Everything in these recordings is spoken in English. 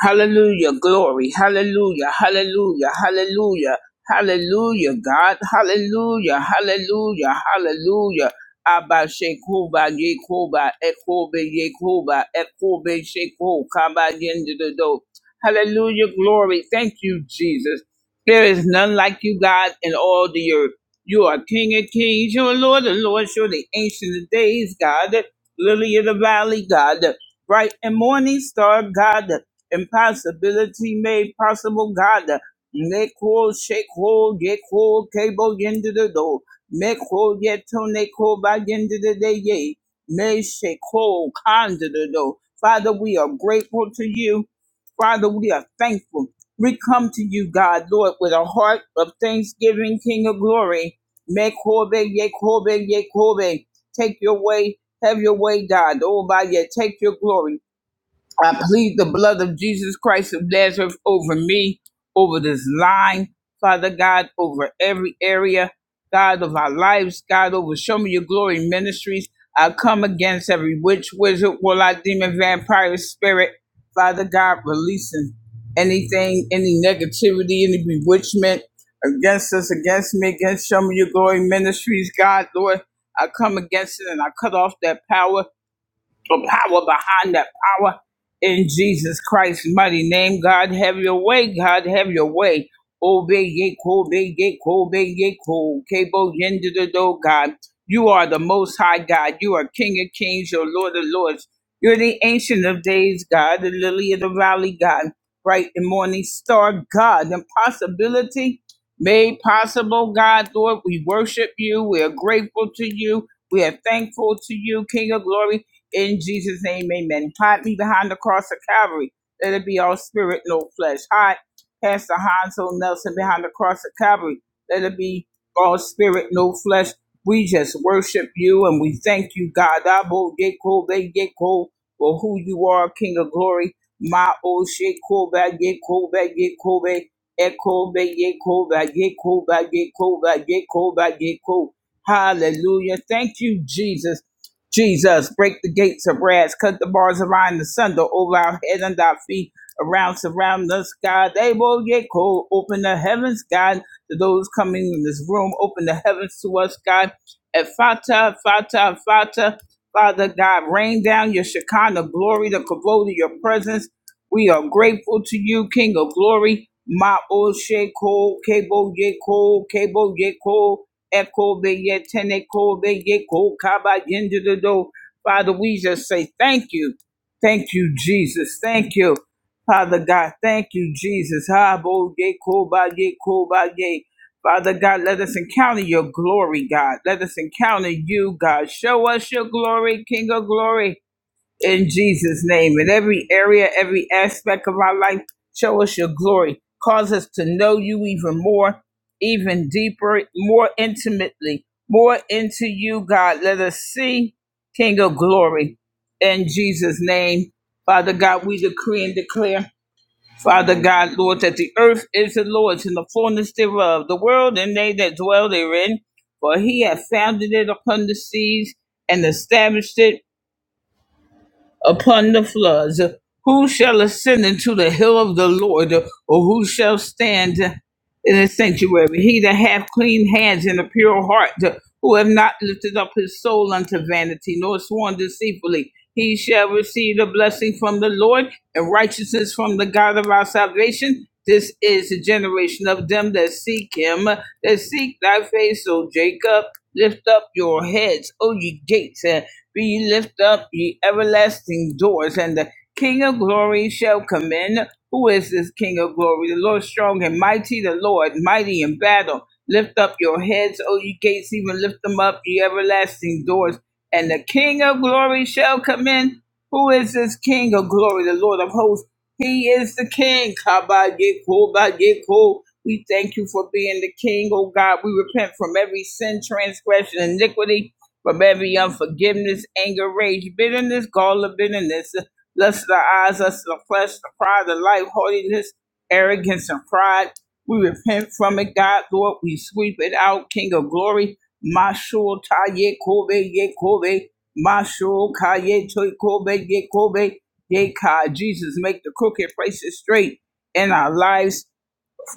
Hallelujah. Glory. Hallelujah. Hallelujah. Hallelujah. Hallelujah. God. Hallelujah. Hallelujah. Hallelujah. Abba Shekuba Yekuba Ekobe Yekuba Ekobe Sheku Kaba Yendido. Hallelujah. Glory. Thank you, Jesus. There is none like you, God, in all the earth. You are King of Kings. You are Lord of Lords. You're the Ancient of Days, God. Lily of the Valley, God. Bright and Morning Star, God impossibility made possible, God. Make whole, shake whole, get whole, cable into the door. Make whole, get to make whole by the end of the day, yay. May shake whole, con to the door. Father, we are grateful to you. Father, we are thankful. We come to you, God, Lord, with a heart of thanksgiving, King of glory. Make whole, yea, whole, yea, whole. Take your way, have your way, God. Oh, by your take your glory. I plead the blood of Jesus Christ of Nazareth over me, over this line, Father God, over every area, God of our lives, God over Show Me Your Glory Ministries. I come against every witch, wizard, warlock, demon, vampire spirit, Father God, releasing anything, any negativity, any bewitchment against us, against me, against Show Me Your Glory Ministries, God, Lord. I come against it and I cut off that power the power behind that power in Jesus Christ's mighty name. God, have your way. God, have your way. Obey ye, obey ye, obey ye, Kabo yende the do God. You are the Most High God. You are King of Kings, your Lord of Lords. You're the Ancient of Days, God, the Lily of the Valley, God, bright and morning star, God, impossibility made possible, God, Lord. We worship you. We are grateful to you. We are thankful to you, King of Glory. In Jesus' name, amen. Hide me behind the cross of Calvary. Let it be all spirit, no flesh. Hide Pastor Hanzo Nelson behind the cross of Calvary. Let it be all spirit, no flesh. We just worship you and we thank you, God. Abo Yeko Be Yeko for who you are, King of Glory. Ma O Sheko Ba Yeko Ba Yeko Be Eko Be Yeko Ba Yeko Ba Yeko Ba Yeko Ba Yeko. Hallelujah. Thank you, Jesus. Jesus, break the gates of brass, cut the bars of iron asunder over our head and our feet, around, surround us, God. They will cold. Open the heavens, God, to those coming in this room. Open the heavens to us, God. At Fata, Fata, Fata, Father God, rain down your Shekinah glory, the kavod of your presence. We are grateful to you, King of glory. Ma o sheko, kebo yeko, kebo yeko. Ekobe ye tene kobe ye ko kaba yende do do. Father, we just say thank you. Thank you, Jesus. Thank you, Father God. Thank you, Jesus. Ha bo ye koba ye koba ye. Father God, let us encounter your glory, God. Let us encounter you, God. Show us your glory, King of glory in Jesus' name. In every area, every aspect of our life, show us your glory. Cause us to know you even more, even deeper, more intimately, more into you, God. Let us see King of glory in Jesus' name. Father God, we decree and declare, Father God, Lord, that the earth is the Lord's and the fullness thereof, the world and they that dwell therein. For he hath founded it upon the seas and established it upon the floods. Who shall ascend into the hill of the Lord, or who shall stand in his sanctuary? He that hath clean hands and a pure heart, who have not lifted up his soul unto vanity, nor sworn deceitfully, he shall receive a blessing from the Lord and righteousness from the God of our salvation. This is the generation of them that seek him, that seek thy face, O Jacob. Lift up your heads, O ye gates, be lift up ye everlasting doors, and the King of glory shall come in. Who is this King of glory? The Lord strong and mighty, the Lord mighty in battle. Lift up your heads, O ye gates, even lift them up, ye everlasting doors, and the King of glory shall come in. Who is this King of glory? The Lord of hosts. He is the King. Kabayeko, bayeko. We thank you for being the King, O God. We repent from every sin, transgression, iniquity from every unforgiveness, anger, rage, bitterness, gall of bitterness, lust of the eyes, lust of the flesh, the pride of life, haughtiness, arrogance, and pride. We repent from it, God, Lord. We sweep it out, King of glory. Mashul ta ye kobe ye kobe. Mashul ka ye to kobe ye kobe. Ye ka. Jesus, make the crooked places straight in our lives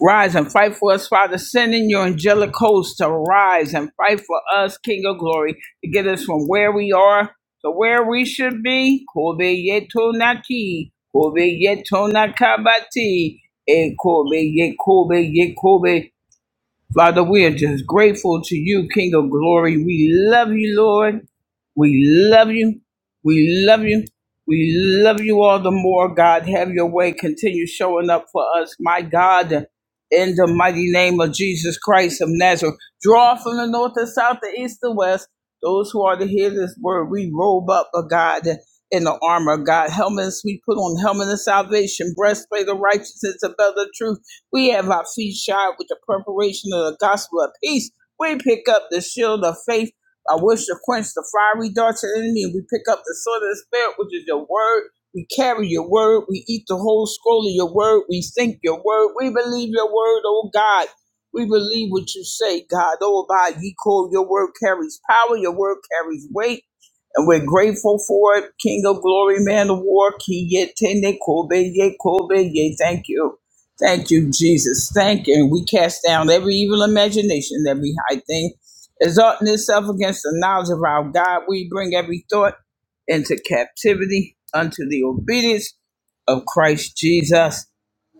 Rise and fight for us, Father. Send in your angelic host to rise and fight for us, King of glory, to get us from where we are to where we should be. Kobe yeto naki, Kobe yeto nakabati, e Kobe ye Kobe ye Kobe Father, we are just grateful to you, King of glory. We love you, Lord. We love you. We love you. We love you all the more, God. Have your way. Continue showing up for us, my God, in the mighty name of Jesus Christ of Nazareth. Draw from the north, the south, the east, the west. Those who are to hear this word, we robe up, oh God, in the armor of God. Helmets, we put on helmet of salvation, breastplate of righteousness, a belt of truth we have our feet shod with the preparation of the gospel of peace. We pick up the shield of faith, by which to quench the fiery darts of the enemy. We pick up the sword of the spirit, which is your word. We carry your word. We eat the whole scroll of your word. We think your word. We believe your word, oh God. We believe what you say, God. Oh God, you call your word carries power. Your word carries weight. And we're grateful for it. King of glory, man of war, Kiyetene Kobe, Ye Kobe, Ye. Thank you. Thank you, Jesus. Thank you. And we cast down every evil imagination, every high thing, exalting itself against the knowledge of our God. We bring every thought into captivity unto the obedience of Christ Jesus.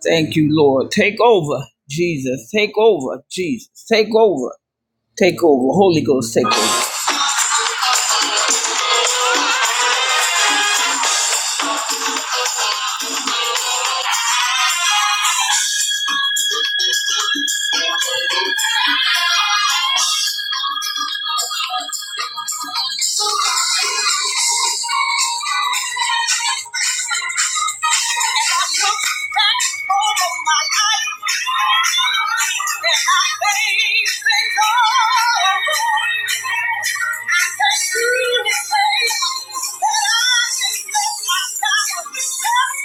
Thank you, Lord. Take over, Jesus. Take over, Jesus. Take over. Take over. Holy Ghost, take over. Thank you.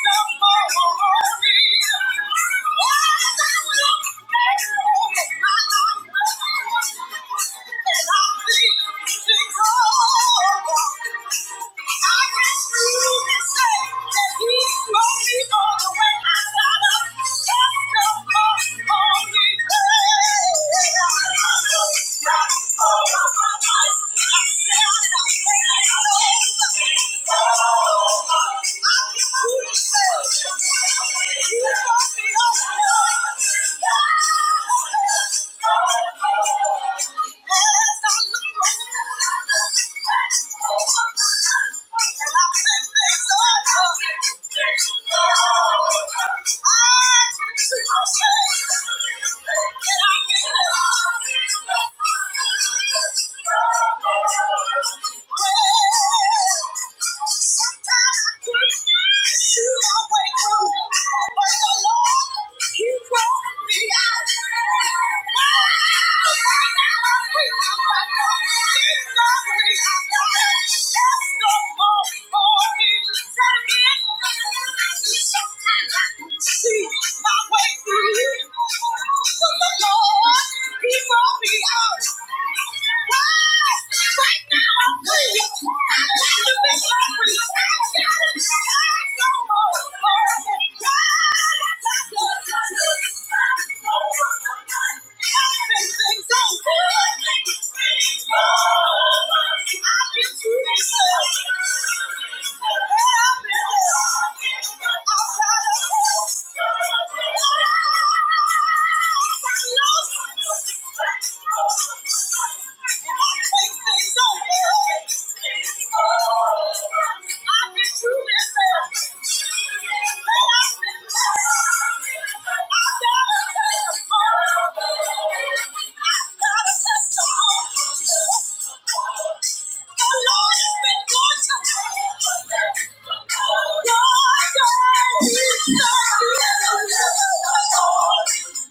Thank you. Thank you. See my way through. But the Lord, He brought me out. Right now, I'm free. I'm not the best. Thank you.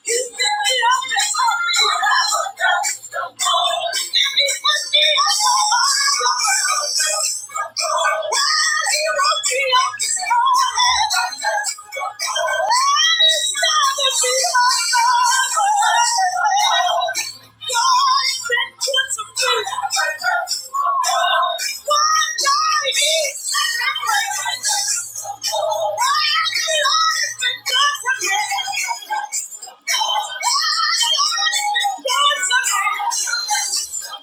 Give me. you.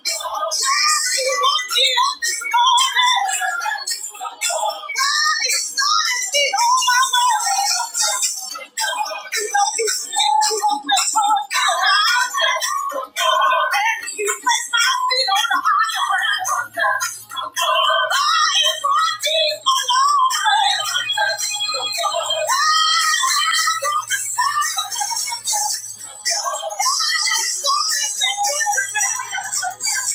Thank you. Thank you. Thank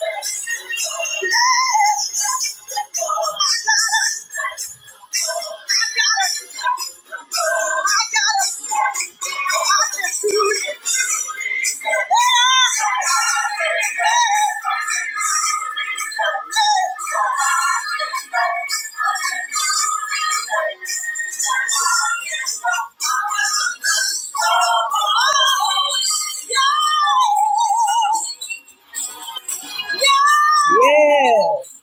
you. Oh, Yes.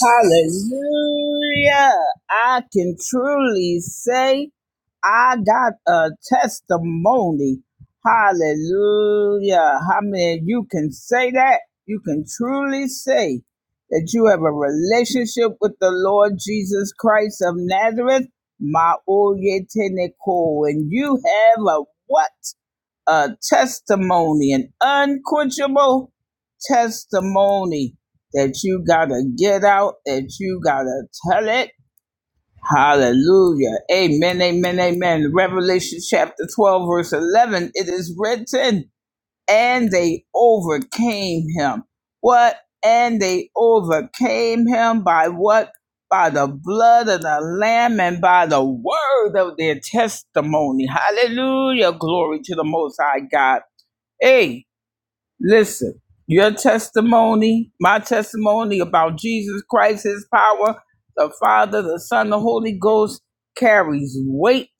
Hallelujah. I can truly say I got a testimony. Hallelujah. How many of you can say that? You can truly say that you have a relationship with the Lord Jesus Christ of Nazareth. Ma oye teneko. And you have a what? a testimony, an unquenchable testimony that you gotta get out, that you gotta tell it. Hallelujah. Amen, amen, amen. Revelation chapter 12, verse 11. It is written, and they overcame him. What? And they overcame him by what? By the blood of the Lamb and by the word of their testimony. Hallelujah. Glory to the Most High God. Hey, listen, your testimony, my testimony about Jesus Christ, his power, the Father, the Son, the Holy Ghost carries weight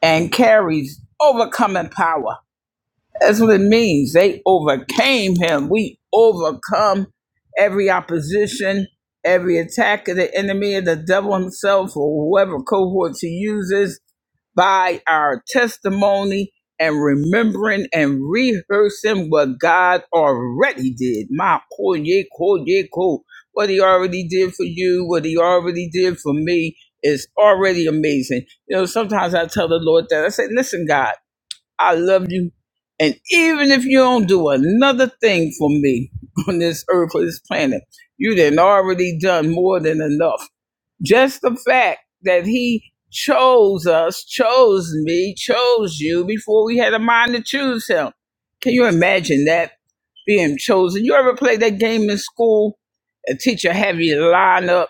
and carries overcoming power. That's what it means. They overcame him. We overcome every opposition, every attack of the enemy, of the devil himself, or whoever cohorts he uses by our testimony and remembering and rehearsing what God already did. My koye koye ko. What he already did for you, what he already did for me is already amazing. You know, sometimes I tell the Lord that I say, listen, God, I love you. And even if you don't do another thing for me on this earth, or this planet, you done already done more than enough. Just the fact that he chose us, chose me, chose you before we had a mind to choose him. Can you imagine that being chosen? You ever play that game in school? A teacher have you line up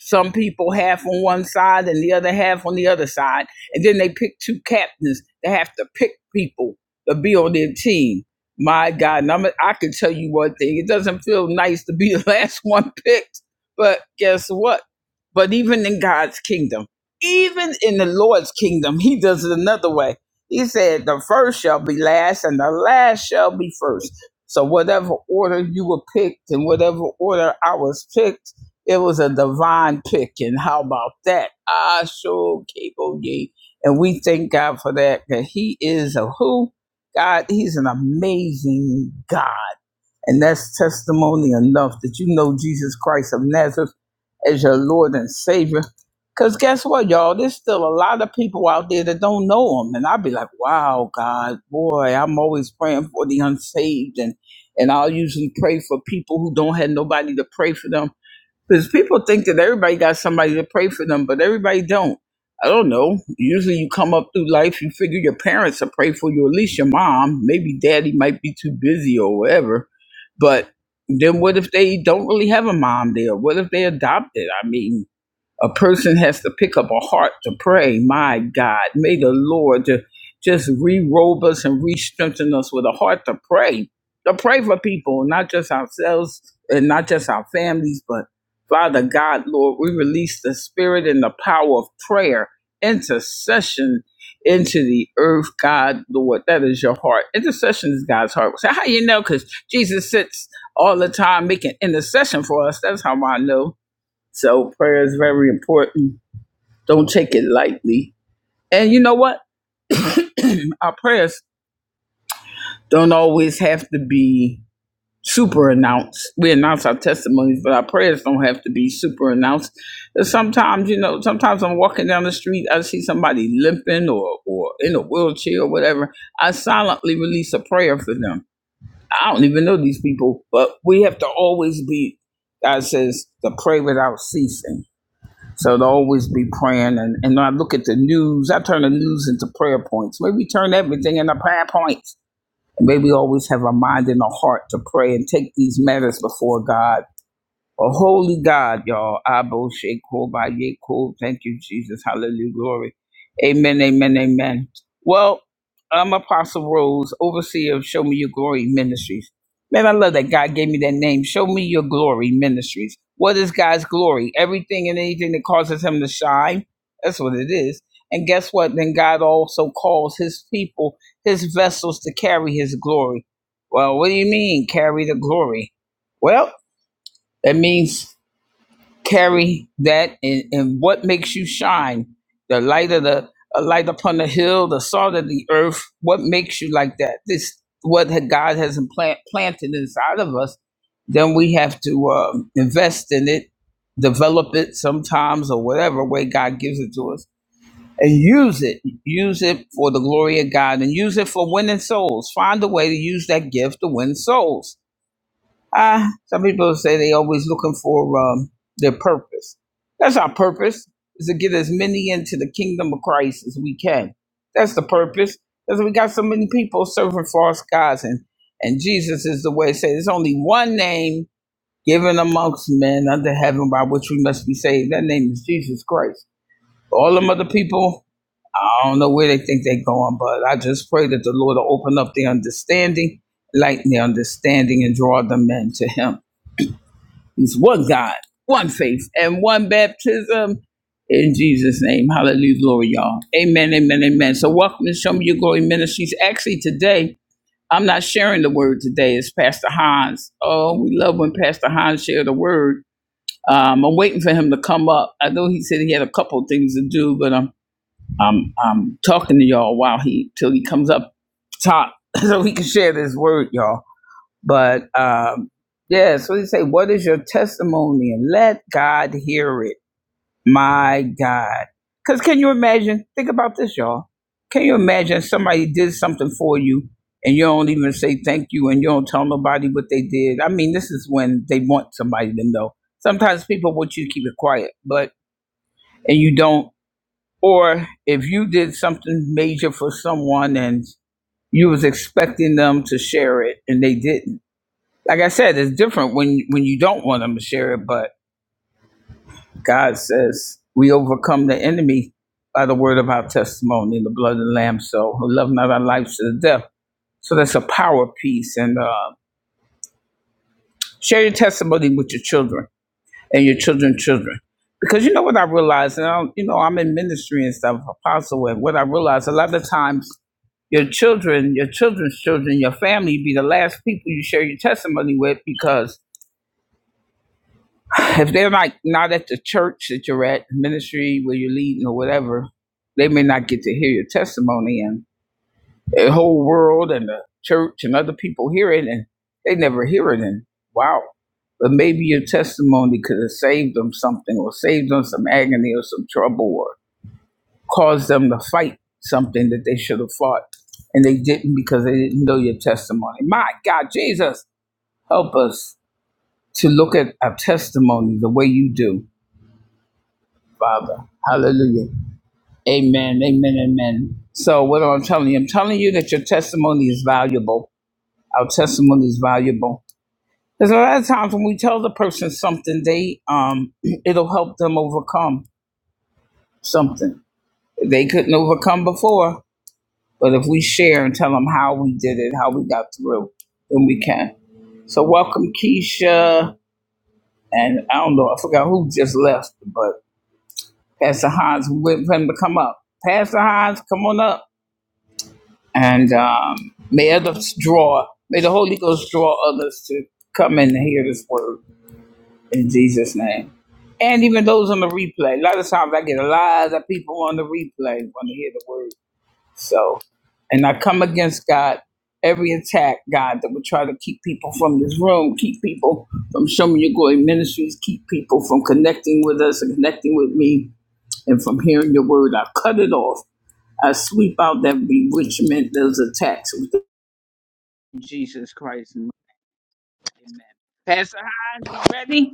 some people half on one side and the other half on the other side. And then they pick two captains that have to pick people to be on their team. My God, and I'm, I can tell you one thing. It doesn't feel nice to be the last one picked, but guess what? But even in God's kingdom, even in the Lord's kingdom, he does it another way. He said, the first shall be last and the last shall be first. So whatever order you were picked and whatever order I was picked, it was a divine pick, and how about that? I sure cable ye. And we thank God for that, that He is a who? God, He's an amazing God. And that's testimony enough that you know Jesus Christ of Nazareth as your Lord and Savior. Because guess what, y'all? There's still a lot of people out there that don't know Him. And I'd be like, wow, God, boy, I'm always praying for the unsaved. And, and I'll usually pray for people who don't have nobody to pray for them because people think that everybody got somebody to pray for them, but everybody don't. I don't know. Usually you come up through life, you figure your parents will pray for you, at least your mom. Maybe daddy might be too busy or whatever. But then what if they don't really have a mom there? What if they adopted? I mean, a person has to pick up a heart to pray. My God, may the Lord ju- just re-robe us and re-strengthen us with a heart to pray, to pray for people, not just ourselves and not just our families, but Father God, Lord, we release the spirit and the power of prayer, intercession into the earth, God, Lord. That is your heart. Intercession is God's heart. So how you know? Because Jesus sits all the time making intercession for us. That's how I know so prayer is very important. Don't take it lightly. And you know what? Our prayers don't always have to be super announced. We announce our testimonies, but our prayers don't have to be super announced. Sometimes, you know, sometimes I'm walking down the street, I see somebody limping or, or in a wheelchair or whatever. I silently release a prayer for them. I don't even know these people, but we have to always be, God says, to pray without ceasing So to always be praying, and, and when I look at the news, I turn the news into prayer points. Maybe turn everything into prayer points. And maybe always have a mind and a heart to pray and take these matters before God Oh, holy God, y'all. Abo Sheko by Yeko. Thank you, Jesus. Hallelujah. Glory. Amen, amen, amen. Well, I'm Apostle Rose, overseer of Show Me Your Glory Ministries. Man, I love that God gave me that name. Show Me Your Glory Ministries. What is God's glory? Everything and anything that causes him to shine. That's what it is. And guess what? Then God also calls his people, his vessels to carry his glory. Well, what do you mean carry the glory? Well, that means carry that and, and what makes you shine the light of the a light upon the hill the salt of the earth what makes you like that this what had- god has implant, planted inside of us then we have to um, invest in it develop it sometimes or whatever way god gives it to us and use it use it for the glory of god and use it for winning souls find a way to use that gift to win souls Ah, some people say they always looking for um, their purpose. That's our purpose is to get as many into the kingdom of Christ as we can. That's the purpose. Because we got so many people serving false gods, and and Jesus is the way. Say there's only one name given amongst men under heaven by which we must be saved. That name is Jesus Christ. All them other people, I don't know where they think they're going, but I just pray that the Lord will open up their understanding, lighten their understanding, and draw them men to Him. He's one God, one faith, and one baptism. In Jesus' name, hallelujah, glory, y'all. Amen, amen, amen. So, welcome to Show Me Your Glory Ministries. Actually, today, I'm not sharing the word today. It's Pastor Hans. Oh, we love when Pastor Hans share the word. Um, I'm waiting for him to come up. I know he said he had a couple of things to do, but I'm I'm I'm talking to y'all while he till he comes up top so he can share this word, y'all. But um, yeah, so they say, What is your testimony? And let God hear it. My God. Because can you imagine? Think about this, y'all. Can you imagine somebody did something for you and you don't even say thank you and you don't tell nobody what they did? I mean, this is when they want somebody to know. Sometimes people want you to keep it quiet, but, and you don't. Or if you did something major for someone and you was expecting them to share it and they didn't like I said, it's different when when you don't want them to share it. But God says we overcome the enemy by the word of our testimony and the blood of the Lamb. So we love not our lives to the death. So that's a power piece. And uh, share your testimony with your children and your children's children. Because you know what I realized, and I, you know I'm in ministry and stuff, apostle, and what I realized a lot of times your children, your children's children, your family be the last people you share your testimony with because if they're like not at the church that you're at, ministry where you're leading or whatever, they may not get to hear your testimony, and the whole world and the church and other people hear it, and they never hear it. And wow, but maybe your testimony could have saved them something, or saved them some agony or some trouble, or caused them to fight something that they should have fought, and they didn't because they didn't know your testimony. My God, Jesus, help us to look at our testimony the way you do Father. Hallelujah. Amen. Amen. Amen. So what am I telling you? I'm telling you that your testimony is valuable. Our testimony is valuable. There's a lot of times when we tell the person something, they um it'll help them overcome something they couldn't overcome before. But if we share and tell them how we did it, how we got through, then we can. So welcome Keisha and I don't know, I forgot who just left, but Pastor Hans we waiting for him to come up. Pastor Hans, come on up. and um, may others draw, may the Holy Ghost draw others to come and hear this word in Jesus' name. And even those on the replay. A lot of times I get a lot of people on the replay want to hear the word. So, and I come against God, every attack, God, that would try to keep people from this room, keep people from showing your glory ministries, keep people from connecting with us and connecting with me and from hearing your word. I cut it off. I sweep out that bewitchment, those attacks with Jesus Christ. Amen. Pastor Hines, you ready?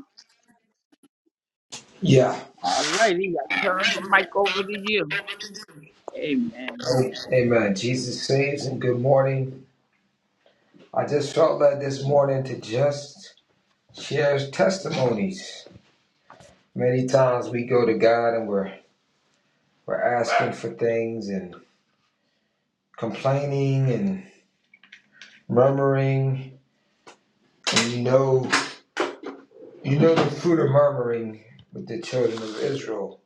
Yeah. All righty. I turn the mic over to you. Amen. Amen. Jesus saves and good morning. I just felt led this morning to just share testimonies. Many times we go to God and we're we're asking for things and complaining and murmuring. And you know you know the fruit of murmuring with the children of Israel.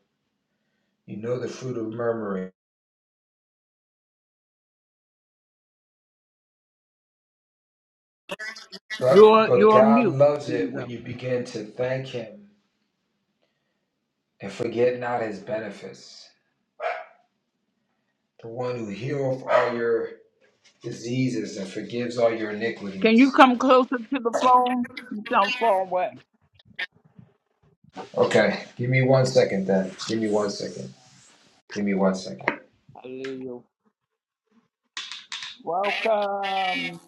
You know the fruit of murmuring. But You're but you're on God mute, loves Jesus. it when you begin to thank him and forget not his benefits. The one who healeth all your diseases and forgives all your Can you iniquities. come closer to the phone? You sound far away. Okay, give me one second then. Give me one second. Give me one second. Hallelujah. Welcome,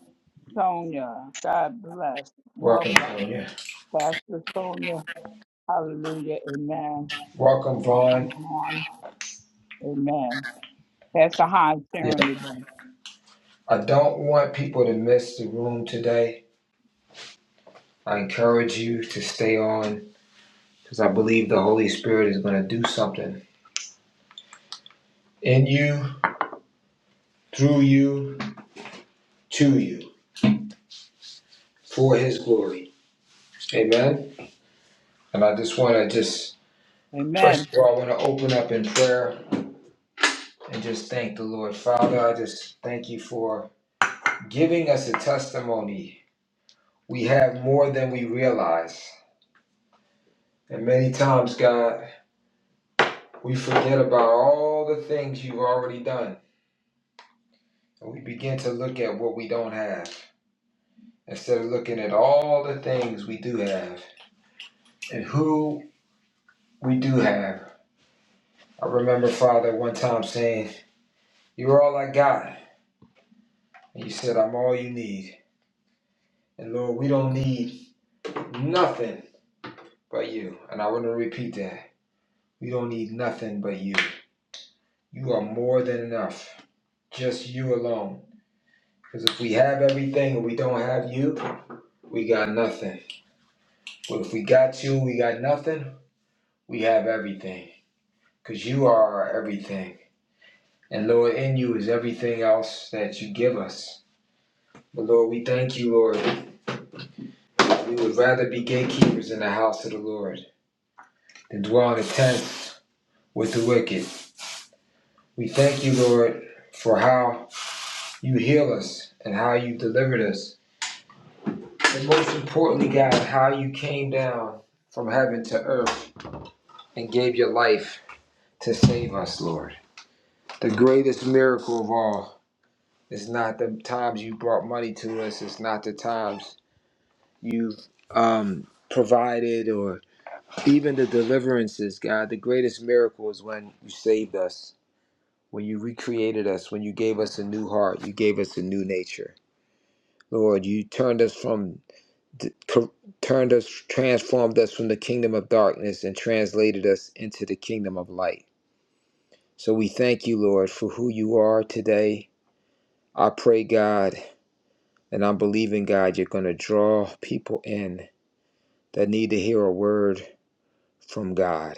Sonia. God bless. Welcome, Welcome, Tanya. Pastor Sonia. Hallelujah. Amen. Welcome, Welcome Vaughn. on. Amen. Pastor Hines Yeah, sharing today. I don't want people to miss the room today. I encourage you to stay on because I believe the Holy Spirit is going to do something in you, through you, to you, for His glory. Amen. And I just want to just, Amen. first of all, I want to open up in prayer and just thank the Lord. Father, I just thank you for giving us a testimony. We have more than we realize. And many times, God, we forget about all the things you've already done. And we begin to look at what we don't have instead of looking at all the things we do have and who we do have. I remember Father one time saying, You're all I got. And you said, I'm all you need. And Lord, we don't need nothing but you. And I want to repeat that. We don't need nothing but you. You are more than enough. Just you alone. Because if we have everything and we don't have you, we got nothing. But if we got you, we got nothing, we have everything. Because you are our everything. And Lord, in you is everything else that you give us. But Lord, we thank you, Lord. We would rather be gatekeepers in the house of the Lord than dwell in the tents with the wicked. We thank you, Lord, for how you heal us and how you delivered us And most importantly, God, how you came down from heaven to earth and gave your life to save us, Lord. The greatest miracle of all is not the times you brought money to us, it's not the times you've um, provided or even the deliverances, God. The greatest miracle is when you saved us, when you recreated us, when you gave us a new heart, you gave us a new nature. Lord, you turned us from d- cor- turned us, transformed us from the kingdom of darkness and translated us into the kingdom of light. So we thank you, Lord, for who you are today. I pray, God, and I'm believing, God, you're going to draw people in that need to hear a word from God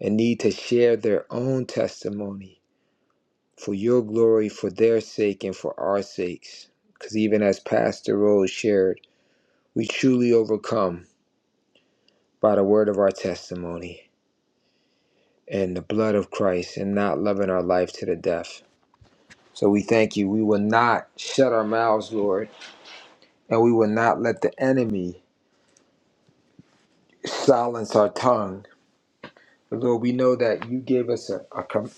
and need to share their own testimony for your glory, for their sake, and for our sakes. Because even as Pastor Rose shared, we truly overcome by the word of our testimony. and the blood of Christ and not loving our life to the death. So we thank you. We will not shut our mouths, Lord, and we will not let the enemy silence our tongue. But Lord, we know that you gave us a, a, com-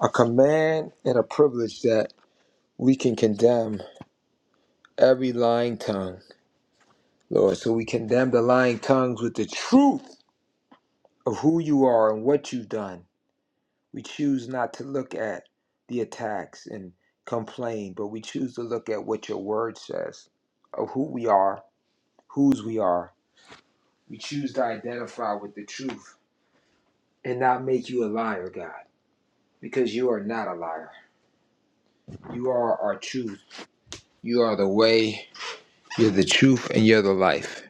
a command and a privilege that we can condemn every lying tongue, Lord. So we condemn the lying tongues with the truth of who you are and what you've done. We choose not to look at the attacks and complain, but we choose to look at what your word says of who we are, whose we are. We choose to identify with the truth and not make you a liar, God, because you are not a liar. You are our truth. You are the way, you're the truth, and you're the life.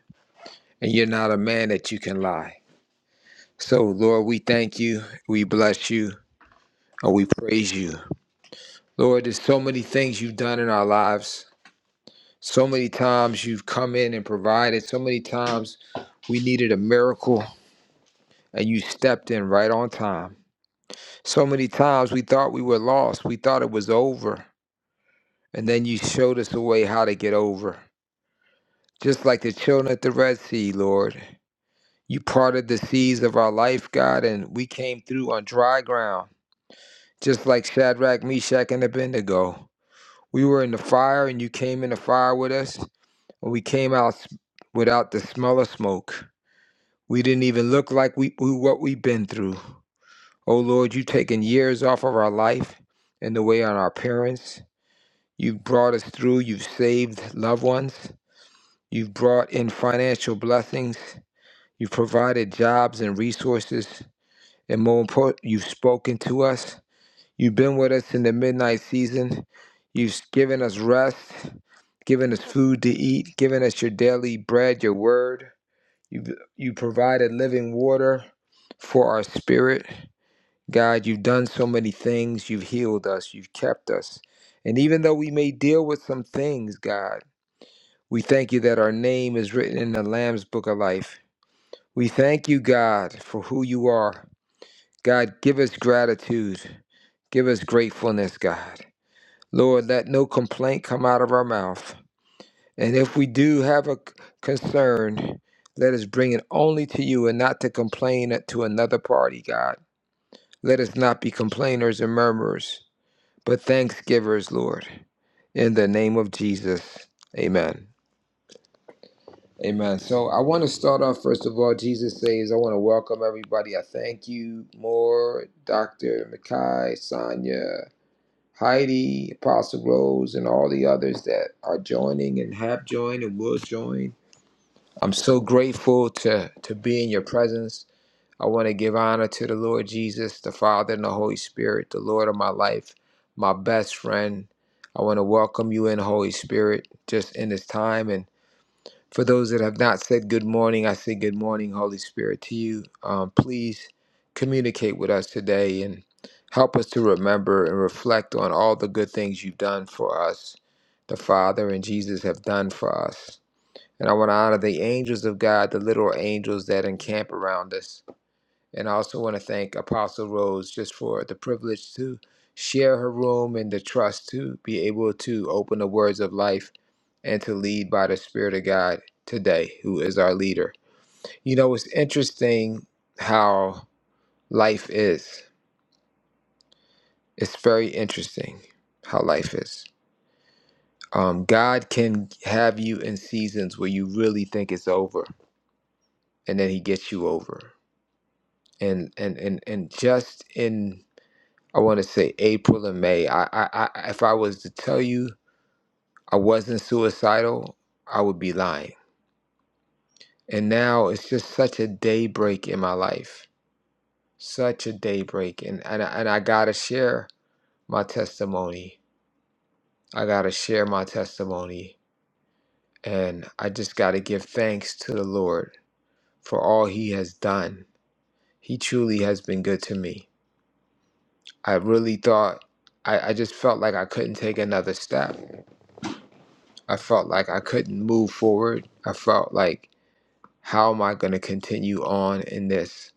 And you're not a man that you can lie. So, Lord, we thank you, we bless you, and we praise you. Lord, there's so many things you've done in our lives. So many times you've come in and provided. So many times we needed a miracle and you stepped in right on time. So many times we thought we were lost. We thought it was over. And then you showed us the way how to get over. Just like the children at the Red Sea, Lord. You parted the seas of our life, God, and we came through on dry ground. Just like Shadrach, Meshach, and Abednego. We were in the fire and you came in the fire with us. And we came out s- without the smell of smoke. We didn't even look like we, we what we've been through. Oh Lord, you've taken years off of our life and the way on our parents. You've brought us through. You've saved loved ones. You've brought in financial blessings. You've provided jobs and resources. And more important, you've spoken to us. You've been with us in the midnight season. You've given us rest, given us food to eat, given us your daily bread, your word. You you provided living water for our spirit. God, you've done so many things. You've healed us. You've kept us. And even though we may deal with some things, God, we thank you that our name is written in the Lamb's book of life. We thank you, God, for who you are. God, give us gratitude. Give us gratefulness, God. Lord, let no complaint come out of our mouth. And if we do have a c- concern, let us bring it only to you and not to complain it to another party, God. Let us not be complainers and murmurers, but thanksgivers, Lord. In the name of Jesus. Amen. Amen. So I want to start off, first of all, Jesus says, I want to welcome everybody. I thank you more, Dr. Mackay, Sonia, Heidi, Apostle Rose, and all the others that are joining and have joined and will join I'm so grateful to to be in your presence. I want to give honor to the Lord Jesus, the Father and the Holy Spirit, the Lord of my life, my best friend. I want to welcome you in Holy Spirit just in this time and for those that have not said good morning, I say good morning, Holy Spirit, to you. Um, please communicate with us today and help us to remember and reflect on all the good things you've done for us, the Father and Jesus have done for us. And I want to honor the angels of God, the literal angels that encamp around us. And I also want to thank Apostle Rose just for the privilege to share her room and the trust to be able to open the words of life and to lead by the Spirit of God today, who is our leader. You know, it's interesting how life is. It's very interesting how life is. Um, God can have you in seasons where you really think it's over, and then He gets you over and and and and just in I want to say April and May. I, I I if I was to tell you I wasn't suicidal, I would be lying. And now it's just such a daybreak in my life, such a daybreak, and and I, and I gotta share my testimony. I gotta share my testimony, and I just gotta give thanks to the Lord for all He has done. He truly has been good to me. I really thought I, I just felt like I couldn't take another step I felt like I couldn't move forward. I felt like, how am I going to continue on in this?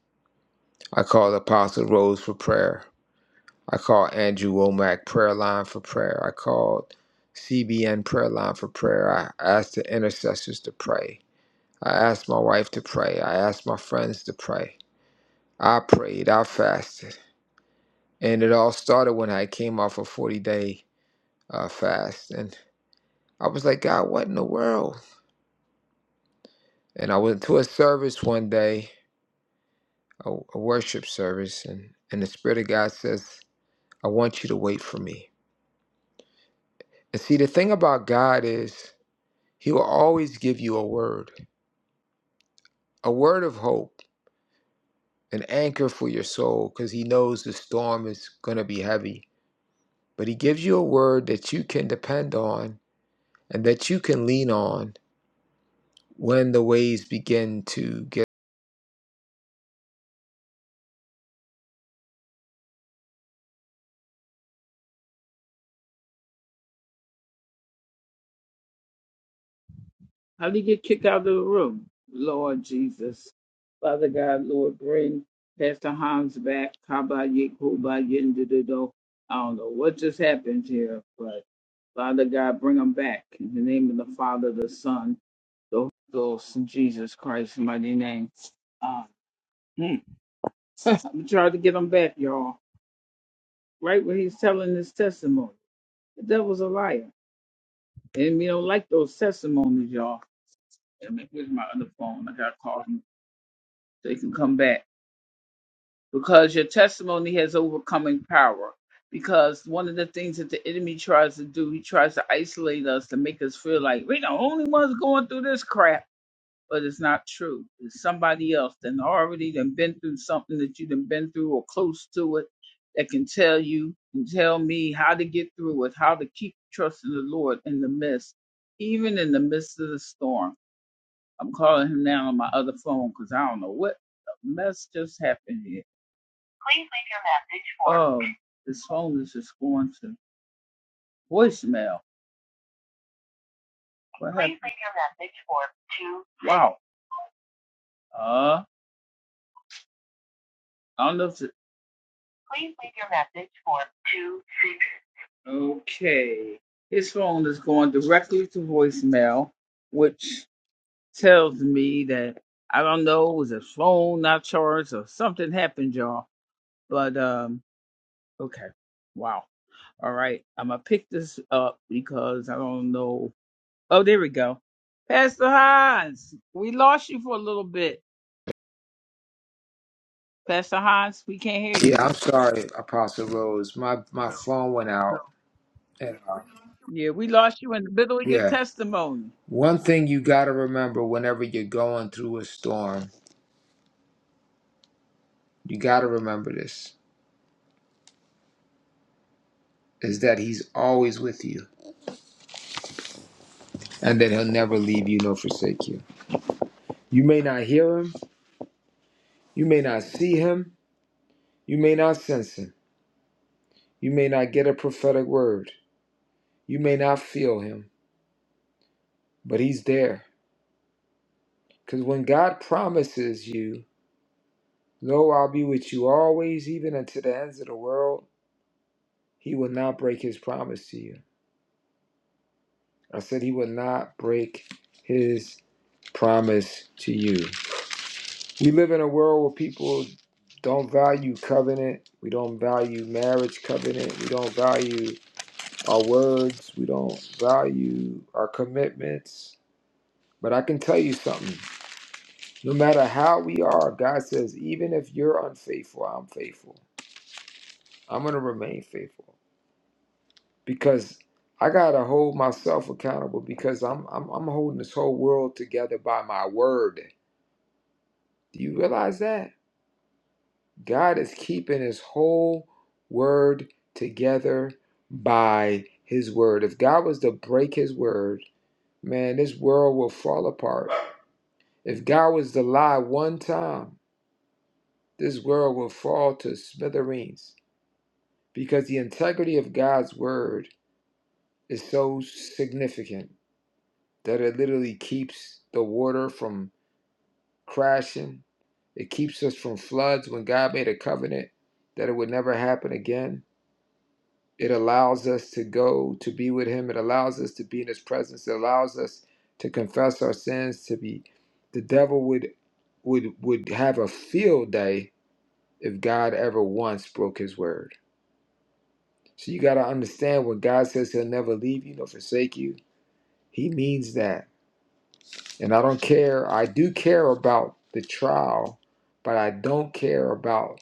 I called Apostle Rose for prayer. I called Andrew Womack prayer line for prayer. I called CBN prayer line for prayer. I asked the intercessors to pray. I asked my wife to pray. I asked my friends to pray. I prayed. I fasted. And it all started when I came off a 40 day uh, fast. And I was like, God, what in the world? And I went to a service one day a, a worship service and and the spirit of god says i want you to wait for me and see the thing about god is he will always give you a word a word of hope an anchor for your soul because he knows the storm is going to be heavy but he gives you a word that you can depend on and that you can lean on when the waves begin to get How do you get kicked out of the room? Lord Jesus. Father God, Lord, bring Pastor Hans back. Kaba Yekuba Yendido. I don't know what just happened here, but Father God, bring him back. In the name of the Father, the Son, the Holy Ghost, in Jesus Christ's mighty name. Uh, hmm. I'm trying to get him back, y'all. Right when he's telling his testimony. The devil's a liar. And we don't like those testimonies, y'all. And where's my other phone? I got to call him. they can come back because your testimony has overcoming power. Because one of the things that the enemy tries to do, he tries to isolate us to make us feel like we're the only ones going through this crap, but it's not true. It's somebody else that already done been through something that you done been through or close to it that can tell you and tell me how to get through it, how to keep trusting the Lord in the midst, even in the midst of the storm. I'm calling him now on my other phone because I don't know what the mess just happened here Please leave your message for. Oh, this phone is just going to voicemail. What Please happened? leave your message for two. Wow. Uh, I don't know if it. Please leave your message for two six. Okay, his phone is going directly to voicemail, which tells me that I don't know was a phone not charged or something happened, y'all. But um, okay. Wow. All right, I'm gonna pick this up because I don't know Oh, there we go. Pastor Hans, we lost you for a little bit. Pastor Hans, we can't hear yeah you. i'm sorry apostle rose my my phone went out and, uh, Yeah, we lost you in the middle of your yeah testimony. One thing you got to remember whenever you're going through a storm, you got to remember this, is that He's always with you and that He'll never leave you nor forsake you. You may not hear Him, you may not see Him, you may not sense Him, you may not get a prophetic word, you may not feel Him, but He's there. Because when God promises you, Lo, I'll be with you always, even unto the ends of the world, He will not break His promise to you. I said he would not break his promise to you. We live in a world where people don't value covenant. We don't value marriage covenant. We don't value our words. We don't value our commitments. But I can tell you something. No matter how we are, God says, even if you're unfaithful, I'm faithful. I'm going to remain faithful because I got to hold myself accountable because I'm, I'm, I'm holding this whole world together by my word. Do you realize that? God is keeping his whole word together by his word. If God was to break his word, man, this world will fall apart. If God was to lie one time, this world will fall to smithereens because the integrity of God's word is so significant that it literally keeps the water from crashing. It keeps us from floods when God made a covenant that it would never happen again It allows us to go to be with Him. It allows us to be in His presence. It allows us to confess our sins. To be, the devil would would would have a field day if God ever once broke His word. So you got to understand when God says He'll never leave you nor forsake you, He means that. And I don't care. I do care about the trial, but I don't care about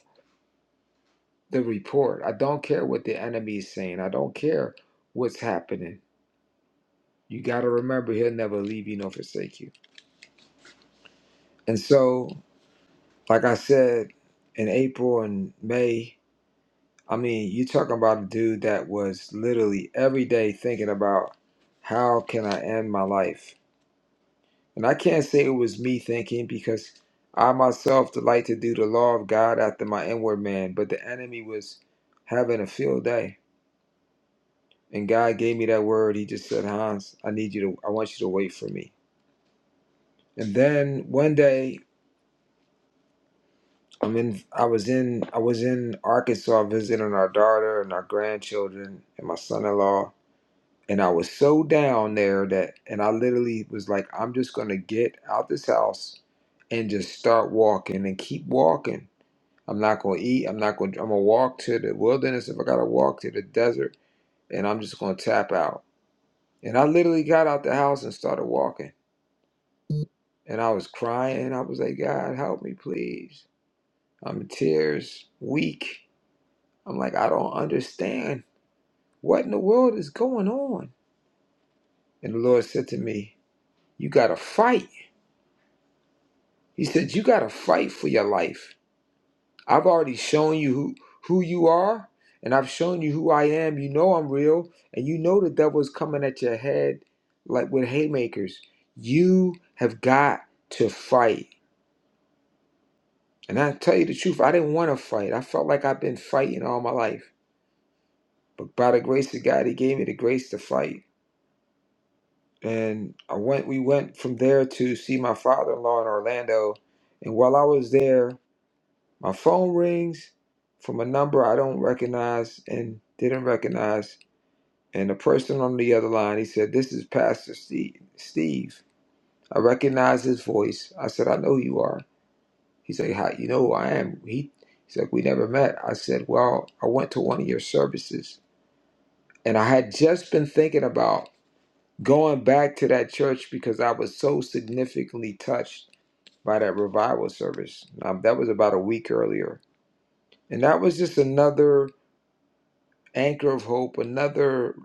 the report. I don't care what the enemy is saying. I don't care what's happening. You got to remember, He'll never leave you nor forsake you. And so, like I said, in April and May, I mean, you talking about a dude that was literally every day thinking about how can I end my life? And I can't say it was me thinking because I myself delight to do the law of God after my inward man, but the enemy was having a field day. And God gave me that word. He just said, Hans, I need you to, I want you to wait for me. And then one day I'm in. I was in. I was in Arkansas visiting our daughter and our grandchildren and my son-in-law. And I was so down there that, and I literally was like, I'm just gonna get out this house and just start walking and keep walking. I'm not gonna eat. I'm not gonna. I'm gonna walk to the wilderness if I gotta walk to the desert, and I'm just gonna tap out. And I literally got out the house and started walking. And I was crying. I was like, God, help me, please. I'm in tears, weak. I'm like, I don't understand. What in the world is going on? And the Lord said to me, You got to fight. He said, You got to fight for your life. I've already shown you who, who you are, and I've shown you who I am. You know I'm real, and you know the devil's coming at your head like with haymakers. You have got to fight. And I tell you the truth, I didn't want to fight. I felt like I've been fighting all my life. But by the grace of God, He gave me the grace to fight. and I went. We went from there to see my father-in-law in Orlando, and while I was there, my phone rings from a number I don't recognize and didn't recognize, and the person on the other line he said, "This is Pastor Steve." Steve, I recognize his voice. I said, "I know who you are." He said, "How you know who I am?" He he's like, "We never met." I said, "Well, I went to one of your services." And I had just been thinking about going back to that church because I was so significantly touched by that revival service. Um, that was about a week earlier. And that was just another anchor of hope, another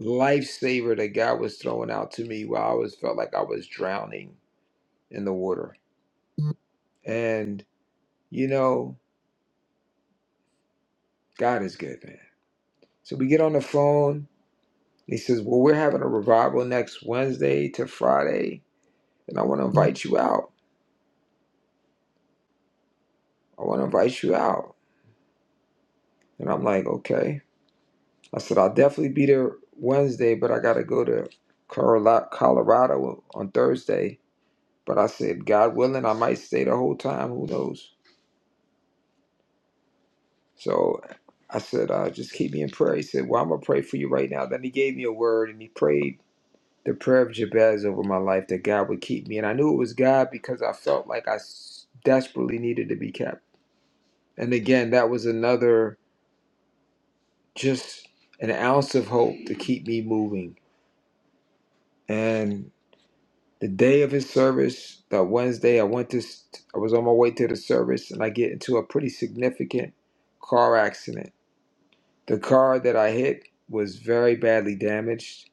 lifesaver that God was throwing out to me while I was felt like I was drowning in the water. And you know, God is good, man. So we get on the phone. He says, Well, we're having a revival next Wednesday to Friday, and I want to invite you out. I want to invite you out. And I'm like, Okay. I said, I'll definitely be there Wednesday, but I got to go to Colo- Colorado on Thursday. But I said, God willing, I might stay the whole time. Who knows? So I said, uh, just keep me in prayer. He said, Well, I'm going to pray for you right now. Then he gave me a word and he prayed the prayer of Jabez over my life that God would keep me. And I knew it was God because I felt like I s- desperately needed to be kept. And again, that was another just an ounce of hope to keep me moving. And the day of his service, that Wednesday, I went to, I was on my way to the service and I get into a pretty significant car accident. The car that I hit was very badly damaged.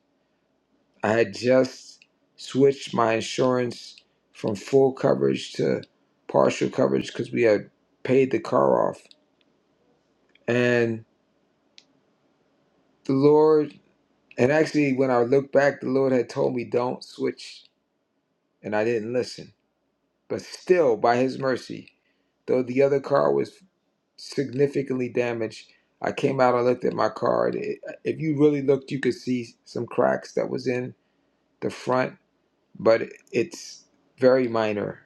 I had just switched my insurance from full coverage to partial coverage because we had paid the car off. And the Lord, and actually, when I look back, the Lord had told me don't switch, and I didn't listen. But still, by His mercy, though the other car was significantly damaged. I came out and looked at my car. and It, if you really looked, you could see some cracks that was in the front, but it's very minor.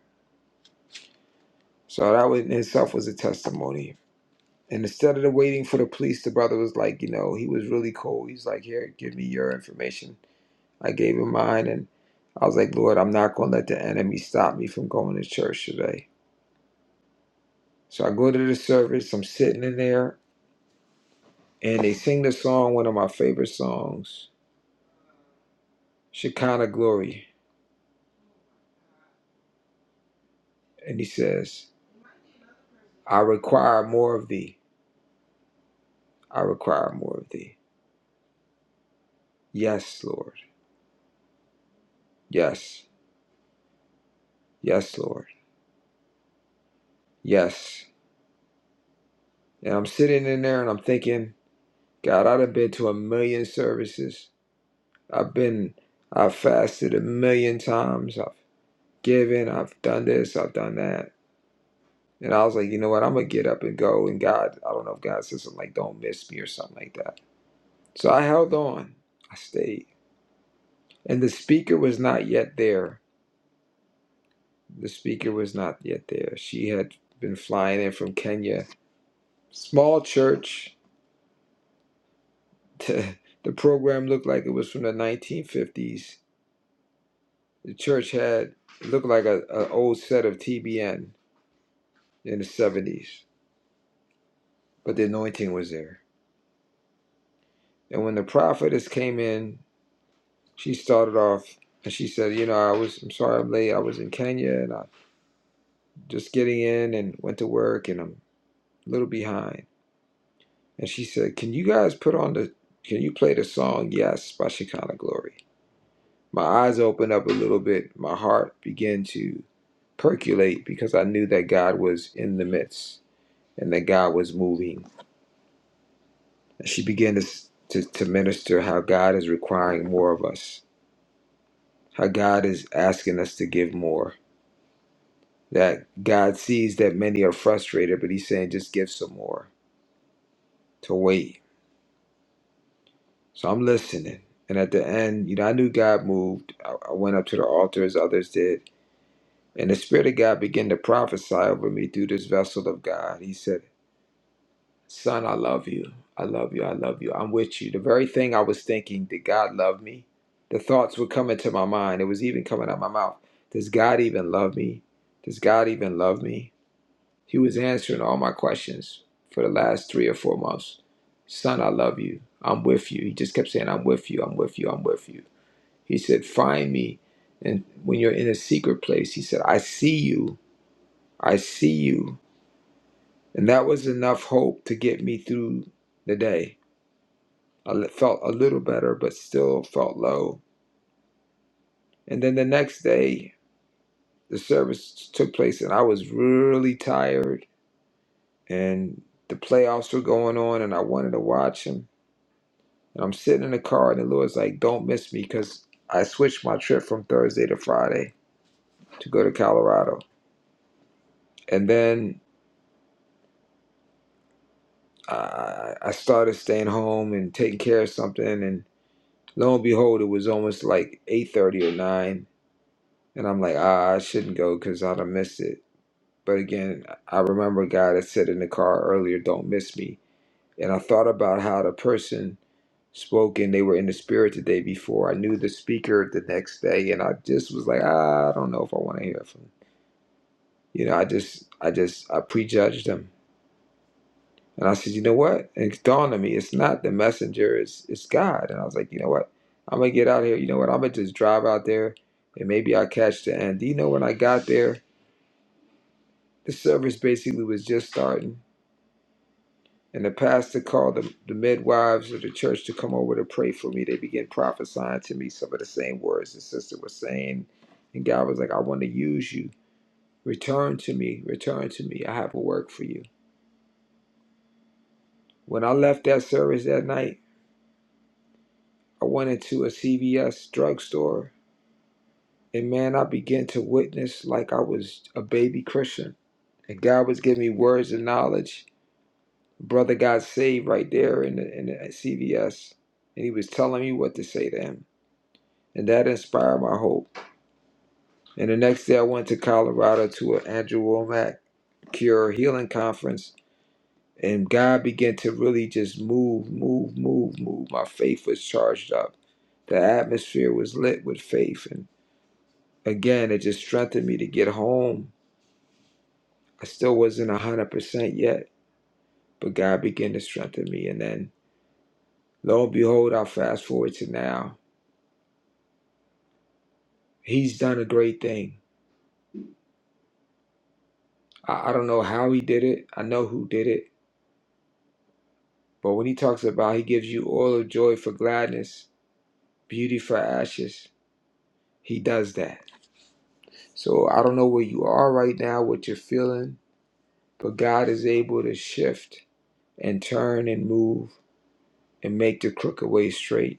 So that was, in itself was a testimony. And instead of the waiting for the police, the brother was like, you know, he was really cool. He's like, here, give me your information. I gave him mine, and I was like, Lord, I'm not going to let the enemy stop me from going to church today. So I go to the service. I'm sitting in there, and they sing the song, one of my favorite songs Shekinah glory. And he says, I require more of thee. I require more of thee. Yes, Lord. Yes. Yes, Lord. Yes. And I'm sitting in there and I'm thinking, God, I've been to a million services. I've been, I've fasted a million times. I've given, I've done this, I've done that. And I was like, you know what? I'm going to get up and go. And God, I don't know if God says something like, don't miss me or something like that. So I held on. I stayed. And the speaker was not yet there The speaker was not yet there. She had been flying in from Kenya. Small church. The, program looked like it was from the 1950s. The church had it looked like a, a old set of TBN in the 70s, but the anointing was there. And when the prophetess came in, she started off and she said, "You know, I was I'm sorry I'm late. I was in Kenya and I just getting in and went to work and I'm a little behind." And she said, Can you guys put on the, can you play the song Yes by Shekinah Glory? My eyes opened up a little bit. My heart began to percolate because I knew that God was in the midst and that God was moving. And she began to, to, to minister how God is requiring more of us, how God is asking us to give more, that God sees that many are frustrated, but He's saying, just give some more, to wait So I'm listening. And at the end, you know, I knew God moved. I, I went up to the altar as others did. And the Spirit of God began to prophesy over me through this vessel of God. He said, Son, I love you. I love you. I love you. I'm with you. The very thing I was thinking, did God love me? The thoughts were coming to my mind. It was even coming out my mouth. Does God even love me? Does God even love me? He was answering all my questions for the last three or four months. Son, I love you. I'm with you. He just kept saying, I'm with you. I'm with you. I'm with you. He said, Find me. And when you're in a secret place, he said, I see you. I see you. And that was enough hope to get me through the day. I l- felt a little better, but still felt low. And then the next day, the service took place, and I was really tired. And the playoffs were going on, and I wanted to watch them. And I'm sitting in the car, and the Lord's like, Don't miss me because I switched my trip from Thursday to Friday to go to Colorado. And then I, I started staying home and taking care of something, and lo and behold, it was almost like eight thirty or nine, and I'm like, ah, I shouldn't go because I'd have missed it. But again, I remember a guy that said in the car earlier, "Don't miss me," and I thought about how the person spoke and they were in the spirit the day before. I knew the speaker the next day, and I just was like, ah, I don't know if I want to hear from. You know, I just, I just, I prejudged them And I said, you know what? And it dawned on me, it's not the messenger, it's it's God. And I was like, you know what? I'm gonna get out of here. You know what? I'm gonna just drive out there, and maybe I'll catch the end. Do you know when I got there, the service basically was just starting, and the pastor called the, the midwives of the church to come over to pray for me. They began prophesying to me some of the same words the sister was saying, and God was like, I want to use you. Return to me, return to me. I have a work for you. When I left that service that night. I went into a CVS drugstore, and man, I began to witness like I was a baby Christian. And God was giving me words and knowledge. Brother got saved right there in the, in the CVS, and he was telling me what to say to him. And that inspired my hope. And the next day, I went to Colorado to an Andrew Womack Cure Healing Conference, and God began to really just move, move, move, move. My faith was charged up. The atmosphere was lit with faith, and Again, it just strengthened me to get home. I still wasn't 100% yet, but God began to strengthen me. And then, lo and behold, I fast forward to now. He's done a great thing. I, I don't know how he did it, I know who did it. But when he talks about he gives you oil of joy for gladness, beauty for ashes, he does that. So I don't know where you are right now, what you're feeling, but God is able to shift and turn and move and make the crooked way straight.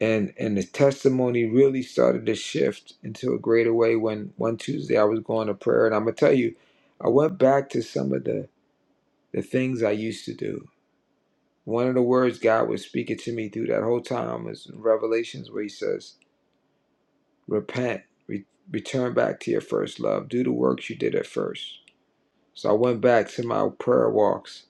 and and the testimony really started to shift into a greater way when one Tuesday I was going to prayer and I'm gonna tell you, I went back to some of the the things I used to do. One of the words God was speaking to me through that whole time was in Revelations where He says, "Repent, re- return back to your first love, do the works you did at first." So I went back to my prayer walks.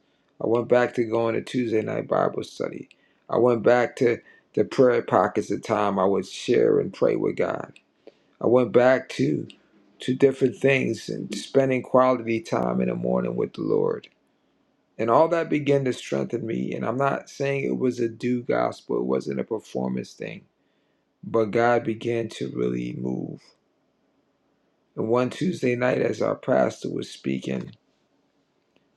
I went back to going to Tuesday night Bible study. I went back to the prayer pockets of time I would share and pray with God. I went back to to different things and spending quality time in the morning with the Lord. And all that began to strengthen me. And I'm not saying it was a do gospel, it wasn't a performance thing. But God began to really move. And one Tuesday night, as our pastor was speaking,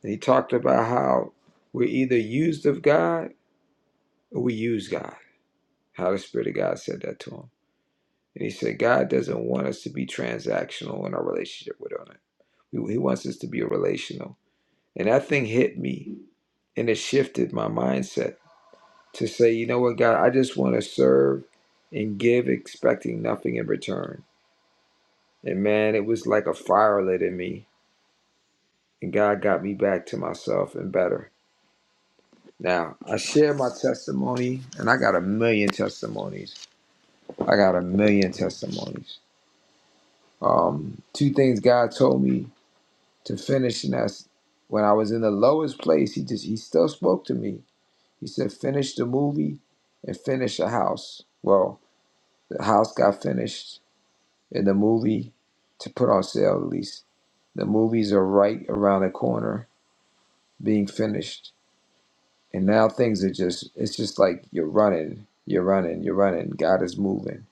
and he talked about how we're either used of God or we use God. How the Spirit of God said that to him. And he said, God doesn't want us to be transactional in our relationship with Him. He wants us to be relational. And that thing hit me and it shifted my mindset to say, you know what, God, I just want to serve and give, expecting nothing in return. And man, it was like a fire lit in me. And God got me back to myself and better. Now, I share my testimony, and I got a million testimonies. I got a million testimonies. Um, two things God told me to finish, and that's when I was in the lowest place, He just He still spoke to me He said, finish the movie and finish the house. Well, the house got finished and the movie to put on sale at least. The movies are right around the corner being finished. And now things are just, it's just like you're running, you're running, you're running. God is moving.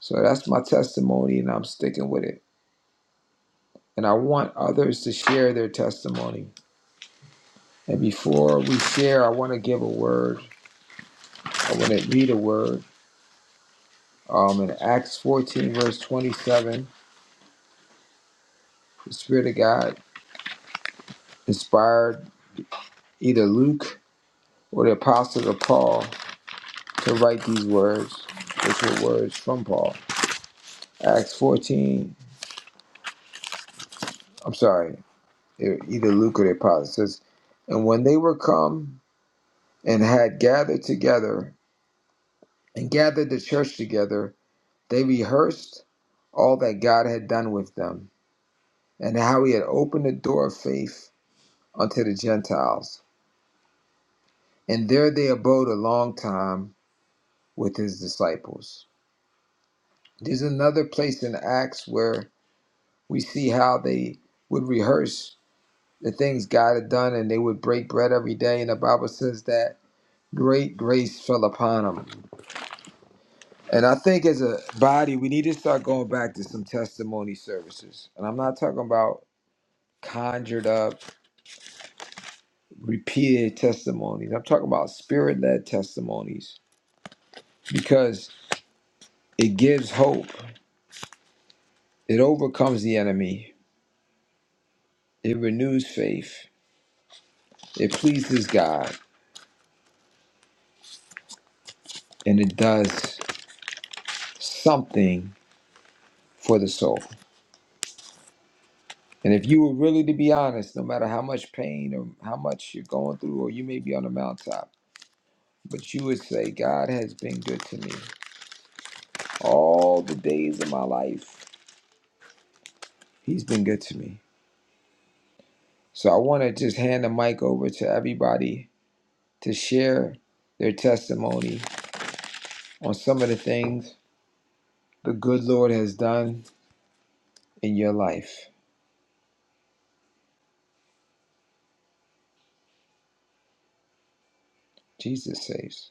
So that's my testimony and I'm sticking with it. And I want others to share their testimony. And before we share, I want to give a word. I want to read a word. Um, in Acts 14, verse 27, The Spirit of God inspired either Luke or the Apostle of Paul to write these words, which were words from Paul. Acts 14, I'm sorry, e- either Luke or the Apostle says, And when they were come and had gathered together and gathered the church together, they rehearsed all that God had done with them and how he had opened the door of faith unto the Gentiles. And there they abode a long time with his disciples. There's another place in Acts where we see how they would rehearse the things God had done and they would break bread every day. And the Bible says that great grace fell upon them. And I think as a body, we need to start going back to some testimony services. And I'm not talking about conjured up, repeated testimonies. I'm talking about spirit led testimonies because it gives hope, it overcomes the enemy, it renews faith, it pleases God and it does something for the soul. And if you were really to be honest, no matter how much pain or how much you're going through, or you may be on the mountaintop, but you would say, God has been good to me all the days of my life. He's been good to me. So I want to just hand the mic over to everybody to share their testimony on some of the things the good Lord has done in your life. Jesus saves.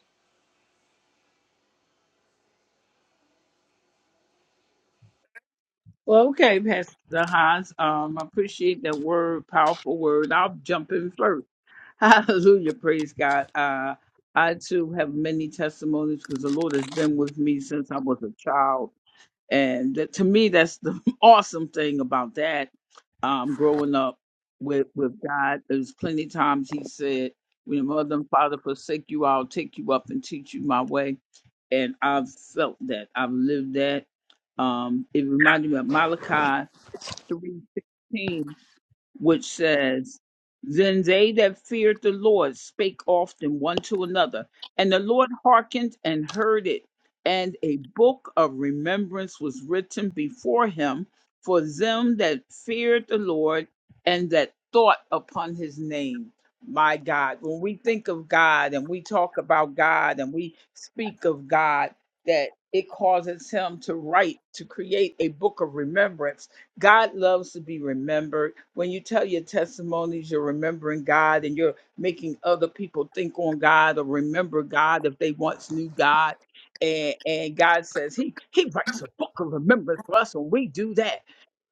Well, okay, Pastor Hans. Um, I appreciate that word, powerful word. I'll jump in first. Hallelujah, praise God. Uh, I too have many testimonies because the Lord has been with me since I was a child And that, to me, that's the awesome thing about that. Um, growing up with with God, there's plenty of times He said, "When your mother and father forsake you, I'll take you up and teach you my way." And I've felt that. I've lived that. Um, it reminded me of Malachi three sixteen which says, Then they that feared the Lord spake often one to another, and the Lord hearkened and heard it. And a book of remembrance was written before him for them that feared the Lord and that thought upon his name. My God, when we think of God and we talk about God and we speak of God, that it causes him to write, to create a book of remembrance God loves to be remembered. When you tell your testimonies, you're remembering God and you're making other people think on God or remember God if they once knew God. And, and God says He He writes a book of remembrance for us when we do that.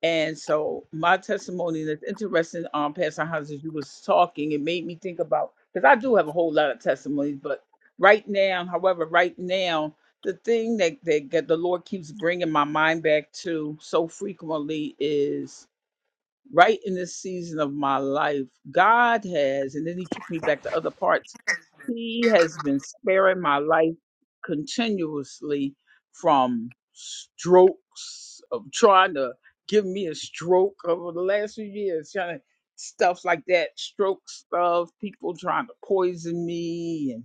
And so my testimony and it's interesting, um, Pastor Hans, as you was talking, it made me think about because I do have a whole lot of testimonies, but right now, however, right now, the thing that, that that the Lord keeps bringing my mind back to so frequently is right in this season of my life, God has, and then He took me back to other parts. He has been sparing my life continuously from strokes of trying to give me a stroke over the last few years, trying to stuff like that, stroke stuff, people trying to poison me and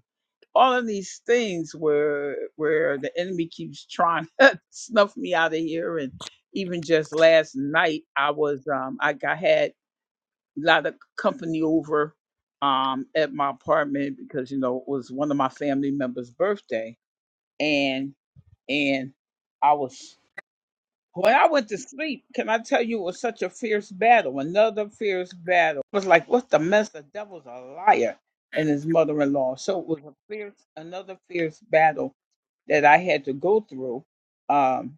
all of these things where where the enemy keeps trying to snuff me out of here and even just last night i was um i got had a lot of company over um at my apartment because you know it was one of my family members birthday and and i was when I went to sleep, can I tell you it was such a fierce battle, another fierce battle. It was like, what the mess? The devil's a liar and his mother in law. So it was a fierce another fierce battle that I had to go through. Um,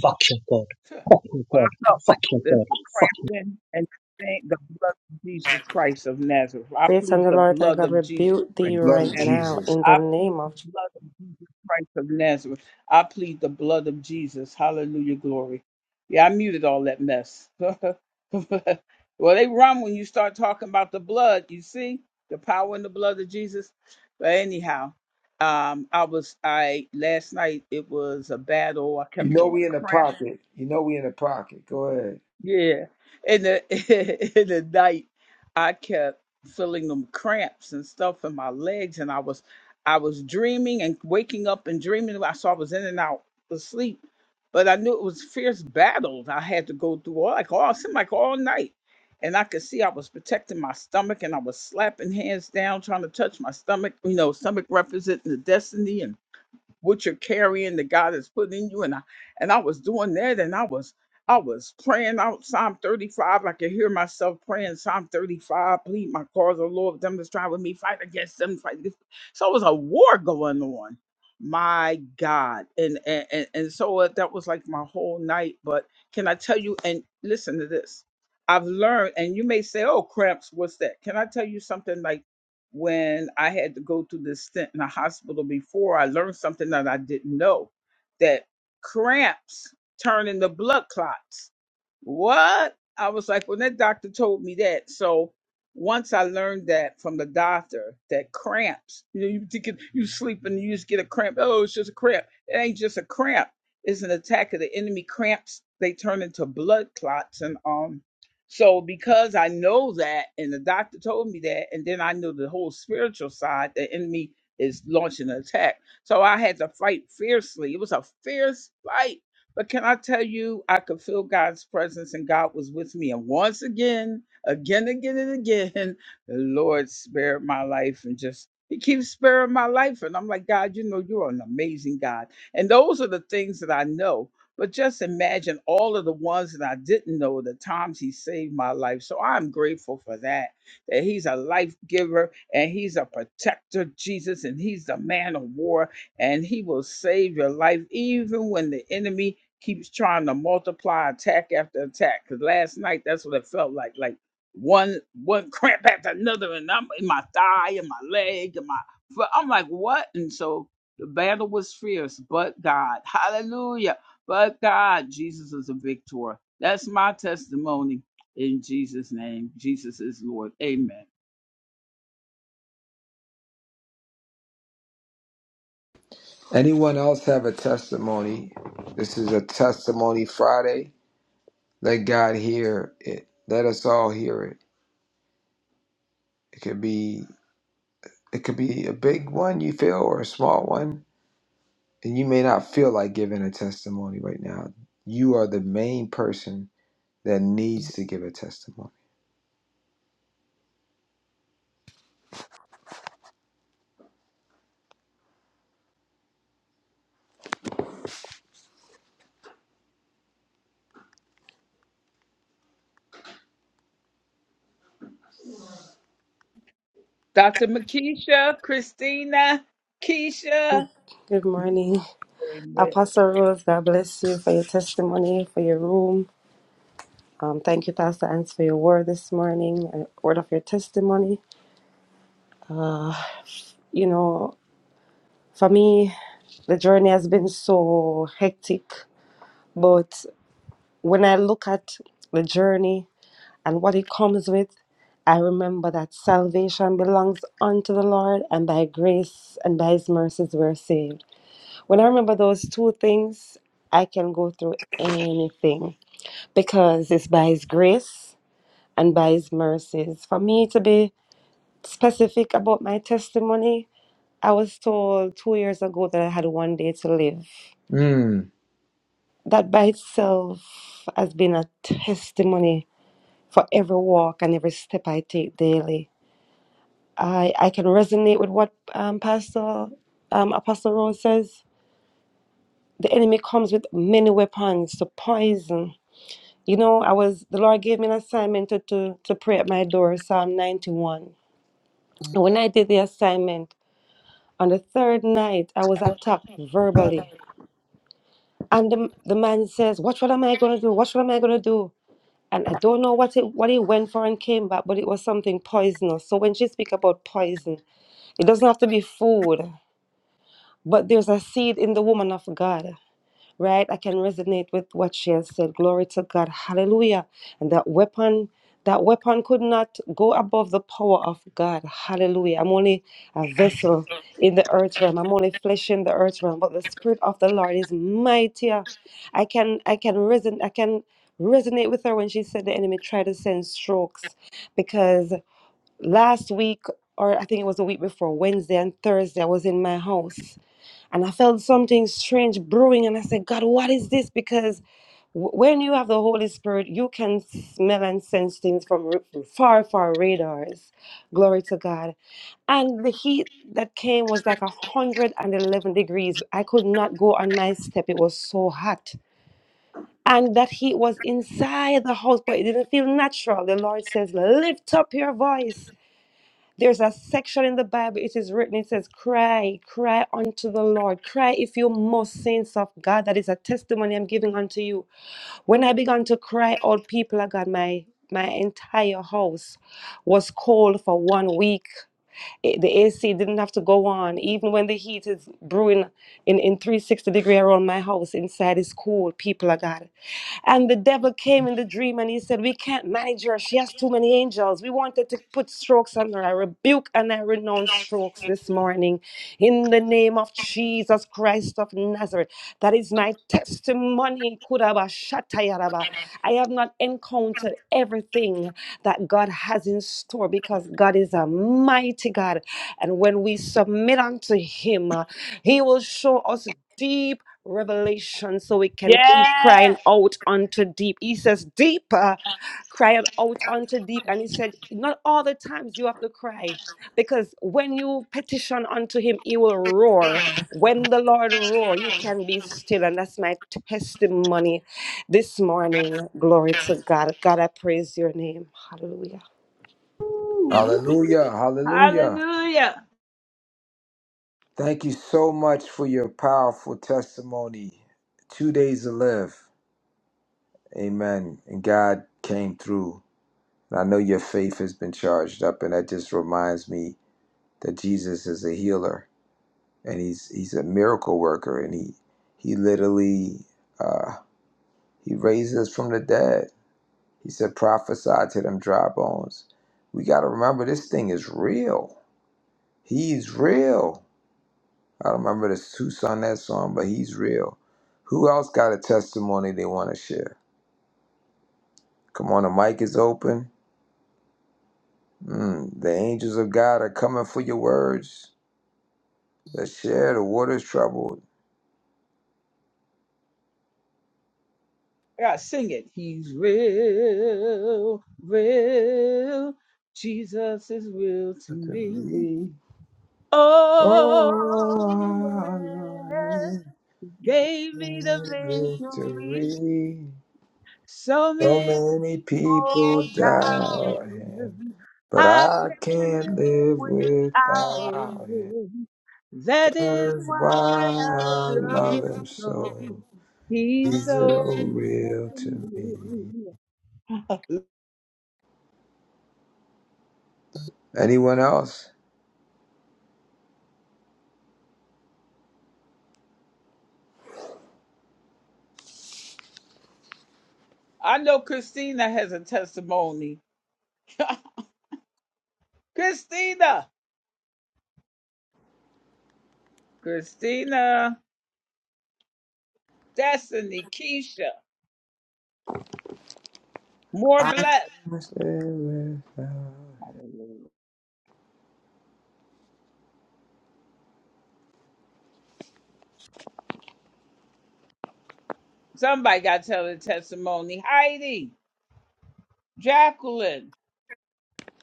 Fuck your god. Fuck your well, god. I felt Fuck your like the, the god. cramping and I thank the blood of Jesus Christ of Nazareth. I Satan, plead the the Lord thy blood God, of Jesus rebuke The thee Christ of blood of right Nazareth. now Jesus. in the I plead name the of Je- blood of Jesus Christ of Nazareth. I plead the blood of Jesus. Hallelujah, glory. Yeah, I muted all that mess. well, they run when you start talking about the blood. You see the power in the blood of Jesus. But anyhow, um, I was I last night. It was a battle. I You kept know feeling we in a cramp. pocket. You know we in a pocket. Go ahead. Yeah. In the in the night I kept feeling them cramps and stuff in my legs and I was I was dreaming and waking up and dreaming about so I was in and out of sleep. But I knew it was fierce battles I had to go through all like all it seemed like all night. And I could see I was protecting my stomach and I was slapping hands down, trying to touch my stomach, you know, stomach representing the destiny and what you're carrying that God has put in you. And I and I was doing that and I was I was praying out Psalm 35. I could hear myself praying Psalm 35, plead my cause, O Lord, them that strive with me, fight against them, fight this. So it was a war going on. My God. And and, and, and so uh, that was like my whole night. But can I tell you, and listen to this. I've learned, and you may say, oh, cramps, what's that? Can I tell you something like when I had to go through this stint in the hospital before, I learned something that I didn't know that cramps turn into blood clots. What? I was like, when that doctor told me that. So once I learned that from the doctor, that cramps, you know, you think it- you sleep and you just get a cramp. Oh, it's just a cramp. It ain't just a cramp. It's an attack of the enemy cramps. They turn into blood clots. And um, so because I know that, and the doctor told me that, and then I know the whole spiritual side, the enemy is launching an attack. So I had to fight fiercely. It was a fierce fight. But can I tell you, I could feel God's presence and God was with me. And once again, again, again, and again, the Lord spared my life and just, He keeps sparing my life. And I'm like, God, you know, you're an amazing God. And those are the things that I know. But just imagine all of the ones that I didn't know, the times he saved my life. So I'm grateful for that, that he's a life giver and he's a protector, Jesus, and he's the man of war, and he will save your life even when the enemy keeps trying to multiply attack after attack. Because last night, that's what it felt like. Like one one cramp after another, and I'm in my thigh and my leg and my foot. I'm like, what? And so the battle was fierce, but God, hallelujah. But God, Jesus is a victor. That's my testimony in Jesus' name. Jesus is Lord. Amen. Anyone else have a testimony? This is a testimony Friday. Let God hear it. Let us all hear it. It could be it could be a big one you feel or a small one. And you may not feel like giving a testimony right now. You are the main person that needs to give a testimony. Dr. Makisha, Christina, Keisha. Good morning. Amen. Apostle Rose, God bless you for your testimony, for your room. Um, thank you, Pastor Ants, for your word this morning, a word of your testimony. Uh, you know, for me, the journey has been so hectic, but when I look at the journey and what it comes with, I remember that salvation belongs unto the Lord, and by grace and by His mercies we're saved. When I remember those two things, I can go through anything because it's by His grace and by His mercies. For me to be specific about my testimony, I was told two years ago that I had one day to live. Mm. That by itself has been a testimony for every walk and every step I take daily. I, I can resonate with what um, Pastor um, Apostle Rose says. The enemy comes with many weapons to poison You know, I was the Lord gave me an assignment to to, to pray at my door, Psalm 91. And when I did the assignment, on the third night, I was attacked verbally. And the, the man says, What what am I gonna do? What what am I gonna do? And I don't know what it what he went for and came back, but it was something poisonous. So when she speak about poison, it doesn't have to be food, but there's a seed in the woman of God. right? I can resonate with what she has said. Glory to God. Hallelujah. And that weapon, that weapon could not go above the power of God. Hallelujah. I'm only a vessel in the earth realm. I'm only flesh in the earth realm. But the spirit of the Lord is mightier. I can I can reson I can resonate with her when she said the enemy tried to send strokes. Because last week or I think it was the week before, Wednesday and Thursday, I was in my house and I felt something strange brewing. And I said, God, what is this? Because w- when you have the Holy Spirit, you can smell and sense things from r- far, far radars. Glory to God. And the heat that came was like 111 degrees. I could not go on my step, it was so hot. And that heat was inside the house, but it didn't feel natural. The Lord says, Lift up your voice there's a section in the Bible, it is written, it says, Cry, cry unto the Lord. Cry if you must, saints of God. That is a testimony I'm giving unto you. When I began to cry, all people of God, my my entire house was cold for one week. Eh, The AC didn't have to go on. Even when the heat is brewing in, in 360 degree around my house, inside is cool, people of God. And the devil came in the dream and he said, We can't manage her. She has too many angels. We wanted to put strokes on her. I rebuke and I renounce strokes this morning in the name of Jesus Christ of Nazareth. That is my testimony. Kuraba shatayaraba. I have not encountered everything that God has in store because God is a mighty God. And when we submit unto Him, uh, He will show us. Deep revelation so we can Yeah. keep crying out unto deep. He says, Deeper, cry out unto deep. And he said, Not all the times you have to cry, because when you petition unto him, he will roar. When the Lord roar, you can be still. And that's my testimony this morning. Glory to God. God, I praise your name. Hallelujah. Woo, woo. Hallelujah. Hallelujah. Hallelujah. Thank you so much for your powerful testimony. Two days to live. Amen. And God came through. And I know your faith has been charged up, and that just reminds me that Jesus is a healer and he's he's a miracle worker, and he he literally uh, he raised us from the dead. He said, "Prophesy to them dry bones." We got to remember this thing is real. He's real. I don't remember the who sung that song, but he's real. Who else got a testimony they want to share? Come on, the mic is open. Mm, the angels of God are coming for your words that share the waters troubled. Yeah, sing it. He's real, real. Jesus is real to Look at me. me. Oh, Oh, I'm yeah. in Gave me the victory. victory. So So many many people people down. doubt him, you. but I I can't can't live live without without him. him. That is That is why why I I love love him him so. so. He's He's so so much real to to me. me. Anyone else? I know Christina has a testimony. Christina, Christina, Destiny, Keisha, more blessed. Must live without Somebody got to tell the testimony. Heidi, Jacqueline.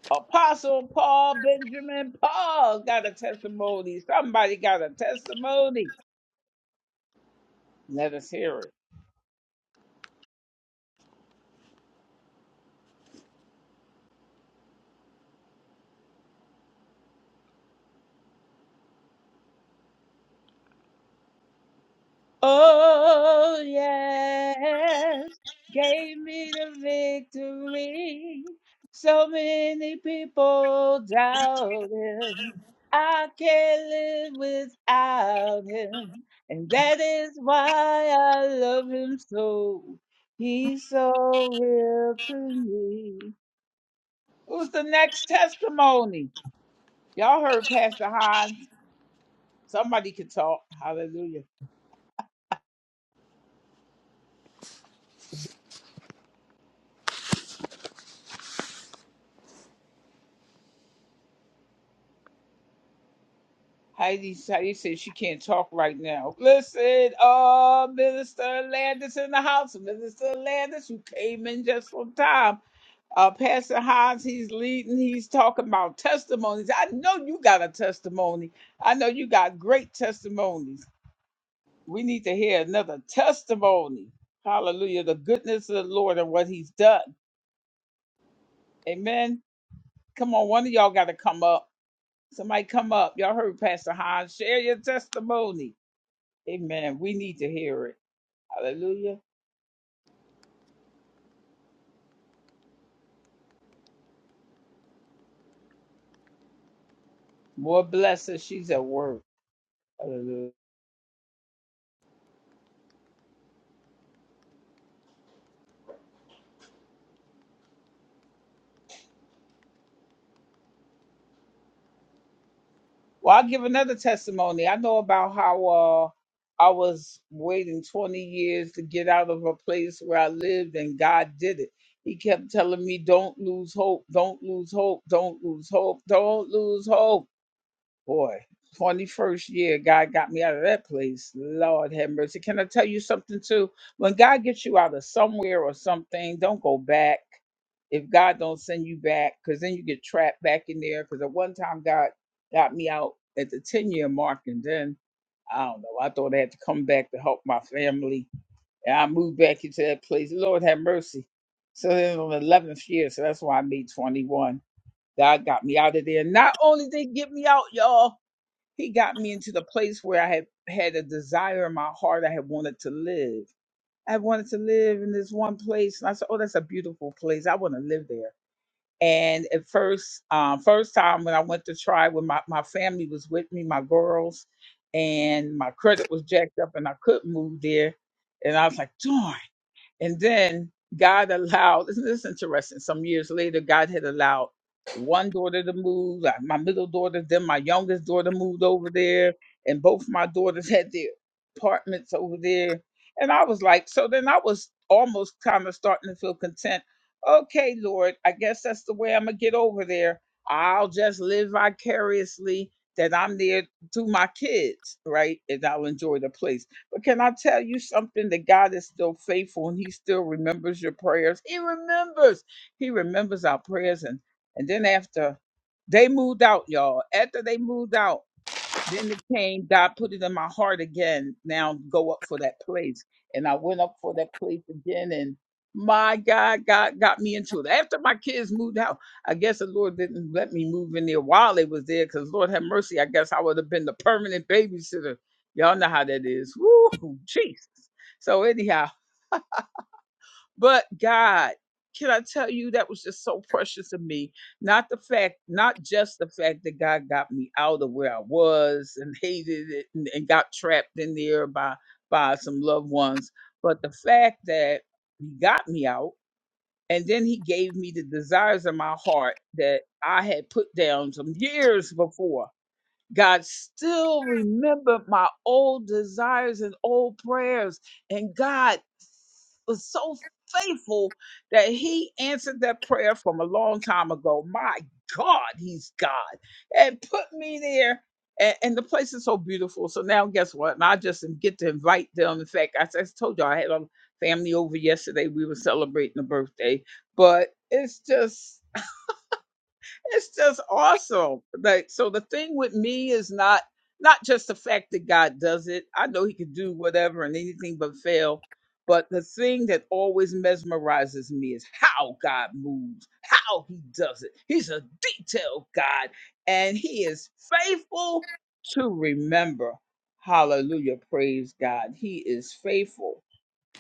Apostle Paul Benjamin Paul got a testimony. Somebody got a testimony. Let us hear it. Oh, yes, gave me the victory. So many people doubt him. I can't live without him. And that is why I love him so. He's so real to me. Who's the next testimony? Y'all heard Pastor Hans. Somebody can talk. Hallelujah. Heidi, Heidi says she can't talk right now. Listen, uh, Minister Landis in the house. Minister Landis, you came in just on time. Uh, Pastor Hans, he's leading. He's talking about testimonies. I know you got a testimony. I know you got great testimonies. We need to hear another testimony. Hallelujah. The goodness of the Lord and what he's done. Amen. Come on, one of y'all got to come up. Somebody come up. Y'all heard Pastor Hans. Share your testimony. Amen. We need to hear it. Hallelujah. More bless her. She's at work. Hallelujah. Well, I'll give another testimony. I know about how uh, I was waiting 20 years to get out of a place where I lived, and God did it. He kept telling me, don't lose hope, don't lose hope, don't lose hope, don't lose hope. boy, 21st year, God got me out of that place. Lord have mercy. Can I tell you something too? When God gets you out of somewhere or something, don't go back. If God don't send you back, because then you get trapped back in there. Because at one time God got me out at the 10 year mark, and then I don't know. I thought I had to come back to help my family, and I moved back into that place. Lord have mercy. So then on the 11th year, so that's why I made 21. God got me out of there. Not only did he get me out, y'all. He got me into the place where I had had a desire in my heart. I had wanted to live. I wanted to live in this one place. And I said, Oh, that's a beautiful place. I want to live there. And at first, um, first time when I went to try, when my, my family was with me, my girls, and my credit was jacked up and I couldn't move there. And I was like, darn. And then God allowed, isn't this interesting? Some years later, God had allowed one daughter to move, like my middle daughter, then my youngest daughter moved over there, and both my daughters had their apartments over there. And I was like, so then I was almost kind of starting to feel content. Okay, Lord, I guess that's the way I'm going to get over there. I'll just live vicariously that I'm there to my kids, right? And I'll enjoy the place. But can I tell you something that God is still faithful and He still remembers your prayers? He remembers. He remembers our prayers. And and then after they moved out, y'all. After they moved out. Then it came, God put it in my heart again. Now go up for that place. And I went up for that place again. And my God, God got me into it. After my kids moved out, I guess the Lord didn't let me move in there while they was there because Lord have mercy. I guess I would have been the permanent babysitter. Y'all know how that is. Woo, Jesus. So, anyhow, but God, can I tell you that was just so precious to me? Not the fact, not just the fact that God got me out of where I was and hated it and, and got trapped in there by by some loved ones, but the fact that He got me out and then He gave me the desires of my heart that I had put down some years before God still remembered my old desires and old prayers. And God was so faithful that He answered that prayer from a long time ago. My God, He's God. And put me there. And, and the place is so beautiful. So now, guess what? And I just get to invite them. In fact, I, just told you I had a family over yesterday. We were celebrating a birthday, but it's just it's just awesome. Like, so the thing with me is not not just the fact that God does it. I know He can do whatever and anything but fail. But the thing that always mesmerizes me is how God moves, how He does it. He's a detailed God, and He is faithful to remember. Hallelujah. Praise God. He is faithful.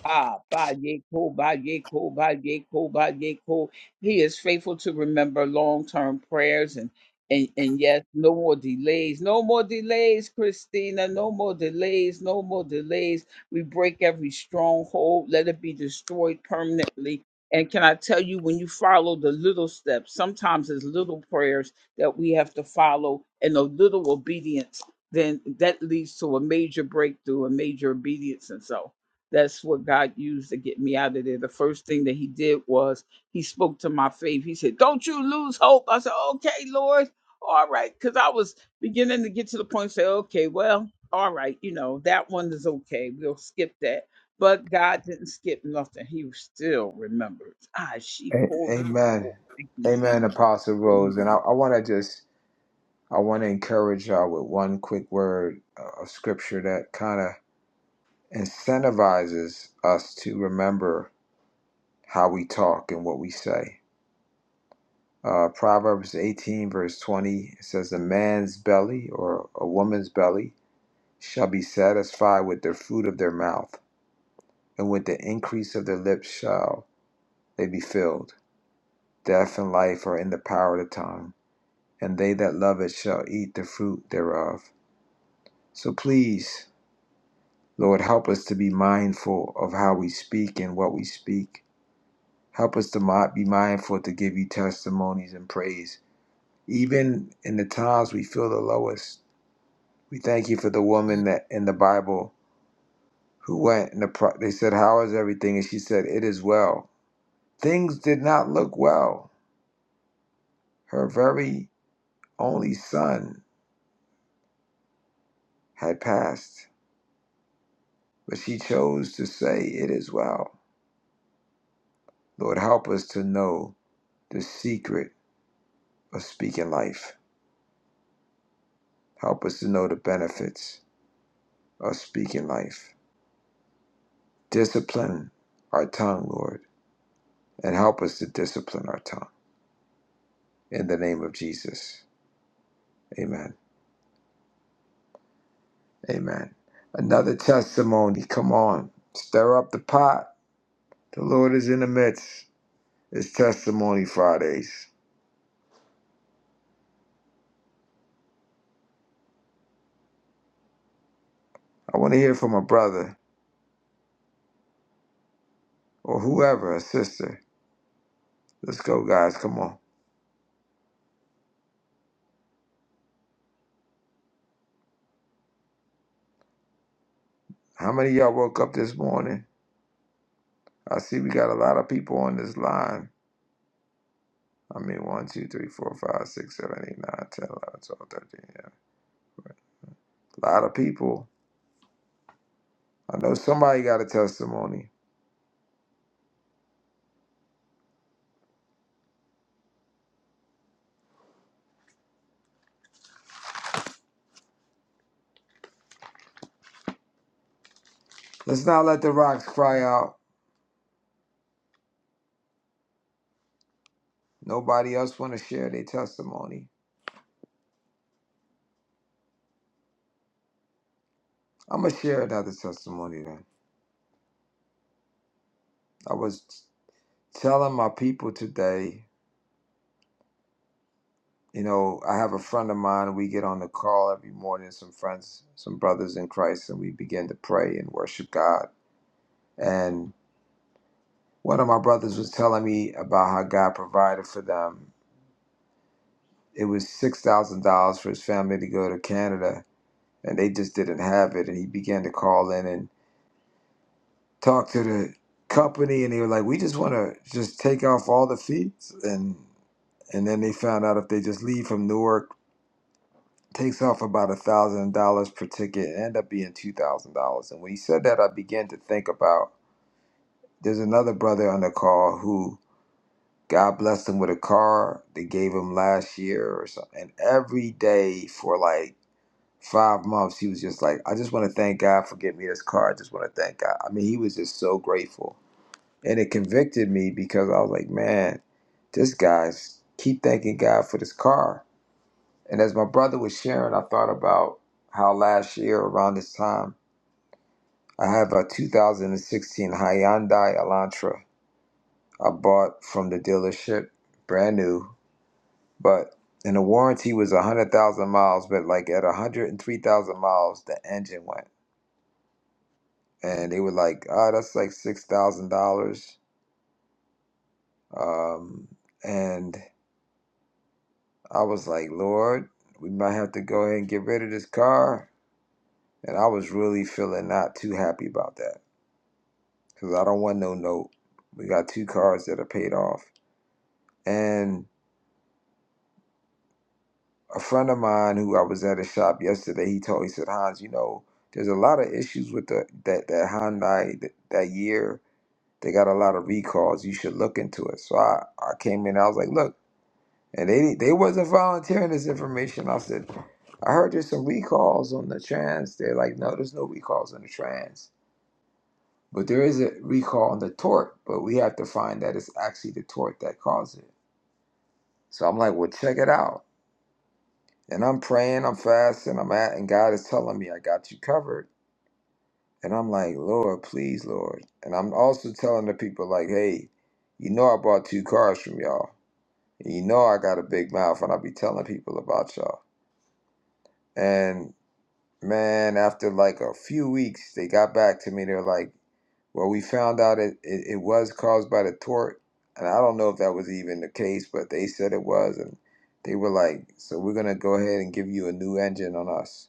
Ah, ba yeko, ba yeko, ba yeko, ba yeko. He is faithful to remember long-term prayers and and and yes, no more delays, no more delays, Christina, no more delays, no more delays. We break every stronghold, let it be destroyed permanently. And can I tell you, when you follow the little steps, sometimes it's little prayers that we have to follow and a little obedience, then that leads to a major breakthrough, a major obedience, and so. That's what God used to get me out of there. The first thing that He did was He spoke to my faith. He said, Don't you lose hope. I said, Okay, Lord. All right. Because I was beginning to get to the point, and say, Okay, well, all right. You know, that one is okay. We'll skip that. But God didn't skip nothing. He still remembers. Ah, she A- pulled it. Amen. Thank you, Jesus. Amen, Apostle Amen. Rose. And I, I want to just, I want to encourage y'all with one quick word uh, of scripture that kind of incentivizes us to remember how we talk and what we say. Uh, Proverbs 18, verse 20 it says, A man's belly or a woman's belly shall be satisfied with the fruit of their mouth, and with the increase of their lips shall they be filled. Death and life are in the power of the tongue and they that love it shall eat the fruit thereof. So please, Lord, help us to be mindful of how we speak and what we speak. Help us to mi- be mindful to give you testimonies and praise, even in the times we feel the lowest. We thank you for the woman that in the Bible who went and the pro- they said, "How is everything?" and she said, "It is well." Things did not look well. Her very only son had passed, but she chose to say, "It is well." Lord, help us to know the secret of speaking life. Help us to know the benefits of speaking life. Discipline our tongue, Lord, and help us to discipline our tongue. In the name of Jesus. Amen. Amen. Another testimony. Come on. Stir up the pot. The Lord is in the midst. It's Testimony Fridays. I want to hear from a brother or whoever, a sister. Let's go, guys. Come on. How many of y'all woke up this morning? I see we got a lot of people on this line. I mean, one, 2, 3, 4, 5, 6, 7, 8, 9, 10, 11, 12, 13. Yeah. A lot of people. I know somebody got a testimony. Let's not let the rocks cry out. Nobody else want to share their testimony. I'm going to share another testimony then. I was telling my people today, you know, I have a friend of mine. We get on the call every morning, some friends, some brothers in Christ, and we begin to pray and worship God. and. One of my brothers was telling me about how God provided for them. It was $6,000 for his family to go to Canada, and they just didn't have it. And he began to call in and talk to the company, and they were like, We just want to just take off all the fees. And, and then they found out if they just leave from Newark, takes off about $1,000 per ticket, and end up being $2,000. And when he said that, I began to think about there's another brother on the call who God blessed him with a car they gave him last year or something. And every day for like five months, he was just like, I just want to thank God for getting me this car. I just want to thank God. I mean, he was just so grateful. And it convicted me because I was like, man, this guy's keep thanking God for this car. And as my brother was sharing, I thought about how last year around this time, I have a 2016 Hyundai Elantra I bought from the dealership, brand new But and the warranty was a hundred thousand miles, but like at a hundred and three thousand miles, the engine went, and they were like, "Ah, that's like six thousand dollars." Um, and I was like, "Lord, we might have to go ahead and get rid of this car." And I was really feeling not too happy about that because I don't want no note. We got two cars that are paid off, and a friend of mine who I was at a shop yesterday, he told me, he said, Hans, you know, there's a lot of issues with the that that Hyundai that, that year. They got a lot of recalls. You should look into it. So I, I came in. I was like, look, and they they wasn't volunteering this information. I said, I heard there's some recalls on the trans. They're like, no, there's no recalls on the trans, but there is a recall on the torque. But we have to find that it's actually the torque that caused it. So I'm like, well, check it out. And I'm praying, I'm fasting, I'm at, and God is telling me, I got you covered. And I'm like, Lord, please, Lord. And I'm also telling the people, like, hey, you know I bought two cars from y'all. And you know I got a big mouth, and I'll be telling people about y'all. And man, after like a few weeks, they got back to me. They're like, well, we found out it, it, it was caused by the tort. And I don't know if that was even the case, but they said it was. And they were like, so we're going to go ahead and give you a new engine on us.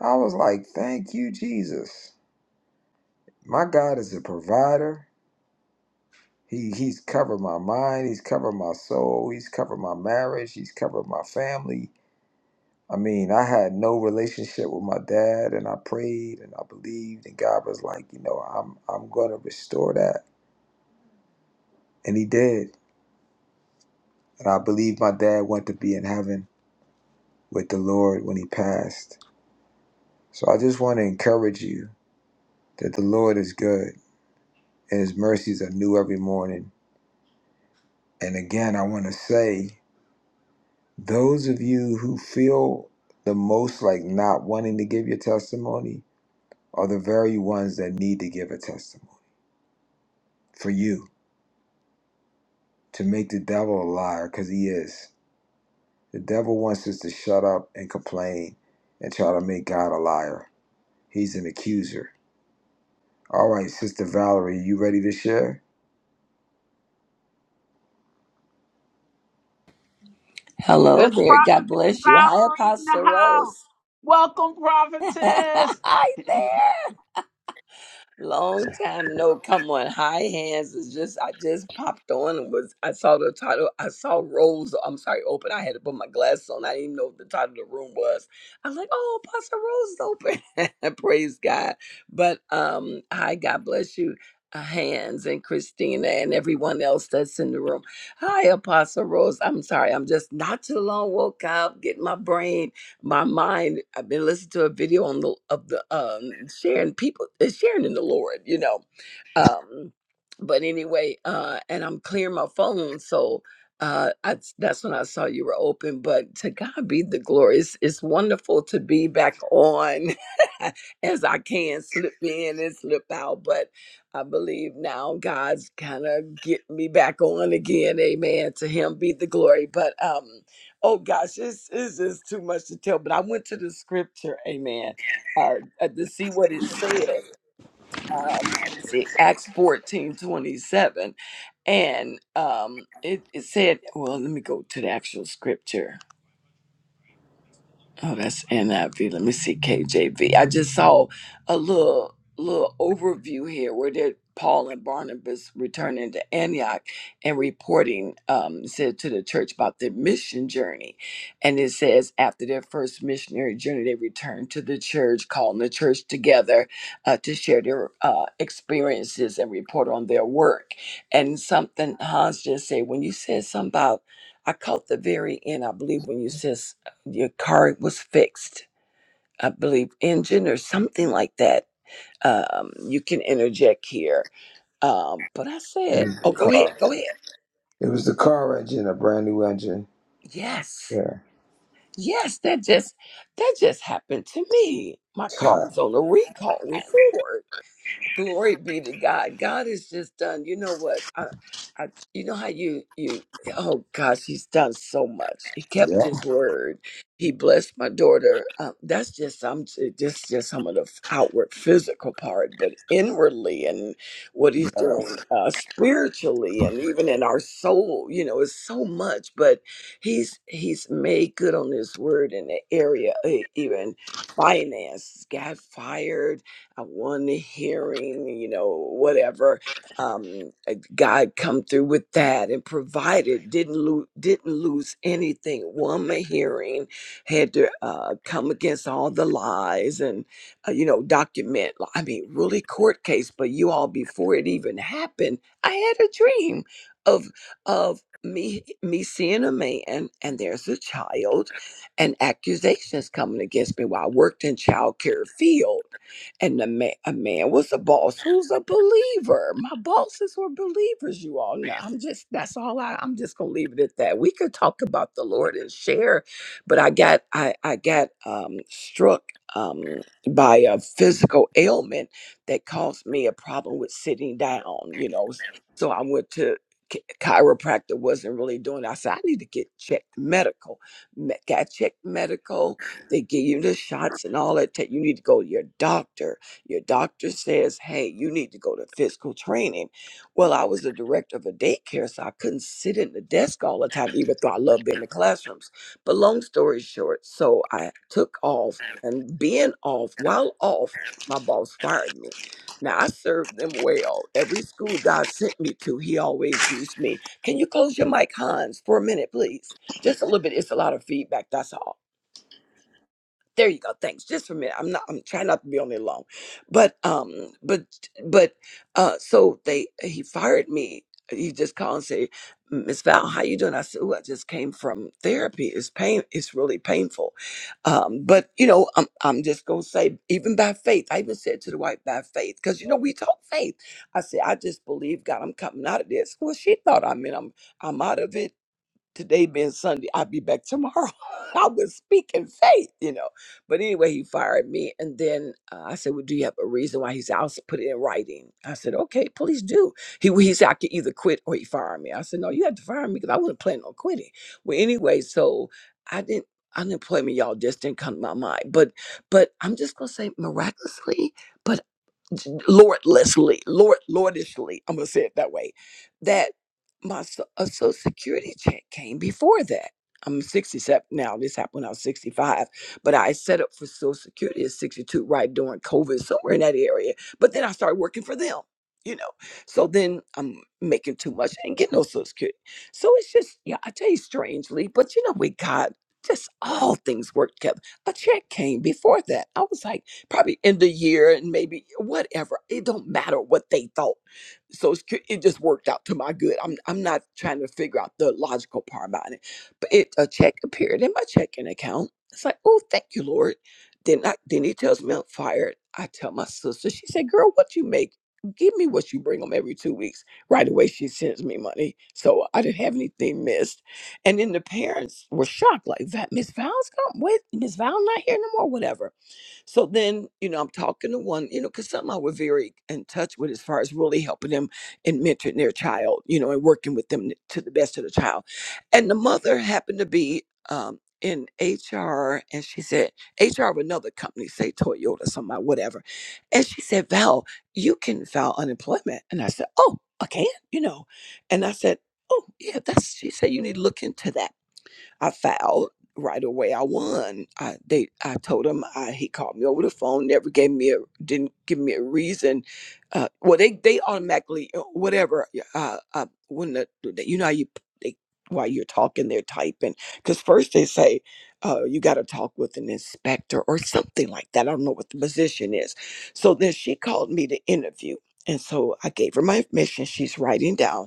I was like, thank you, Jesus. My God is a provider. He, he's covered my mind. He's covered my soul. He's covered my marriage. He's covered my family. I mean, I had no relationship with my dad, and I prayed and I believed, and God was like, you know, I'm I'm gonna restore that, and He did. And I believe my dad went to be in heaven with the Lord when he passed. So I just want to encourage you that the Lord is good, and His mercies are new every morning And again, I want to say, those of you who feel the most like not wanting to give your testimony are the very ones that need to give a testimony for you to make the devil a liar because he is. The devil wants us to shut up and complain and try to make God a liar. He's an accuser. All right, Sister Valerie, you ready to share? Hello There's there. God prophetess bless you. Hi, Valerie in Apostle the house. Rose. Welcome, Hi prophetess. there. Long time no come on. High hands is just I just popped on and was I saw the title. I saw Rose. I'm sorry, open. I had to put my glasses on. I didn't even know what the title of the room was. I was like, oh, Pastor Rose is open. Praise God. But um, hi, God bless you. uh, Hands and Christina and everyone else that's in the room. Hi, Apostle Rose. I'm sorry, I'm just not too long woke up, getting my brain my mind. I've been listening to a video on the of the um sharing people uh, sharing in the Lord, you know. Um, but anyway, uh, and I'm clearing my phone, so uh, I, that's when I saw you were open. But to God be the glory. It's, it's wonderful to be back on as I can slip in and slip out, but I believe now God's kind of getting me back on again. Amen. To Him be the glory. But um Oh gosh, it's, it's just too much to tell, but I went to the scripture, amen, uh, uh, to see what it said. Um, let me see, Acts 14 27, And um, it, it said, well, let me go to the actual scripture. Oh, that's NIV. Let me see KJV. I just saw a little little overview here where they Paul and Barnabas returning to Antioch and reporting um, it said to the church about their mission journey, and it says after their first missionary journey they returned to the church, calling the church together uh, to share their uh, experiences and report on their work. And something Hans just said when you said something about I caught the very end. I believe when you said your car was fixed, I believe, engine or something like that. Um, you can interject here. Um, but I It said, was the oh, go ahead, car. go ahead. It was the car engine, a brand new engine. Yes, Yeah. yes, that just that just happened to me. My car was on a recall with Ford. Glory be to God. God has just done. You know what? I, I, you know how you you. Oh gosh, He's done so much. He kept Yeah. His word. He blessed my daughter. Um, that's just some. Just just some of the outward physical part, but inwardly and what He's yeah. doing uh, spiritually, and even in our soul. You know, is so much. But He's He's made good on His word in the area, eh, even finance. Got fired I want to hearing, you know, whatever. Um, uh, God come through with that and provided didn't lose didn't lose anything. Won my hearing, had to uh, come against all the lies and uh, you know document. I mean, really court case. But you all before it even happened, I had a dream of of me me seeing a man and there's a child and accusations coming against me while I worked in child care field and the man, a man was a boss who's a believer. My bosses were believers, you all know. I'm just, that's all I, I'm just going to leave it at that. We could talk about the Lord and share, but I got, I, I got um, struck um, by a physical ailment that caused me a problem with sitting down, you know. So I went to chi- chiropractor wasn't really doing it. I said, I need to get checked medical. Me- Got checked medical they give you the shots and all that. Take you need to go to your doctor. Your doctor says, "Hey, you need to go to physical training." Well, I was the director of a daycare, so I couldn't sit in the desk all the time, even though I love being in the classrooms. But long story short, so I took off, and being off, while off, my boss fired me. Now I served them well. Every school God sent me to, He always used me. Can you close your mic, Hans, for a minute, please? Just a little bit. It's a lot of feedback. That's all there you go thanks just for a minute i'm not i'm trying not to be on it long but um but but uh so they he fired me he just called and said, miss val how you doing i said oh i just came from therapy it's pain it's really painful um but you know i'm, I'm just gonna say even by faith i even said to the wife by faith because you know we talk faith i said i just believe god i'm coming out of this well she thought i mean i'm i'm out of it today being Sunday, I'll be back tomorrow. I was speaking faith, you know. But anyway, he fired me. And then uh, I said, Well, do you have a reason why? He said, I'll s- put it in writing. I said, Okay, please do. He, he said, I could either quit or he fired me. I said, No, you have to fire me because I wasn't planning on quitting. Well, anyway, so I didn't. Unemployment, y'all, just didn't come to my mind. But, but I'm just gonna say miraculously. but lordlessly, lord lordishly. I'm gonna say it that way. That my so- a social security check came before that. I'm 67 now. This happened when I was 65, but I set up for Social Security at 62, right during COVID, somewhere in that area. But then I started working for them, you know. So then I'm making too much. I ain't getting no Social Security. So it's just, yeah, I tell you strangely, but you know, with God, just all things work together. A check came before that. I was like probably end of year and maybe whatever. It don't matter what they thought. So it's, cu- it just worked out to my good. I'm I'm not trying to figure out the logical part about it, but it a check appeared in my checking account. It's like, oh, thank you, Lord. Then I then he tells me I'm fired. I tell my sister. She said, girl, what you make? Give me what you bring them every two weeks. Right away, she sends me money, so I didn't have anything missed. And then the parents were shocked, like that Miss Val's gone. Wait, Miss Val not here no more. Whatever. So then, you know, I'm talking to one, you know, because some I were very in touch with as far as really helping them and mentoring their child, you know, and working with them to the best of the child. And the mother happened to be um, in HR, and she said, HR of another company, say Toyota, somebody, whatever. And she said, Val, you can file unemployment. And I said, Oh, I can, you know. And I said, Oh, yeah, that's, she said, you need to look into that. I filed right away. I won. I they I told him I he called me over the phone, never gave me a didn't give me a reason. Uh, well, they they automatically uh, whatever. Uh, uh when the the- you know how you p- they while you're talking they're typing because first they say uh, you got to talk with an inspector or something like that. I don't know what the position is. So then she called me to interview. And so I gave her my information. She's writing down.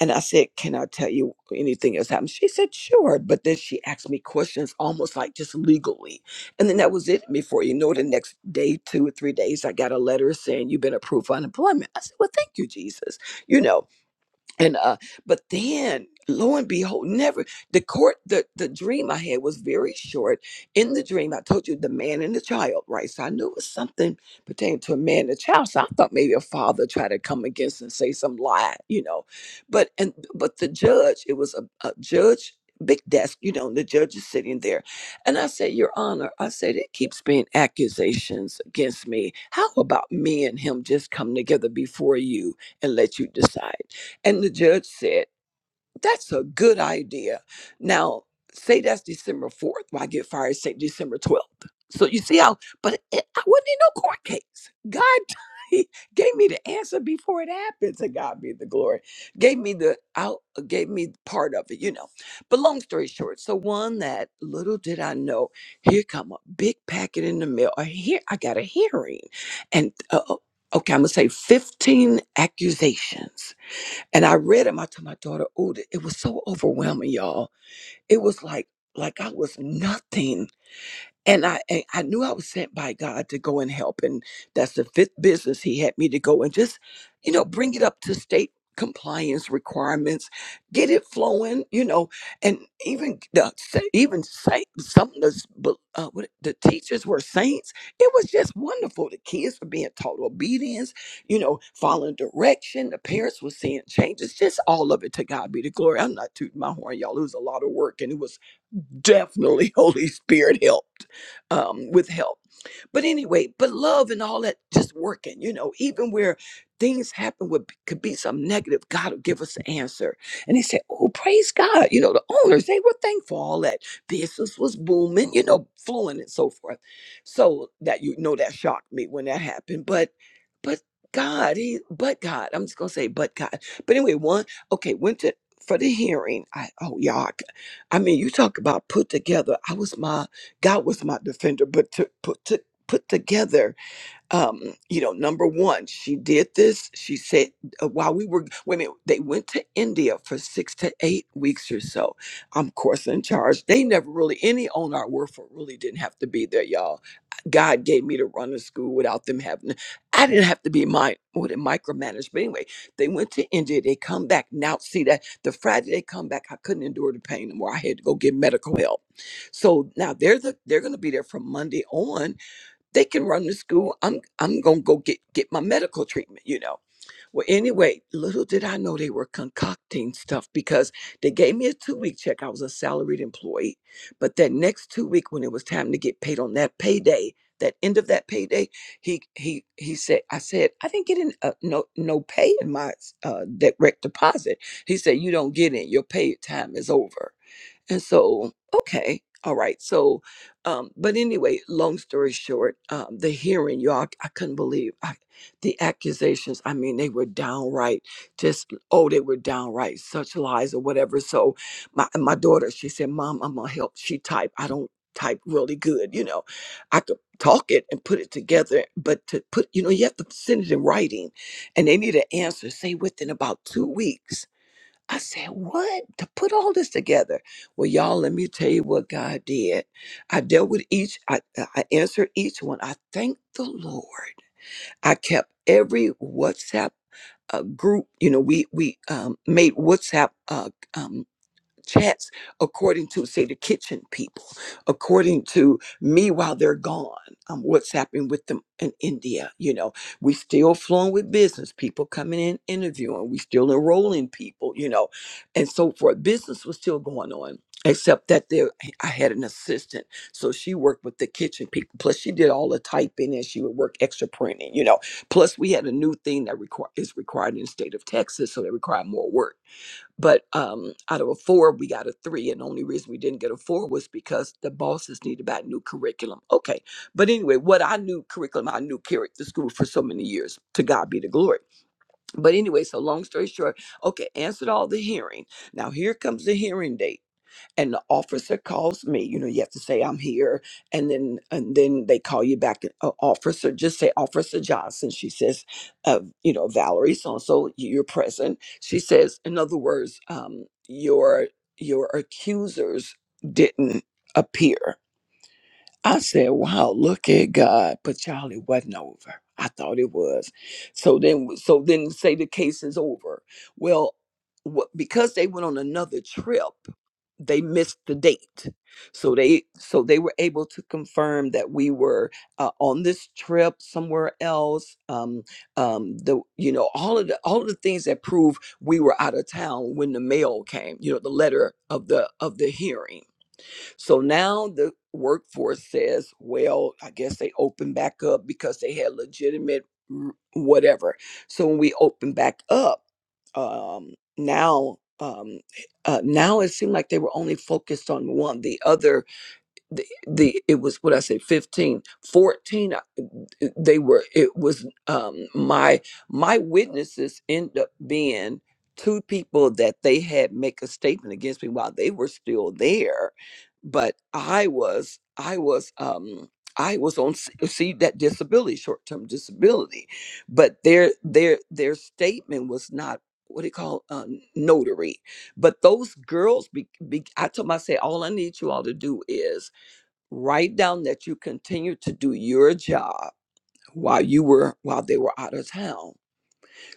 And I said, Can I tell you anything else happened? She said, Sure. But then she asked me questions almost like just legally. And then that was it. Before you know it, the next day, two or three days, I got a letter saying, You've been approved for unemployment. I said, Well, thank you, Jesus. You know, and uh but then lo and behold never the court the the dream i had was very short in the dream i told you the man and the child right so i knew it was something pertaining to a man and a child so i thought maybe a father tried to come against and say some lie you know but and but the judge it was a, a judge big desk you know and the judge is sitting there and i said your honor i said it keeps being accusations against me how about me and him just come together before you and let you decide and the judge said, That's a good idea. Now, say that's December 4th. Well, I get fired, say December 12th. So you see how, but it, I wasn't in no court case. God he gave me the answer before it happened. To God be the glory. Gave me the out, gave me part of it, you know. But long story short, so one that little did I know, here come a big packet in the mail. I hear I got a hearing, and uh, oh, okay, I'm gonna say 15 accusations and I read him. I told my daughter, "Oh, th- it was so overwhelming, y'all. It was like like I was nothing and I, I I knew I was sent by God to go and help, and that's the fifth business He had me to go and just, you know, bring it up to state compliance requirements, get it flowing, you know, and even the, sa- even say some of the s- bu- uh, what it- the teachers were saints. It was just wonderful. The kids were being taught obedience, you know, following direction. The parents were seeing changes. Just all of it to God be the glory. I'm not tooting my horn, y'all. It was a lot of work, and it was definitely Holy Spirit helped um, with help. But anyway, but love and all that just working, you know, even where things happen with could be some negative, God will give us the answer. And they said, Oh, praise God. You know, the owners, they were thankful all that business was booming, you know, flowing and so forth. So that you know that shocked me when that happened. But but God, he but God, I'm just gonna say but God. But anyway, one, okay, went to for the hearing. I oh y'all I mean, you talk about put together. I was my God was my defender, but to put to put together um, you know, number one, she did this. She said, uh, while we were, women, they went to India for six to eight weeks or so. I'm, of course, in charge. They never really, any on our workforce really didn't have to be there, y'all. God gave me to run a school without them having, I didn't have to be my, what, micromanaged. But anyway, they went to India. They come back. Now, see that the Friday they come back, I couldn't endure the pain anymore. I had to go get medical help. So now they're the, they're going to be there from Monday on they can run to school. I'm I'm gonna go get get my medical treatment, you know. Well, anyway, little did I know they were concocting stuff because they gave me a two week check. I was a salaried employee, but that next two week when it was time to get paid on that payday, that end of that payday, he he he said, I said I didn't get in uh, no no pay in my uh, direct deposit. He said you don't get in. Your paid time is over. And so, okay, all right. So, um, but anyway, long story short, um, the hearing, y'all, I couldn't believe I, the accusations. I mean, they were downright just, oh, they were downright such lies or whatever. So, my, my daughter, she said, Mom, I'm going to help. She typed. I don't type really good. You know, I could talk it and put it together, but to put, you know, you have to send it in writing and they need an answer, say within about two weeks I said, What? To put all this together? Well, y'all, let me tell you what God did. I dealt with each, I, uh, I answered each one. I thanked the Lord. I kept every WhatsApp uh, group. You know, we we um, made WhatsApp uh, um, chats according to say the kitchen people according to me while they're gone i'm whatsapping with them in india you know we still flowing with business people coming in interviewing we still enrolling people you know and so forth business was still going on except that there i had an assistant so she worked with the kitchen people plus she did all the typing and she would work extra printing you know plus we had a new thing that require is required in the state of texas so they required more work but um, out of a four, we got a three. And the only reason we didn't get a four was because the bosses needed about new curriculum. Okay. But anyway, what I knew curriculum, I knew carried the school for so many years. To God be the glory. But anyway, so long story short, okay, answered all the hearing. Now here comes the hearing date and the officer calls me you know you have to say i'm here and then and then they call you back uh, officer just say officer johnson she says uh, you know valerie so and so you're present she says in other words um, your your accusers didn't appear i said wow look at god but Charlie wasn't over i thought it was so then so then say the case is over well what, because they went on another trip they missed the date so they so they were able to confirm that we were uh, on this trip somewhere else um um the you know all of the all of the things that prove we were out of town when the mail came you know the letter of the of the hearing so now the workforce says, well, I guess they open back up because they had legitimate r- whatever. So when we open back up, um, now um, uh, now it seemed like they were only focused on one. The other the, the it was what I say fifteen fourteen 14 they were it was um my my witnesses end up being two people that they had make a statement against me while they were still there but I was I was um I was on s- see that disability short term disability but their their their statement was not what they call um, notary but those girls be, be, I told them I said all I need you all to do is Write down that you continued to do your job while you were while they were out of town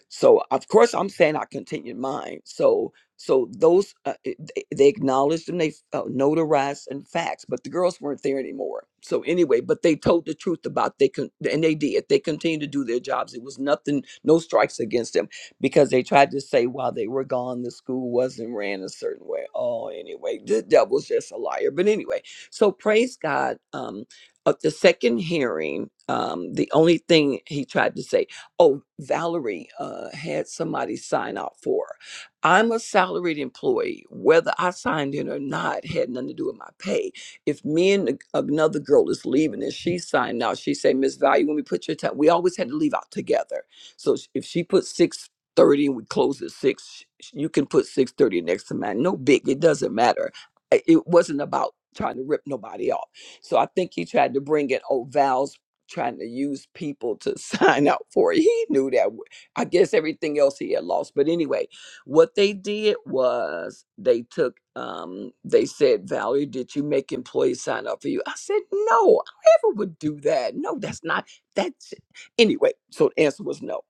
so of course I'm saying I continued mine. So so those uh, it- they they acknowledged them, they uh, notarized and facts, but the girls weren't there anymore. So anyway, but they told the truth about they con- and they did. They continued to do their jobs. It was nothing, no strikes against them because they tried to say while they were gone, the school wasn't ran a certain way. Oh, anyway, the devil's just a liar. But anyway, so praise God. Um, at the second hearing, um, the only thing he tried to say oh, Valerie uh, had somebody sign out for her. I'm a salaried employee. Whether I signed in or not had nothing to do with my pay. If me and the- another girl is leaving and she signed out, she said, Miss Value, when we put your time, we always had to leave out together. So sh- if she put six thirty and we close at 6, sh- sh- you can put 6.30 next to mine. No big, it doesn't matter. I- It wasn't about trying to rip nobody off. So I think he tried to bring in, oh, Val's trying to use people to sign up for it. He knew that. w- I guess everything else he had lost. But anyway, what they did was they took um they said, Valerie, did you make employees sign up for you? I said, No, I never would do that. No, that's not that's anyway. So the answer was no.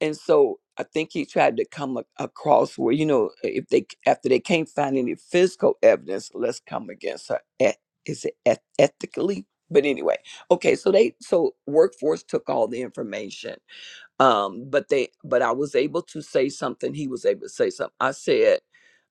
And so I think he tried to come a- across where, you know, if they c- after they can't find any physical evidence, let's come against her. Eth- Is it eth- ethically? But anyway okay so they so workforce took all the information um but they but i was able to say something he was able to say something i said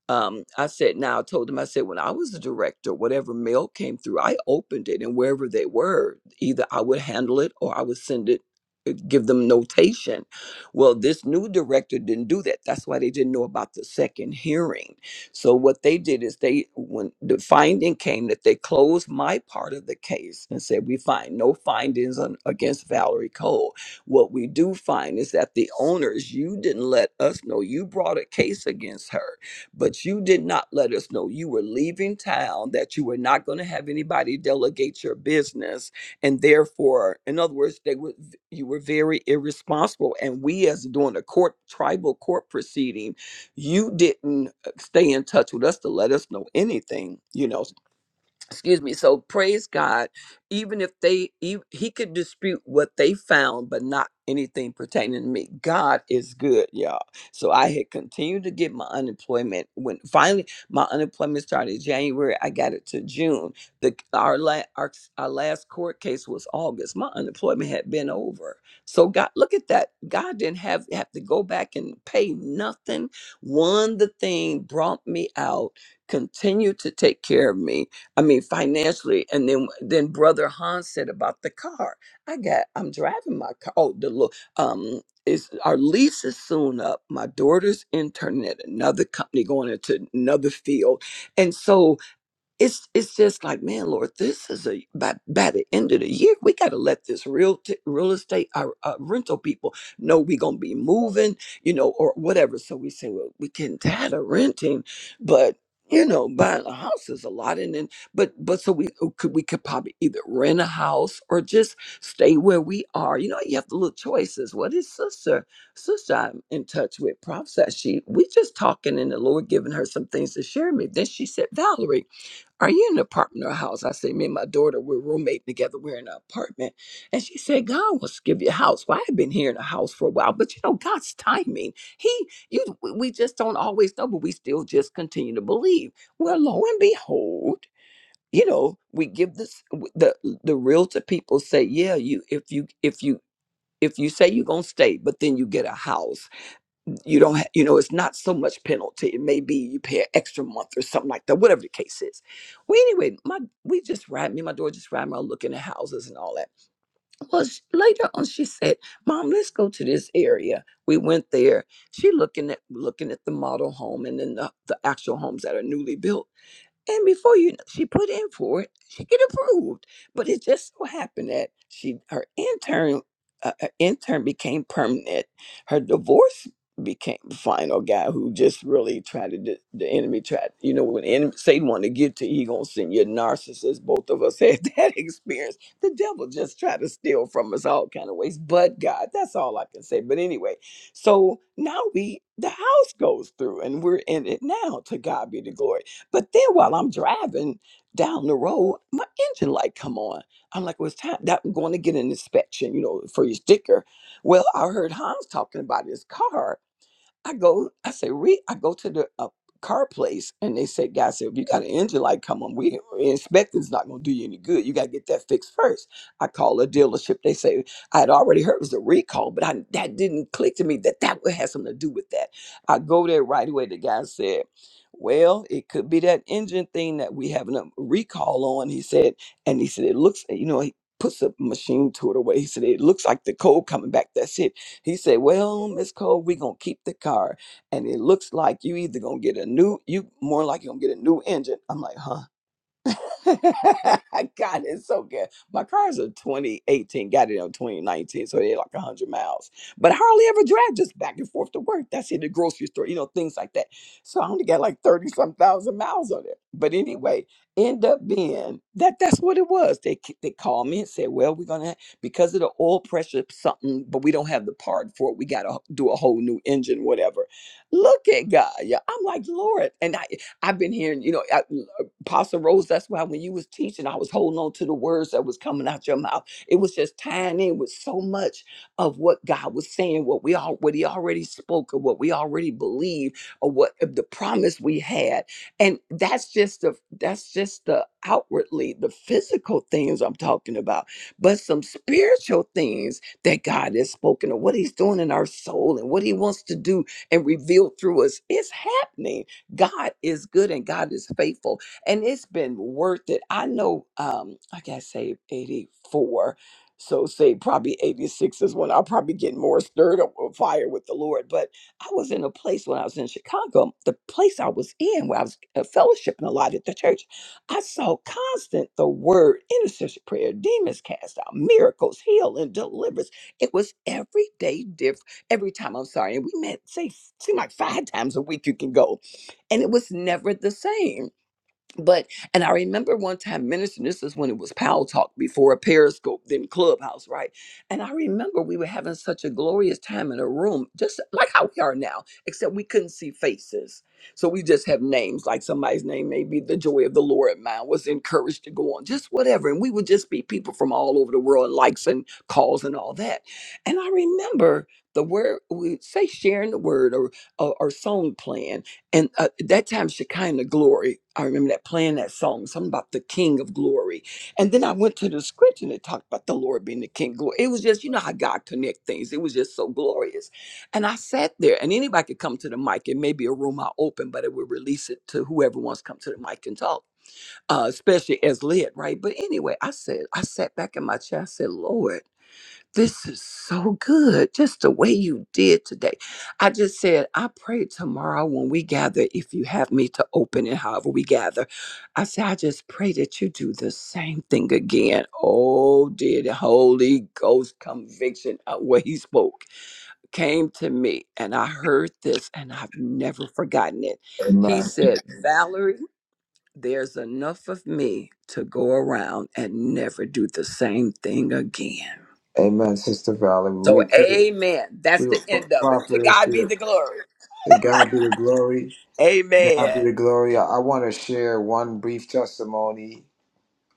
um, I said, now I told them, I said, when I was the director, whatever mail came through, I opened it and wherever they were, either I would handle it or I would send it, uh, give them notation. Well, this new director didn't do that. That's why they didn't know about the second hearing. So what they did is they, when the finding came that they closed my part of the case and said, we find no findings on, against Valerie Cole. What we do find is that the owners, you didn't let us know you brought a case against her but you did not let us know you were leaving town, that you were not going to have anybody delegate your business. And therefore, in other words, they were you were very irresponsible. And we as doing a court tribal court proceeding, you didn't uh, stay in touch with us to let us know anything, you know excuse me so praise god even if they ev- he could dispute what they found but not anything pertaining to me god is good y'all so i had continued to get my unemployment when finally my unemployment started january i got it to june the our, la- our, our last court case was august my unemployment had been over so god look at that god didn't have have to go back and pay nothing one the thing brought me out continued to take care of me I mean financially. And then then brother Hans said about the car. I got I'm driving my car. Oh, the lo- um is our lease is soon up. My daughter's interning at another company going into another field. And so it's it's just like man lord this is a by, by the end of the year we got to let this real t- real estate our uh, rental people know we gonna be moving you know or whatever so we say well we can tired of renting but you know buying a house is a lot and then but but so we uh, could we could probably either rent a house or just stay where we are you know you have the little choices what is sister sister i'm in touch with prof said she we just talking and the lord giving her some things to share with me then she said valerie are you in an apartment or a house? I said, Me and my daughter, we're roommating together. We're in an apartment. And she said, God wants to give you a house. Well, I have been here in a house for a while, but you know, God's timing. He, you, we we just don't always know, but we still just continue to believe. Well, lo and behold, you know, we give this w- the the realtor people say, yeah, you if you if you if you say you're gonna stay, but then you get a house you don't ha- you know it's not so much penalty it may be you pay an extra month or something like that whatever the case is well anyway my we just ride me and my daughter just ride around looking at houses and all that well sh later on she said mom let's go to this area we went there she looking at looking at the model home and then the, the actual homes that are newly built and before you, know, she put in for it. She get approved, but it just so happened that she her intern uh, her intern became permanent. Her divorce became the final guy who just really tried to d- the enemy tried. You know when the enemy, Satan wanted to get to you, he gonna send you a narcissist. Both of us had that experience. The devil just tried to steal from us all kind of ways. But God, that's all I can say. But anyway, so now we the house goes through and we're in it now. To God be the glory. But then while I'm driving down the road, my engine light come on. I'm like, well, it's time that I'm going to get an inspection, you know, for your sticker. Well, I heard Hans talking about his car I go, I say, re, I go to the uh, car place, and they say, guys, if you got an engine light, come on, we inspecting's not going to do you any good. You got to get that fixed first. I call a dealership. They say I had already heard it was a recall, but I that didn't click to me that that would have something to do with that. I go there right away. The guy said. Well, it could be that engine thing that we having a recall on, he said. And he said, it looks, you know, he puts a machine to it away. He said, it looks like the code coming back. That's it he said, Well, Miss Cole, we're gonna keep the car. And it looks like you either gonna get a new, you more like you're gonna get a new engine. I'm like, huh? God, it's so good. My car's a 2018, got it in 2019, so they're like 100 miles. But I hardly ever drive just back and forth to work. That's in the grocery store, you know, things like that. So I only got like 30 some thousand miles on it. But anyway, end up being that that's what it was. They c- they called me and said, well, we're going to, because of the oil pressure, something, but we don't have the part for it. We got to do a whole new engine, whatever. Look at God. Yeah. I'm like, Lord. And I, I've been hearing, you know, Apostle Rose, that's why when you was teaching, I was holding on to the words that was coming out your mouth. It was just tying in with so much of what God was saying, what we all what he already spoke of, what we already believe, or what of the promise we had. And that's just the that's just the outwardly, the physical things I'm talking about, but some spiritual things that God has spoken of, what he's doing in our soul and what he wants to do and reveal through us. It's happening. God is good and God is faithful and it's been worth it. I know um I gotta say 84. So say probably 86 is when I'll probably get more stirred up on fire with the Lord. But I was in a place when I was in Chicago, the place I was in where I was uh, fellowshipping a lot at the church, I saw constant the word, intercession prayer, demons cast out, miracles, heal and deliverance. It was every day different every time. I'm sorry. And we met say seem like five times a week you can go. And it was never the same but and I remember one time ministering. This is when it was Powell Talk before a Periscope, then Clubhouse, right? And I remember we were having such a glorious time in a room, just like how we are now, except we couldn't see faces, so we just have names. Like somebody's name may be the joy of the Lord. Mine was encouraged to go on, just whatever, and we would just be people from all over the world, likes and calls and all that. And I remember the word we say, sharing the word or or, or song playing and uh, at that time shekinah glory i remember that playing that song something about the king of glory and then i went to the scripture and it talked about the lord being the king of glory it was just you know how god connect things it was just so glorious and i sat there and anybody could come to the mic it may be a room i open but it would release it to whoever wants to come to the mic and talk uh, especially as led right but anyway i said i sat back in my chair i said lord this is so good. Just the way you did today. I just said, I pray tomorrow when we gather, if you have me to open it, however we gather. I said, I just pray that you do the same thing again. Oh, dear, the Holy Ghost conviction of what he spoke came to me, and I heard this, and I've never forgotten it. He Amen. said, Valerie, there's enough of me to go around and never do the same thing again. Amen, Sister Valerie. So, We appreciate amen. That's We were the pro- end of it. To prophets. God We be were, the glory. to God be the glory. God be Amen. the glory. I, I want to share one brief testimony,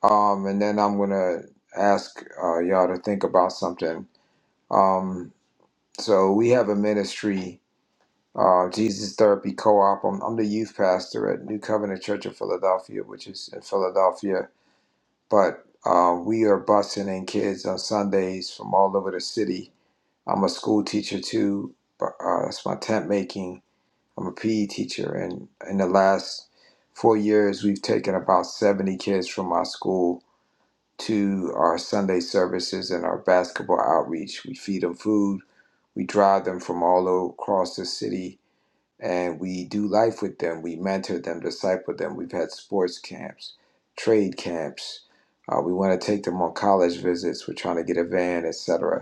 um, and then I'm gonna ask uh, y'all to think about something. Um, so we have a ministry, uh, Jesus Therapy Co-op. I'm, I'm the youth pastor at New Covenant Church of Philadelphia, which is in Philadelphia, but. Uh, we are busing in kids on Sundays from all over the city. I'm a school teacher too. but, Uh, that's my tent making I'm a PE teacher, and in the last four years, we've taken about 70 kids from my school to our Sunday services and our basketball outreach. We feed them food, we drive them from all across the city, and we do life with them. We mentor them, disciple them. We've had sports camps, trade camps. Uh, we want to take them on college visits. We're trying to get a van, etc.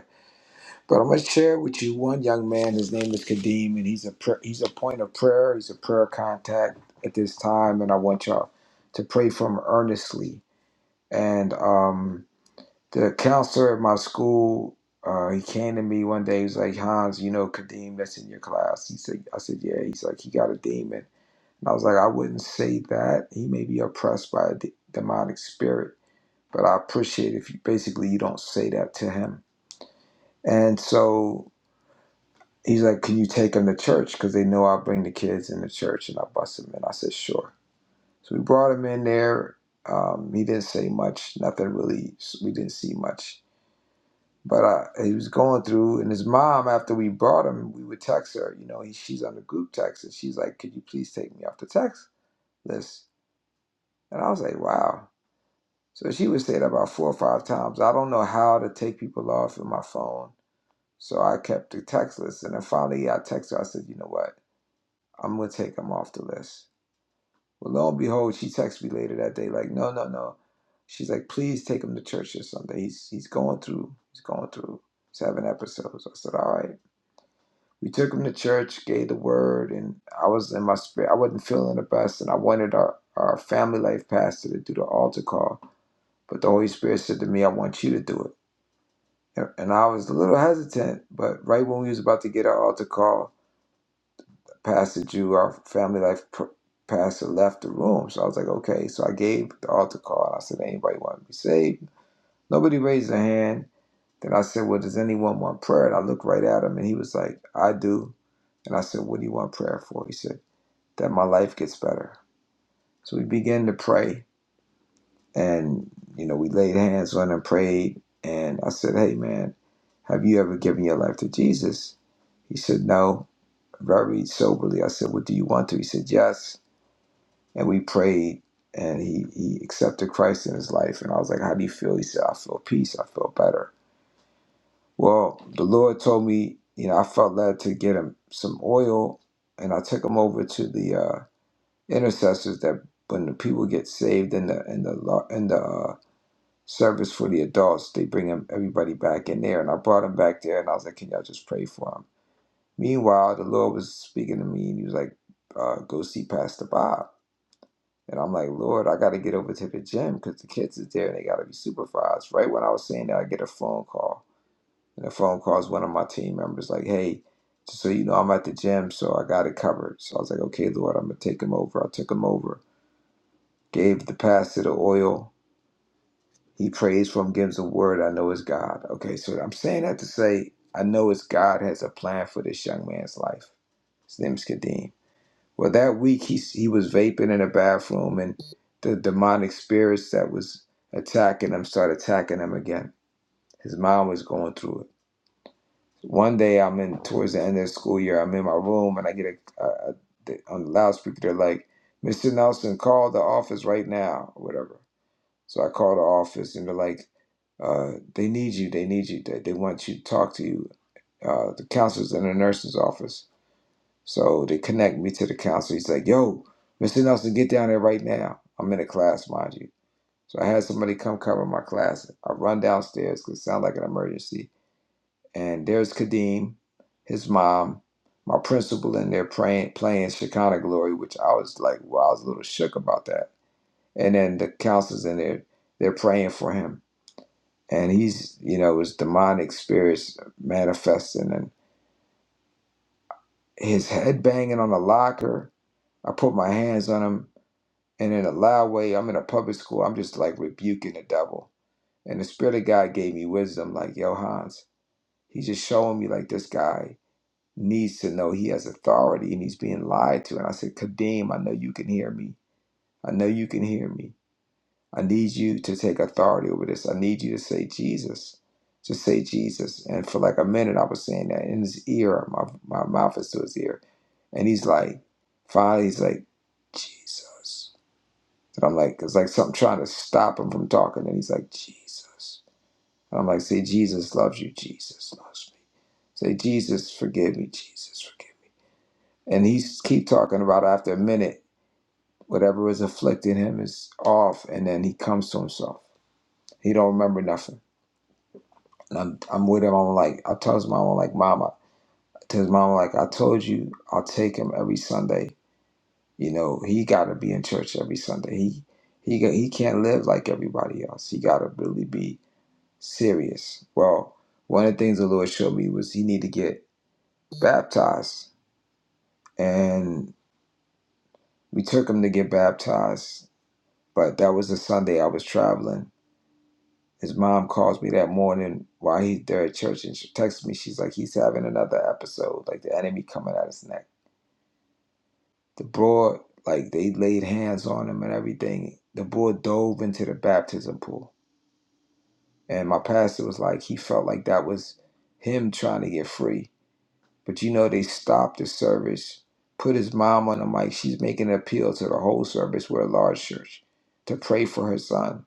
But I'm going to share with you one young man. His name is Kadeem, and he's a pr- he's a point of prayer. He's a prayer contact at this time, and I want y'all to pray for him earnestly. And um, the counselor at my school, uh, he came to me one day. He was like, "Hans, you know Kadeem that's in your class." He said, "I said, yeah." He's like, "He got a demon," and I was like, "I wouldn't say that. He may be oppressed by a de- demonic spirit, but I appreciate if you basically you don't say that to him." And so He's like, "Can you take them to church? Because they know I bring the kids in the church and I bust them in." I said, "Sure." So we brought him in there. Um, he didn't say much, nothing really. We didn't see much, but uh, he was going through. And his mom, after we brought him, we would text her. You know, he, she's on the group text, and she's like, "Could you please take me off the text list?" And I was like, "Wow." So she would say that about four or five times. I don't know how to take people off in my phone, so I kept the text list. And then finally, I texted her. I said, "You know what?" I'm gonna take him off the list. Well, lo and behold, she texts me later that day, like, no, no, no. She's like, please take him to church this Sunday. He's he's going through, he's going through seven episodes. I said, all right. We took him to church, gave the word, and I was in my spirit. I wasn't feeling the best, and I wanted our, our family life pastor to do the altar call. But the Holy Spirit said to me, I want you to do it. And and I was a little hesitant, but right when we was about to get our altar call, Pastor Drew, our family life pr- pastor, left the room. So I was like, okay. So I gave the altar call. I said, anybody want to be saved? Nobody raised their hand. Then I said, well, does anyone want prayer? And I looked right at him and he was like, I do. And I said, what do you want prayer for? He said, that my life gets better. So we began to pray. And, you know, we laid hands on him, prayed. And I said, hey, man, have you ever given your life to Jesus? He said, no very soberly. I said, Well, do you want to? He said, Yes. and we prayed and he, he accepted Christ in his life. And I was like, How do you feel? He said, I feel peace. I feel better. Well, the Lord told me, you know, I felt led to get him some oil and I took him over to the uh, intercessors that when the people get saved in the in the lo- in the uh, service for the adults, they bring him everybody back in there. And I brought him back there and I was like, Can y'all just pray for him? Meanwhile, the Lord was speaking to me and he was like, uh, go see Pastor Bob. And I'm like, Lord, I got to get over to the gym because the kids is there and they got to be supervised. Right when I was saying that, I get a phone call. And the phone call is one of my team members like, hey, just so you know, I'm at the gym, so I got it covered. So I was like, okay, Lord, I'm going to take him over. I took him over, gave the pass to the oil. He prays for him, gives a word. I know it's God. Okay, so I'm saying that to say, I know it's God has a plan for this young man's life. His name's Kadeem. Well, that week he he was vaping in the bathroom, and the demonic spirits that was attacking him started attacking him again. His mom was going through it. One day I'm in towards the end of the school year. I'm in my room and I get a, a, a the- on the loudspeaker. They're like, "Mr. Nelson, call the office right now," or whatever. So I call the office, and they're like, uh, "They need you. They need you. They, they want you to talk to you." Uh, the counselors in the nurse's office. So they connect me to the counselor. He's like, yo, Mr. Nelson, get down there right now. I'm in a class, mind you. So I had somebody come cover my class. I run downstairs because it sounded like an emergency. And there's Kadeem, his mom, my principal in there praying, playing Shekinah Glory, which I was like, "Well, I was a little shook about that. And then the counselors in there, they're praying for him. And he's, you know, his demonic spirits manifesting and his head banging on the locker. I put my hands on him And in a loud way, I'm in a public school. I'm just like rebuking the devil. And the Spirit of God gave me wisdom, like, yo, Hans, he's just showing me, like, this guy needs to know he has authority and he's being lied to. And I said, Kadeem, I know you can hear me. I know you can hear me. I need you to take authority over this. I need you to say Jesus. Just say Jesus. And for like a minute, I was saying that in his ear. My, my mouth is to his ear. And he's like, finally, he's like, Jesus. And I'm like, it's like something trying to stop him from talking. And he's like, Jesus. And I'm like, say, Jesus loves you. Jesus loves me. Say, Jesus, forgive me. Jesus, forgive me. And he s- keep talking about it. after a minute, whatever is afflicting him is off. And then he comes to himself. He don't remember nothing. And I'm, I'm with him. I'm like, I tell his mom, I'm like, Mama, to his mom, I'm like, I told you I'll take him every Sunday. You know, he got to be in church every Sunday. He, he, he can't live like everybody else. He got to really be serious. Well, one of the things the Lord showed me was he need to get baptized, and we took him to get baptized. But that was the Sunday I was traveling. His mom calls me that morning while he's there at church, and she texts me. She's like, "He's having another episode, like the enemy coming at his neck." The boy, like they laid hands on him and everything. The boy dove into the baptism pool, and my pastor was like, he felt like that was him trying to get free But you know, they stopped the service, put his mom on the mic. She's making an appeal to the whole service. We're a large church to pray for her son.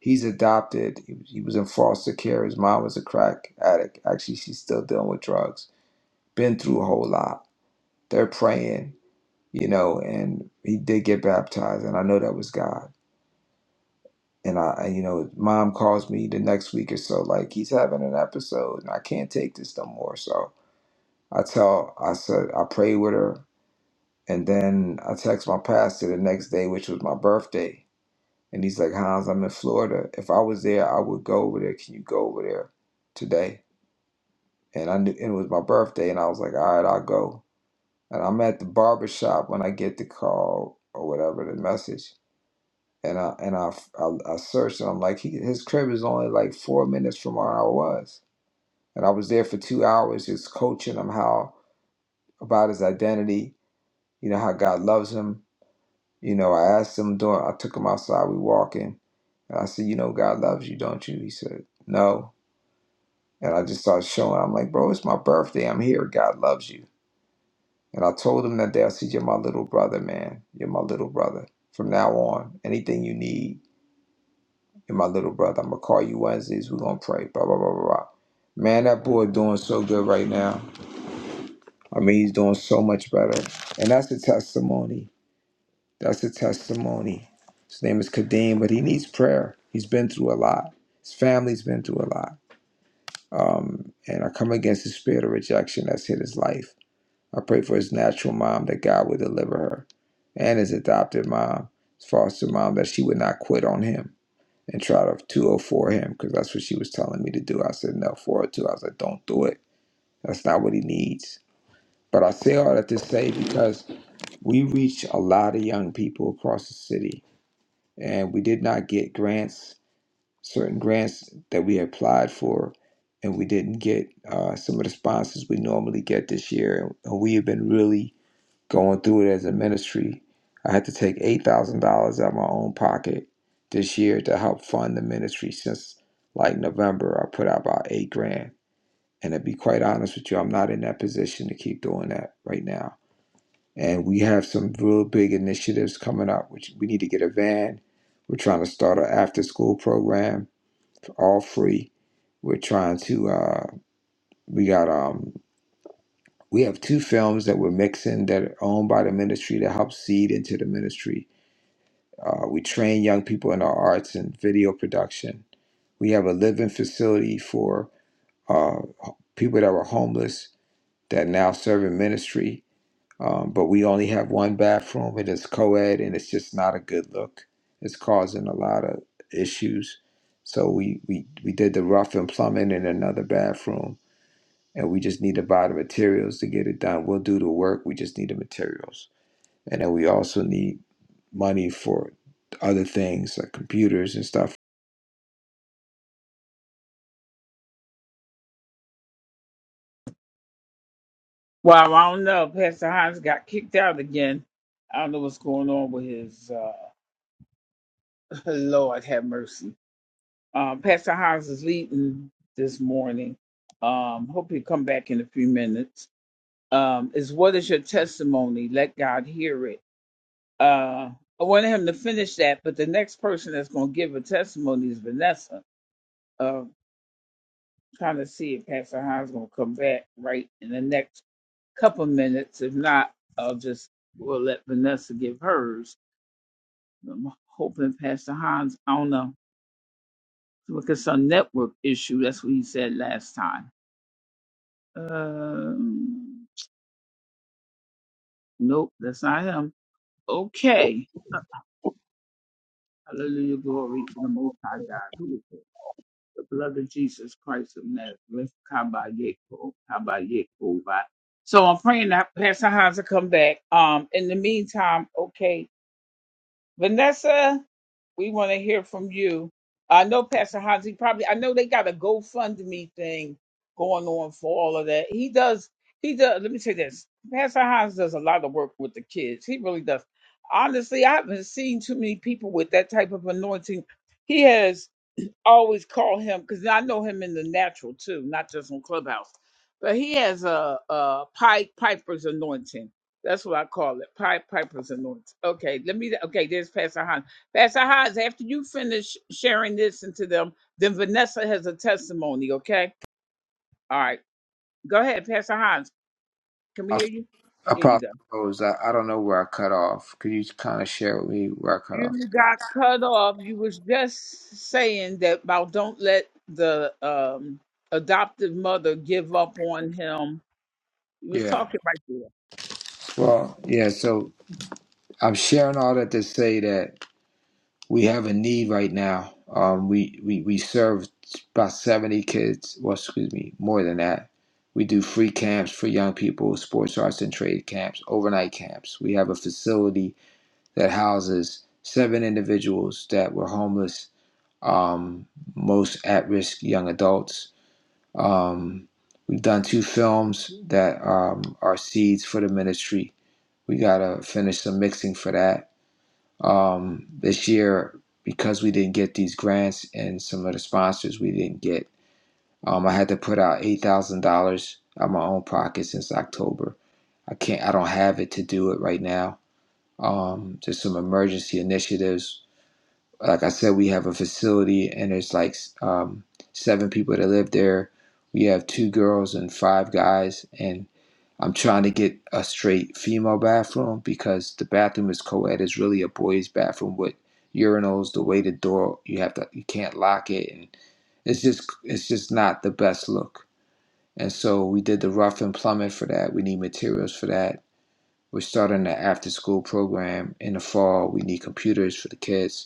He's adopted. He he was in foster care. His mom was a crack addict. Actually, she's still dealing with drugs. Been through a whole lot. They're praying, you know, and he did get baptized, and I know that was God. And I, and, you know, mom calls me the next week or so, like he's having an episode, and I can't take this no more. So I tell, I said, I prayed with her. And then I text my pastor the next day, which was my birthday. And he's like, Hans, I'm in Florida. If I was there, I would go over there. Can you go over there today? And I knew and it was my birthday. And I was like, all right, I'll go. And I'm at the barber shop when I get the call or whatever, the message. And I and I, I, I searched and I'm like, he, his crib is only like four minutes from where I was. And I was there for two hours just coaching him how about his identity, you know, how God loves him You know, I asked him doing. I took him outside, we walking. And I said, You know God loves you, don't you? He said, No. And I just started showing, I'm like, bro, it's my birthday. I'm here. God loves you. And I told him that day, I said, You're my little brother, man. You're my little brother. From now on, anything you need, you're my little brother. I'm gonna call you Wednesdays, we're gonna pray. Blah blah blah blah blah. Man, that boy doing so good right now. I mean, he's doing so much better. And that's a testimony That's a testimony. His name is Kadeem, but he needs prayer. He's been through a lot. His family's been through a lot. Um, and I come against the spirit of rejection that's hit his life. I pray for his natural mom that God would deliver her and his adopted mom, his foster mom, that she would not quit on him and try to 204 him because that's what she was telling me to do. I said, no, 402. I was like, don't do it. That's not what he needs. But I say all that to say because we reach a lot of young people across the city and we did not get grants, certain grants that we applied for, and we didn't get uh, some of the sponsors we normally get this year. And we have been really going through it as a ministry. I had to take eight thousand dollars out of my own pocket this year to help fund the ministry. Since like November, I put out about eight grand, and to be quite honest with you, I'm not in that position to keep doing that right now and we have some real big initiatives coming up which we need to get a van we're trying to start an after school program for all free we're trying to uh, we got um we have two films that we're mixing that are owned by the ministry to help seed into the ministry uh, we train young people in our arts and video production we have a living facility for uh, people that were homeless that now serve in ministry Um, but we only have one bathroom. It is co ed and it's just not a good look. It's causing a lot of issues. So we, we, we did the rough and plumbing in another bathroom and we just need to buy the materials to get it done. We'll do the work, we just need the materials. And then we also need money for other things like computers and stuff. Well, I don't know. Pastor Hans got kicked out again. I don't know what's going on with his. Uh, Lord have mercy. Um, Pastor Hans is leading this morning. Um, hope he'll come back in a few minutes. Um, is what is your testimony? Let God hear it. Uh, I wanted him to finish that, but the next person that's going to give a testimony is Vanessa. Uh, trying to see if Pastor Hans going to come back right in the next couple minutes. If not, I'll just we'll let Vanessa give hers. I'm hoping Pastor Hans I don't know, because some network issue. That's what he said last time. Um, nope, that's not him. Okay. Hallelujah, glory to the Most High God. Who is it? The blood of Jesus Christ of Nazareth. Kabayeko, Kabayeko. Ba. So I'm praying that Pastor Hans will come back. Um, in the meantime, okay. Vanessa, we want to hear from you. I know Pastor Hans, he probably, I know they got a GoFundMe thing going on for all of that. He does, he does, let me say this. Pastor Hans does a lot of work with the kids. He really does. Honestly, I haven't seen too many people with that type of anointing. He has I always call him because I know him in the natural too, not just on Clubhouse. But he has a, a Pied Piper's anointing. That's what I call it, Pied Piper's anointing. Okay, let me. Okay, there's Pastor Hans. Pastor Hans, after you finish sharing this into them, then Vanessa has a testimony. Okay, all right, go ahead, Pastor Hans. Can we hear you? Here you Apostle go. Rose, I, I don't know where I cut off. Could you kind of share with me where I cut off? You got cut off. You was just saying that about don't let the um, adoptive mother give up on him You was Yeah. talking right there. Well, yeah, so I'm sharing all that to say that we have a need right now. Um, we, we, we serve about 70 kids, well, excuse me, more than that. We do free camps for young people, sports, arts, and trade camps, overnight camps. We have a facility that houses seven individuals that were homeless, um, most at risk young adults. Um, we've done two films that um, are seeds for the ministry. We got to finish some mixing for that um, this year, because we didn't get these grants and some of the sponsors we didn't get, um, I had to put out eight thousand dollars out of my own pocket since October. I can't. I don't have it to do it right now. Um, there's some emergency initiatives like I said, we have a facility and there's like um, seven people that live there. We have two girls and five guys, and I'm trying to get a straight female bathroom because the bathroom is co-ed. It's really a boys' bathroom with urinals. The way the door you have to you can't lock it, and it's just it's just not the best look. And so we did the rough and plumbing for that. We need materials for that. We're starting the after school program in the fall. We need computers for the kids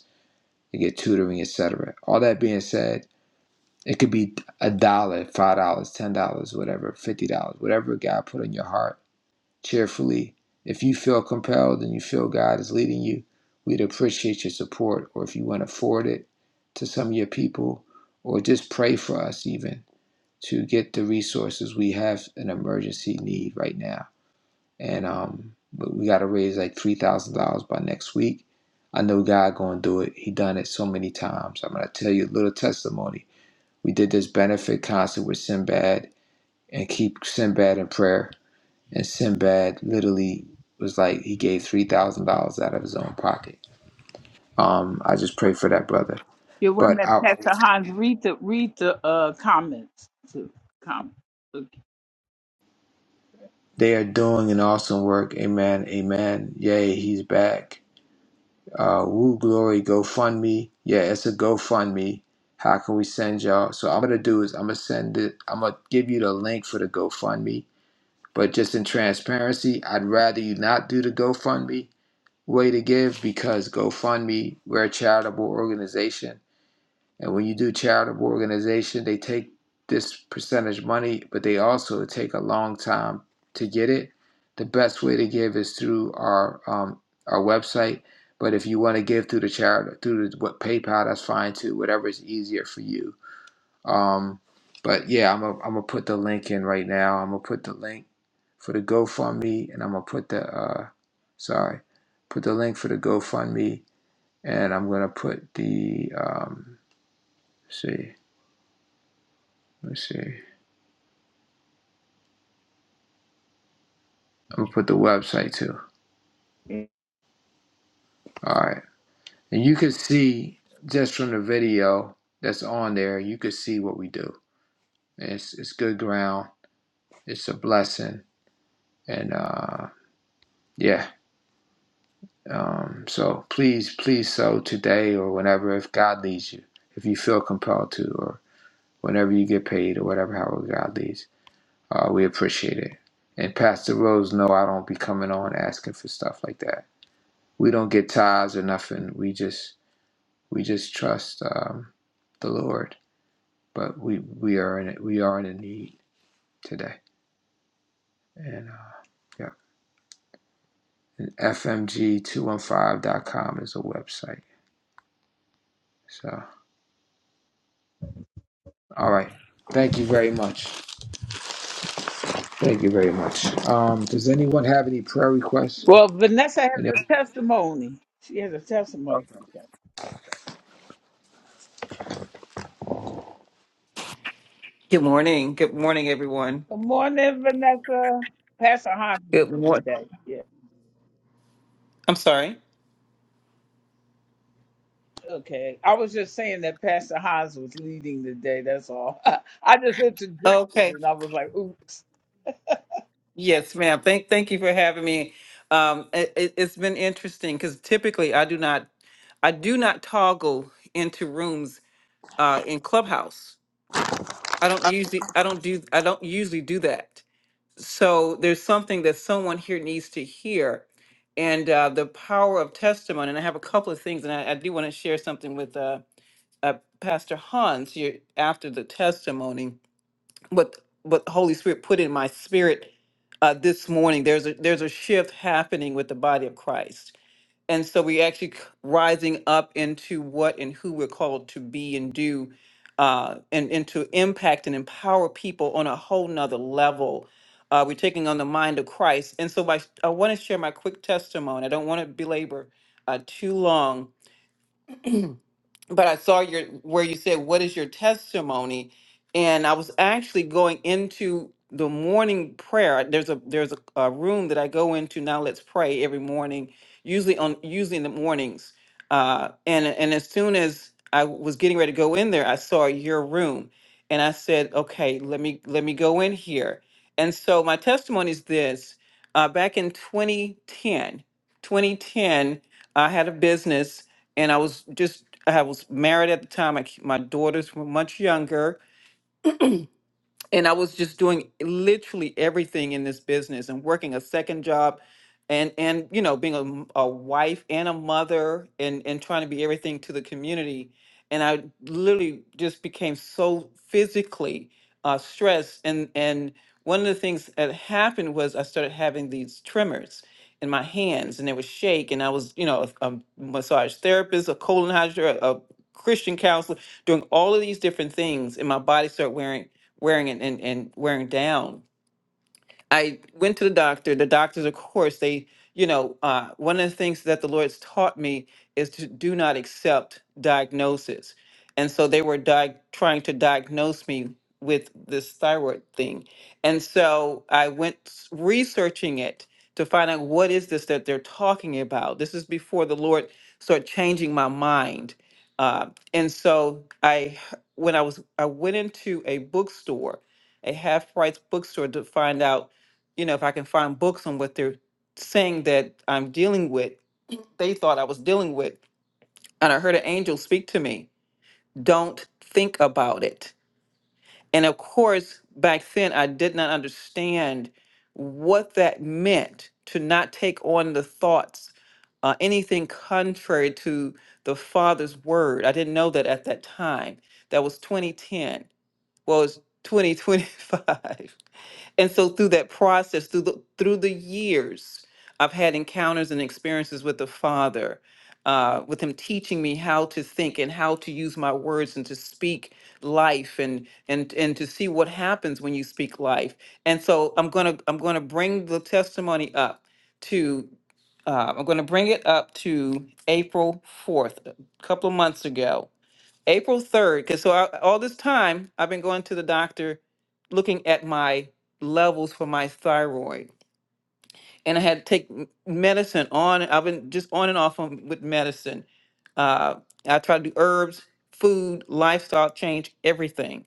to get tutoring, etc. All that being said, it could be a dollar, five dollars, ten dollars, whatever, fifty dollars, whatever God put in your heart cheerfully. If you feel compelled and you feel God is leading you, we'd appreciate your support. Or if you want to forward it to some of your people, or just pray for us even to get the resources we have an emergency need right now and um, but we got to raise like three thousand dollars by next week. I know God gonna do it. He done it so many times. I'm gonna tell you a little testimony. We did this benefit concert with Sinbad and keep Sinbad in prayer. And Sinbad literally was like he gave three thousand dollars out of his own pocket. Um, I just pray for that brother. Your But women, I, Pastor Hans, read the read the uh, comments too. Comment. Okay. they are doing an awesome work. Amen. Amen. Yay, he's back uh, Woo Glory GoFundMe. Yeah, it's a GoFundMe. How can we send y'all? So I'm gonna do is I'm gonna send it. I'm gonna give you the link for the GoFundMe. But just in transparency, I'd rather you not do the GoFundMe way to give because GoFundMe we're a charitable organization and when you do charitable organization, they take this percentage money, but they also take a long time to get it. The best way to give is through our um, our website. But if you want to give through the charity, through the, what PayPal, that's fine too. Whatever is easier for you. Um, but yeah, I'm gonna I'm gonna put the link in right now. I'm gonna put the link for the GoFundMe, and I'm gonna put the uh, sorry, put the link for the GoFundMe, and I'm gonna put the um, let's see. Let's see. I'm gonna put the website too. All right, and you can see just from the video that's on there, you can see what we do. And It's it's good ground. It's a blessing, and uh, yeah. Um, so please, please sow today or whenever if God leads you, if you feel compelled to, or whenever you get paid or whatever, however God leads. Uh, we appreciate it. And Pastor Rose, no, I don't be coming on asking for stuff like that. We don't get ties or nothing. We just We just trust um, the Lord, but we we are in it. We are in a need today, and uh, yeah, and fmg two one five dot com is a website. So, all right. Thank you very much. Thank you very much. Um, does anyone have any prayer requests? Well, Vanessa has Any- a testimony. She has a okay. testimony. Good morning. Good morning, everyone. Good morning, Vanessa. Pastor Hans is Good morning. today. Yeah. I'm sorry. Okay. I was just saying that Pastor Hans was leading the day. That's all. I just interjected Okay. and I was like, oops. Yes, ma'am. Thank thank you for having me. Um, it, it- it's been interesting because typically I do not, I do not toggle into rooms uh, in Clubhouse. I don't usually, I don't do, I don't usually do that. So there's something that someone here needs to hear, and uh, the power of testimony. And I have a couple of things, and I, I do want to share something with uh, uh, Pastor Hans. you after the testimony what what the Holy Spirit put in my spirit uh, this morning. There's a there's a shift happening with the body of Christ, and so we are actually c- rising up into what and who we're called to be and do, uh, and and to impact and empower people on a whole nother level. Uh, we're taking on the mind of Christ, and so my, I want to share my quick testimony. I don't want to belabor uh, too long, but I saw your where you said, "What is your testimony?" And I was actually going into the morning prayer. There's a there's a, a room that I go into now. Let's pray every morning, usually on usually in the mornings. Uh, and and as soon as I was getting ready to go in there, I saw your room, and I said, "Okay, let me let me go in here." And so my testimony is this: uh, back in 2010 2010, I had a business and I was just I was married at the time. I, my daughters were much younger, and I was just doing literally everything in this business and working a second job and and you know being a, m- a wife and a mother and and trying to be everything to the community and I literally just became so physically uh, stressed and and one of the things that happened was I started having these tremors in my hands and they would shake and I was you know a, a massage therapist a colon hydro, a Christian counselor doing all of these different things and my body started wearing wearing and, and, and wearing down I went to the doctor. The doctors, of course, they, you know, uh, one of the things that the Lord's taught me is to do not accept diagnosis. And so they were di- trying to diagnose me with this thyroid thing. And so I went s- researching it to find out what is this that they're talking about. This is before the Lord started changing my mind. Uh, and so I when I was, I went into a bookstore, a half price bookstore to find out you know, if I can find books on what they're saying that I'm dealing with, they thought I was dealing with. And I heard an angel speak to me, don't think about it. And of course, back then, I did not understand what that meant to not take on the thoughts, uh, anything contrary to the Father's word. I didn't know that at that time. That was 2010. Well, it's 2025. And so through that process, through the through the years, I've had encounters and experiences with the Father, uh, with Him teaching me how to think and how to use my words and to speak life and and and to see what happens when you speak life. And so I'm gonna I'm gonna bring the testimony up to uh, I'm gonna bring it up to April 4th, a couple of months ago April 3rd, because so I, all this time I've been going to the doctor looking at my levels for my thyroid. And I had to take m- medicine on, I've been just on and off on, with medicine. Uh, I try to do herbs, food, lifestyle change, everything.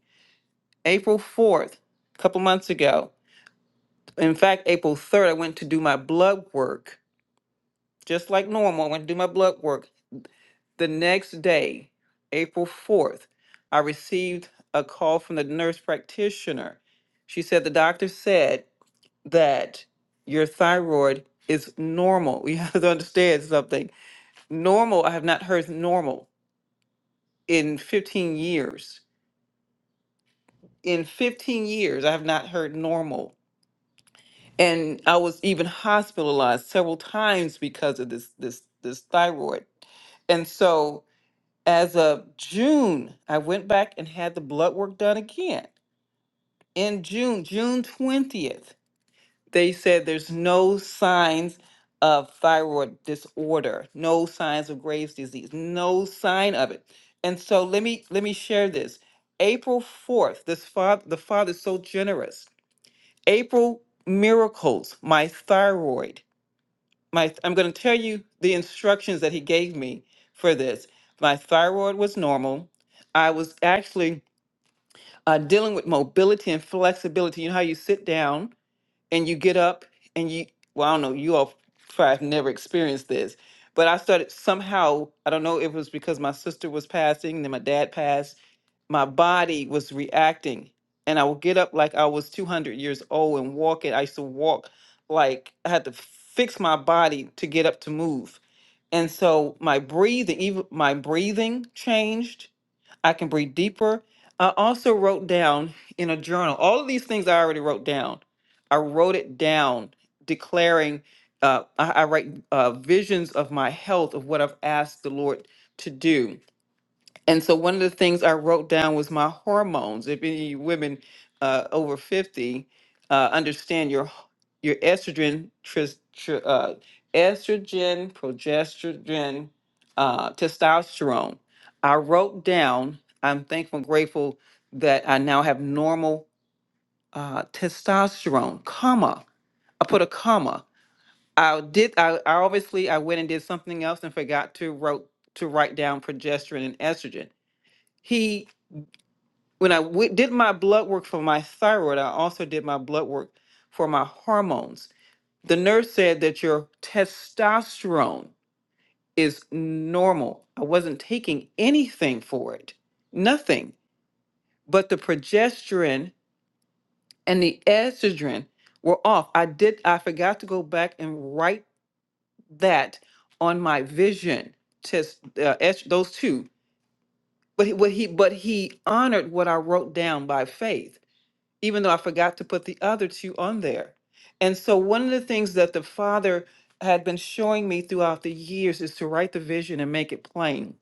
April 4th, a couple months ago, in fact, April 3rd, I went to do my blood work, just like normal. I went to do my blood work The next day, April 4th, I received a call from the nurse practitioner. She said, The doctor said that your thyroid is normal. We have to understand something. Normal, I have not heard normal in 15 years. In 15 years, I have not heard normal. And I was even hospitalized several times because of this this this thyroid. And so as of June, I went back and had the blood work done again. In June, June 20th, they said there's no signs of thyroid disorder, no signs of Graves' disease, no sign of it. And so let me let me share this. April 4th, this father the father is so generous. April miracles, my thyroid my I'm going to tell you the instructions that he gave me for this. My thyroid was normal. I was actually uh, dealing with mobility and flexibility. You know how you sit down and you get up and you well, I don't know. You all probably have never experienced this, but I started somehow. I don't know if it was because my sister was passing, then my dad passed my body was reacting and i would get up like i was 200 years old and walk it i used to walk like i had to fix my body to get up to move and so my breathing even my breathing changed i can breathe deeper i also wrote down in a journal all of these things i already wrote down i wrote it down declaring uh, I, I write uh, visions of my health of what i've asked the lord to do and so one of the things I wrote down was my hormones. If any of you women uh, over 50 uh, understand your h- your estrogen, tris, tr, uh, estrogen, progesterone, uh, testosterone. I wrote down, I'm thankful and grateful that I now have normal uh, testosterone, comma. I put a comma. I did, I, I obviously, I went and did something else and forgot to wrote to write down progesterone and estrogen. He when I w- did my blood work for my thyroid, I also did my blood work for my hormones. The nurse said that your testosterone is normal. I wasn't taking anything for it, nothing. But the progesterone and the estrogen were off. I did. I forgot to go back and write that on my vision test. Uh, est- those two. But he, what he, but he honored what I wrote down by faith even though I forgot to put the other two on there. And so, one of the things that the Father had been showing me throughout the years is to write the vision and make it plain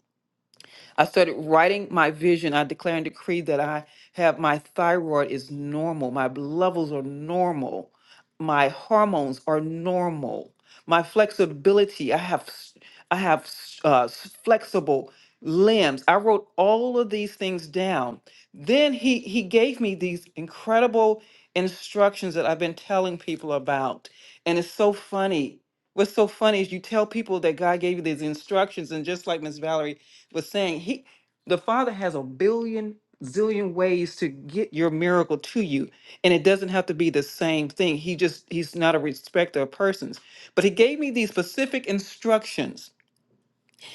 I started writing my vision. I declare and decree that I have my thyroid is normal. My b- levels are normal. My hormones are normal. My flexibility, I have s- I have s- uh, s- flexible limbs. I wrote all of these things down. Then he he gave me these incredible instructions that I've been telling people about. And it's so funny what's so funny is you tell people that God gave you these instructions, and just like Miss Valerie was saying he the father has a billion zillion ways to get your miracle to you and it doesn't have to be the same thing he just he's not a respecter of persons but he gave me these specific instructions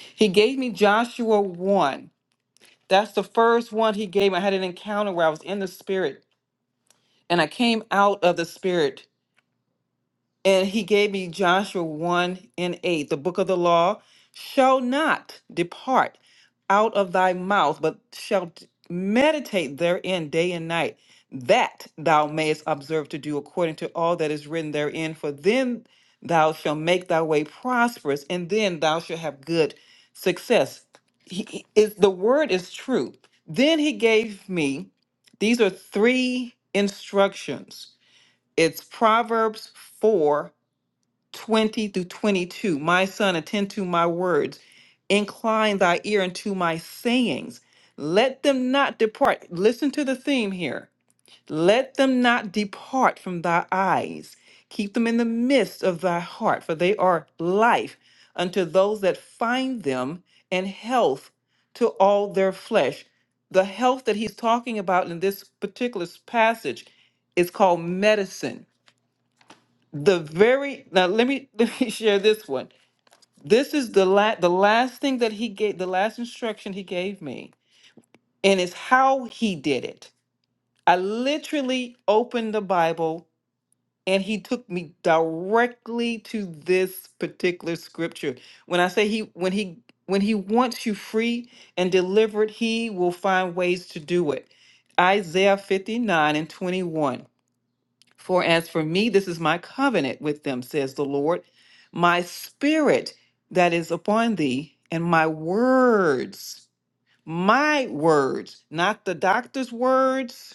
he gave me joshua 1 that's the first one he gave me. i had an encounter where i was in the spirit and i came out of the spirit And he gave me Joshua 1 and 8, the book of the law shall not depart out of thy mouth, but shall t- meditate therein day and night, that thou mayest observe to do according to all that is written therein. For then thou shalt make thy way prosperous, and then thou shalt have good success. He, he- is, the word is true. Then he gave me, these are three instructions. It's Proverbs 4 20 through 22. My son, attend to my words, incline thy ear unto my sayings. Let them not depart. Listen to the theme here. Let them not depart from thy eyes. Keep them in the midst of thy heart, for they are life unto those that find them, and health to all their flesh. The health that he's talking about in this particular s- passage is called medicine the very now let me let me share this one this is the la- the last thing that he gave the last instruction he gave me and it's how he did it i literally opened the bible and he took me directly to this particular scripture when i say he when he when he wants you free and delivered he will find ways to do it isaiah 59 and 21 for as for me, this is my covenant with them, says the Lord. My spirit that is upon thee, and my words, my words, not the doctor's words,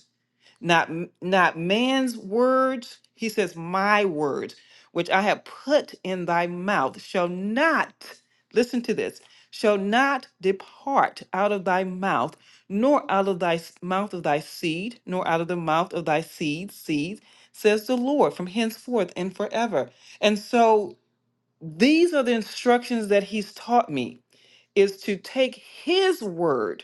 not m- not man's words he says my words which i have put in thy mouth shall not listen to this shall not depart out of thy mouth nor out of thy s- mouth of thy seed nor out of the mouth of thy seed seeds says the lord from henceforth and forever and so these are the instructions that he's taught me is to take his word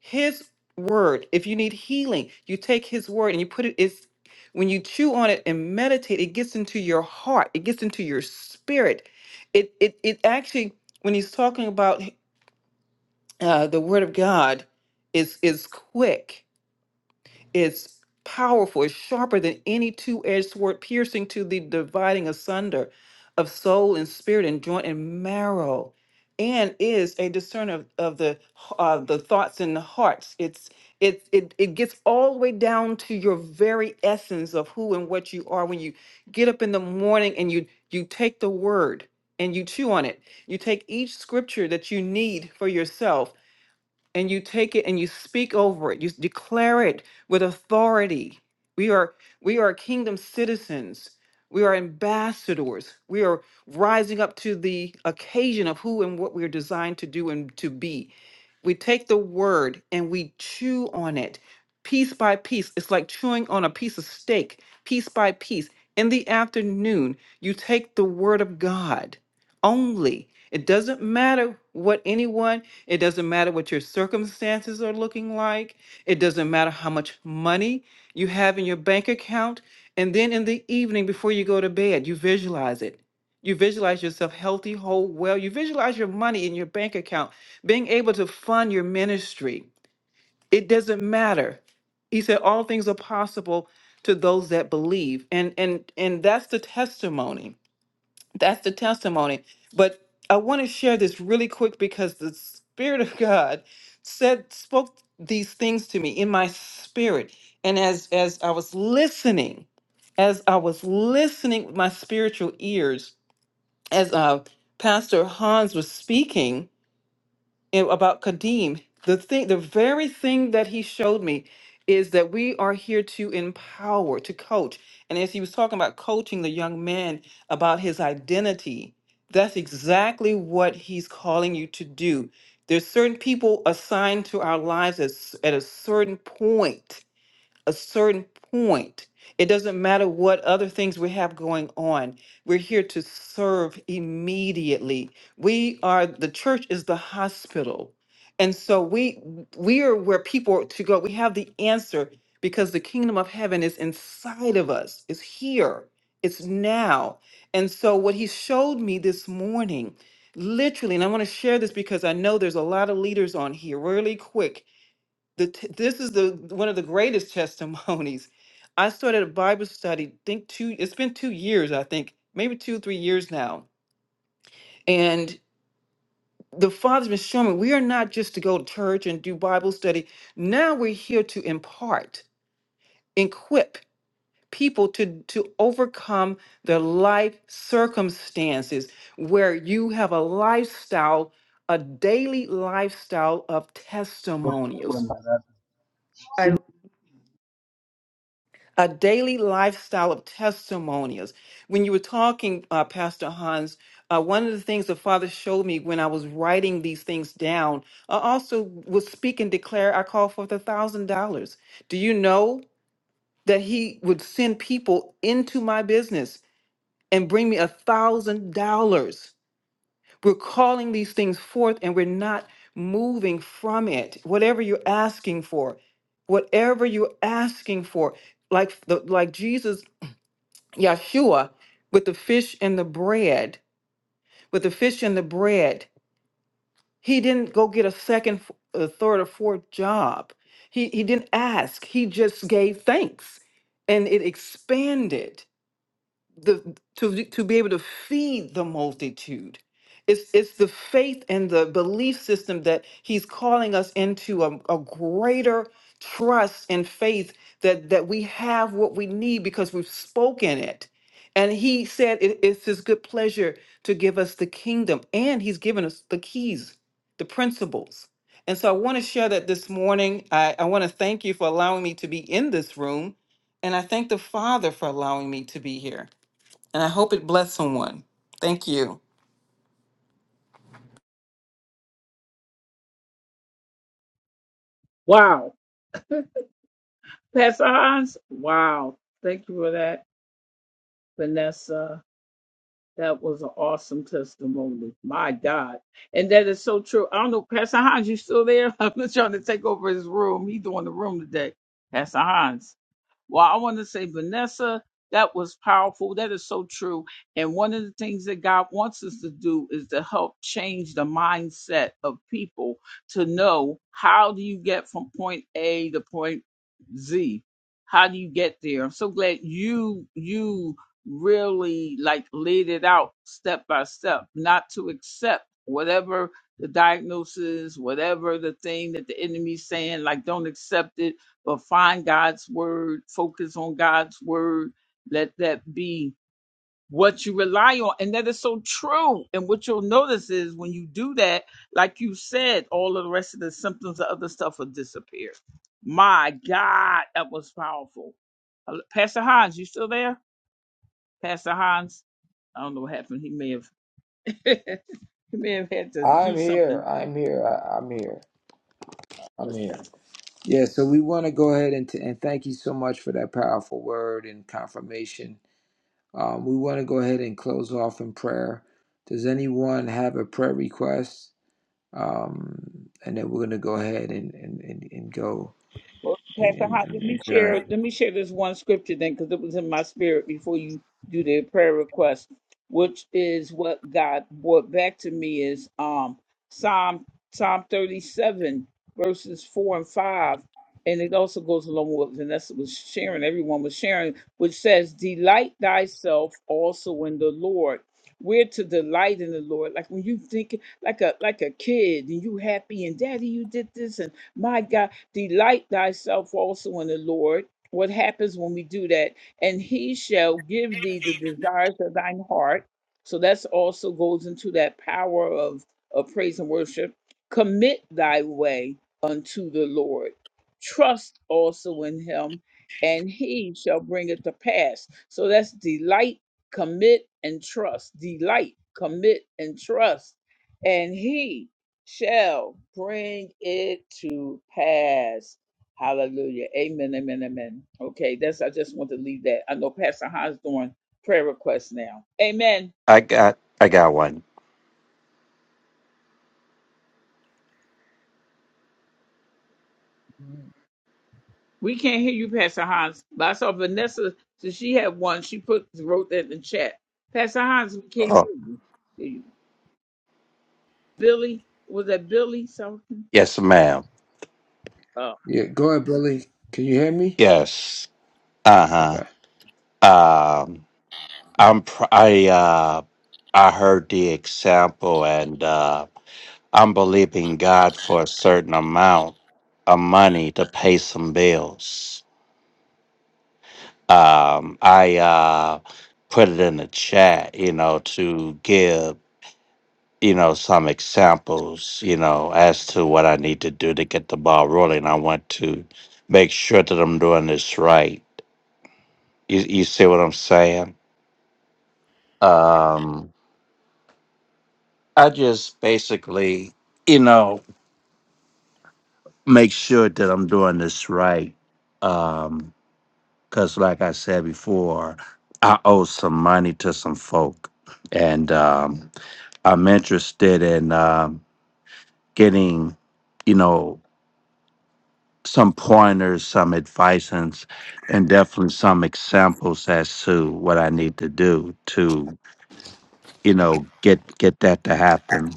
his word. If you need healing, you take his word and you put it it's when you chew on it and meditate, it gets into your heart. It gets into your spirit. It it it actually when he's talking about uh, the word of God is is quick it's powerful, it's sharper than any two edged sword, piercing to the dividing asunder of soul and spirit and joint and marrow. And is a discerner of, of the h- uh, the thoughts and the hearts. It's it, it it gets all the way down to your very essence of who and what you are when you get up in the morning and you you take the word and you chew on it. You take each scripture that you need for yourself and you take it and you speak over it you declare it with authority we are we are kingdom citizens we are ambassadors we are rising up to the occasion of who and what we are designed to do and to be we take the word and we chew on it piece by piece it's like chewing on a piece of steak piece by piece in the afternoon you take the word of god only. It doesn't matter what anyone, it doesn't matter what your circumstances are looking like, it doesn't matter how much money you have in your bank account. And then in the evening before you go to bed, you visualize it. You visualize yourself healthy, whole, well. You visualize your money in your bank account, being able to fund your ministry. It doesn't matter. He said, All things are possible to those that believe. And and and that's the testimony that's the testimony. But I want to share this really quick because the Spirit of God said spoke these things to me in my spirit. And as as I was listening, as I was listening with my spiritual ears, as uh Pastor Hans was speaking, and about Kadeem, the thing, the very thing that he showed me is that we are here to empower, to coach. And as he was talking about coaching the young man about his identity, that's exactly what he's calling you to do. There's certain people assigned to our lives at, s- at a certain point a certain point. It doesn't matter what other things we have going on. We're here to serve immediately. We are the church is the hospital. And so we we are where people are to go. We have the answer because the kingdom of heaven is inside of us. It's here. It's now. And so what he showed me this morning, literally, and I want to share this because I know there's a lot of leaders on here really quick the t- this is the one of the greatest testimonies. I started a Bible study. Think two. It's been two years, I think, maybe two, three years now. And the Father's been showing me we are not just to go to church and do Bible study. Now we're here to impart, equip people to to overcome their life circumstances where you have a lifestyle a daily lifestyle of Wanafunzi testimonials wanapenda kucheza a daily lifestyle of testimonials. When you were talking, uh, Pastor Hans, uh, one of the things the Father showed me when I was writing these things down, I also would speak and declare, I call forth a thousand dollars. Do you know that He would send people into my business and bring me a thousand dollars? We're calling these things forth and we're not moving from it. Whatever you're asking for, whatever you're asking for, like the like Jesus Yeshua with the fish and the bread, with the fish and the bread. He didn't go get a second, f- a third, or fourth job. He he didn't ask. He just gave thanks, and it expanded the to to be able to feed the multitude. It's it's the faith and the belief system that he's calling us into a, a greater trust and faith that that we have what we need because we've spoken it. And he said it, it's his good pleasure to give us the kingdom, and he's given us the keys, the principles. And so I want to share that this morning. I, I want to thank you for allowing me to be in this room. And I thank the Father for allowing me to be here and I hope it blessed someone. Thank you. Wow. Pastor Hans. Wow. Thank you for that, Vanessa. That was an awesome testimony. My God. And that is so true. I don't know, Pastor Hans, you still there? I'm just trying to take over his room. He doing the room today. Pastor Hans. Well, I want to say, Vanessa, that was powerful. That is so true. And one of the things that God wants us to do is to help change the mindset of people to know how do you get from point A to point Z? How do you get there? I'm so glad you you really like laid it out step by step, not to accept whatever the diagnosis, whatever the thing that the enemy's saying, like don't accept it but find God's word, focus on God's word. Let that be what you rely on. And that is so true. And what you'll notice is when you do that, like you said, all of the rest of the symptoms the other stuff will disappear. My God, that was powerful. Uh, Pastor Hines, you still there? Pastor Hines, I don't know what happened. He may have he may have had to I'm do something. here. I'm here. I, I'm here. I'm here. Yeah. So we want to go ahead and, t- and thank you so much for that powerful word and confirmation Um, we want to go ahead and close off in prayer. Does anyone have a prayer request? Um, and then we're going to go ahead and, and, and, and go Well, and, Pastor and, Hot, and let me share. adjourn. Let me share this one scripture then, because it was in my spirit before you do the prayer request, which is what God brought back to me is um Psalm Psalm thirty seven verses four and five, and it also goes along with Vanessa was sharing. Everyone was sharing, which says, "Delight thyself also in the Lord." We're to delight in the Lord, like when you think like a like a kid, and you happy, and Daddy, you did this, and my God. Delight thyself also in the Lord. What happens when we do that? And he shall give thee the desires of thine heart. So that's also goes into that power of, of praise and worship. Commit thy way unto the Lord. Trust also in him, and he shall bring it to pass. So that's delight, commit, and trust. Delight, commit, and trust. And he shall bring it to pass. Hallelujah. Amen, amen, amen. Okay, that's I just want to leave that. I know Pastor Hans doing prayer requests now. Amen. I got I got one. We can't hear you, Pastor Hans. But I saw Vanessa, so she had one. She put wrote that in the chat. Pastor Hans, we can't Oh, hear you. Hear you. Billy, was that Billy something? yes, ma'am. Oh. Yeah, go ahead, Billy. Can you hear me? Yes. Uh Okay. huh. Um, I'm pr- I uh I heard the example, and uh, I'm believing God for a certain amount of money to pay some bills. Um, I uh put it in the chat, you know, to give. you know, some examples, you know, as to what I need to do to get the ball rolling. I want to make sure that I'm doing this right. You, you see what I'm saying? Um, I just basically, you know, make sure that I'm doing this right. Um, cause like I said before, I owe some money to some folk, and um, I'm interested in um, getting, you know, some pointers, some advice, and, s- and definitely some examples as to what I need to do to, you know, get get that to happen.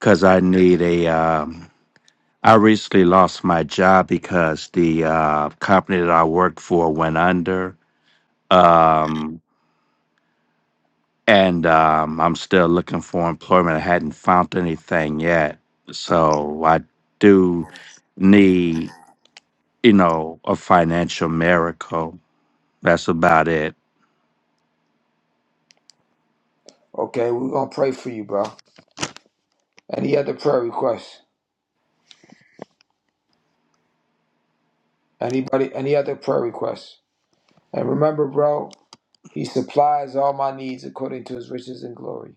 Because I need a. Um, I recently lost my job because the uh, company that I worked for went under, um, and um, I'm still looking for employment. I hadn't found anything yet, so I do need, you know, a financial miracle. That's about it. Okay, we're gonna pray for you, bro. Any other prayer requests? Anybody? Any other prayer requests? And remember, bro, He supplies all my needs according to His riches and glory.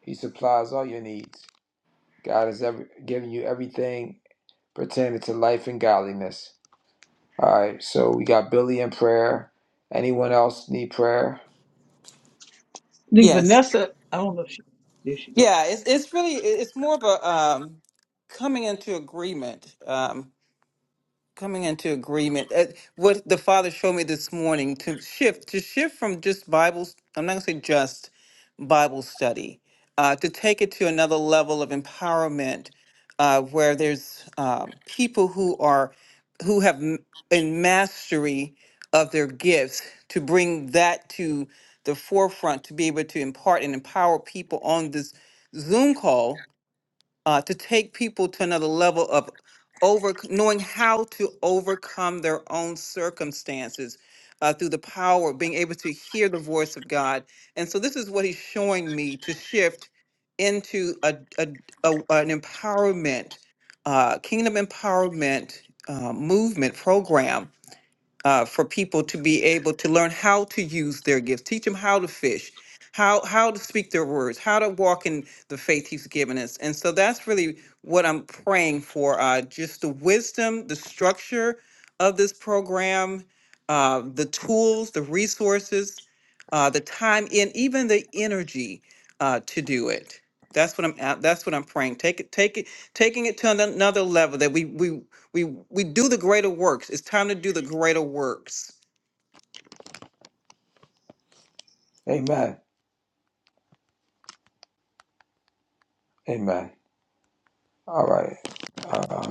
He supplies all your needs. God has ever given you everything pertaining to life and godliness. All right, so we got Billy in prayer. Anyone else need prayer? I think Yes. Vanessa, I don't know if she, there she go. Yeah, it's it's really it- it's more of a um coming into agreement. um, coming into agreement. Uh, What the Father showed me this morning to shift, to shift from just Bible, I'm not going to say just Bible study, uh, to take it to another level of empowerment uh, where there's um, people who are, who have m- in mastery of their gifts to bring that to the forefront to be able to impart and empower people on this Zoom call uh, to take people to another level of over knowing how to overcome their own circumstances uh, through the power of being able to hear the voice of God. And so this is what he's showing me to shift into a, a, a an empowerment, uh, kingdom empowerment uh, movement program uh, for people to be able to learn how to use their gifts, teach them how to fish, how how to speak their words, how to walk in the faith He's given us. And so that's really what I'm praying for. Uh, just the wisdom, the structure of this program, uh, the tools, the resources, uh, the time, and even the energy uh, to do it. That's what I'm. a- That's what I'm praying. Take it. Take it. Taking it to ano- another level that we we we we do the greater works. It's time to do the greater works. Amen. Amen. All right. Um,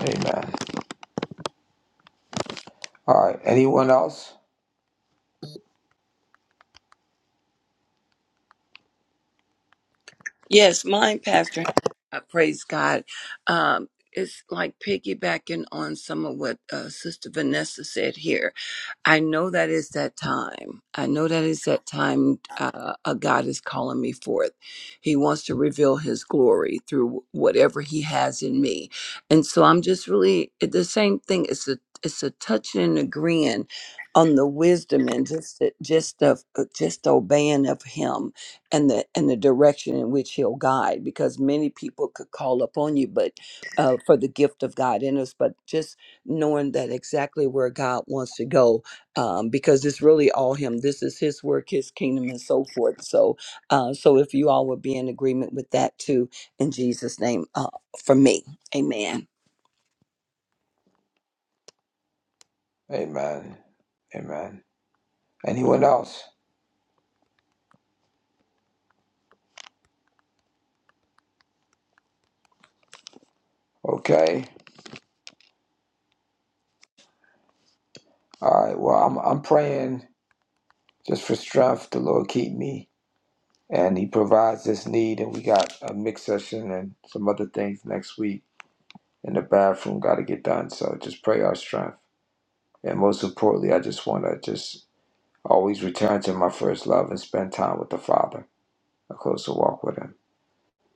amen. All right. Anyone else? Yes, mine, Pastor. I praise God. Um, it's like piggybacking on some of what uh, Sister Vanessa said here. I know that it's that time. I know that it's that time uh, a God is calling me forth. He wants to reveal his glory through whatever he has in me. And so I'm just really it- the same thing. It's a it's a touching and agreeing on the wisdom and just the, just of uh, just obeying of him and the and the direction in which he'll guide because many people could call upon you but uh, for the gift of God in us but just knowing that exactly where God wants to go um, because it's really all him. This is his work, his kingdom, and so forth. So, uh, so if you all would be in agreement with that too, in Jesus' name, uh, for me, Amen. Amen. Amen. Anyone else? Okay. All right. Well, I'm I'm praying just for strength. The Lord keep me, and He provides this need. And we got a mix session and some other things next week in the bathroom. Got to get done. So just pray our strength. And most importantly, I just want to just always return to my first love and spend time with the Father, a closer walk with Him.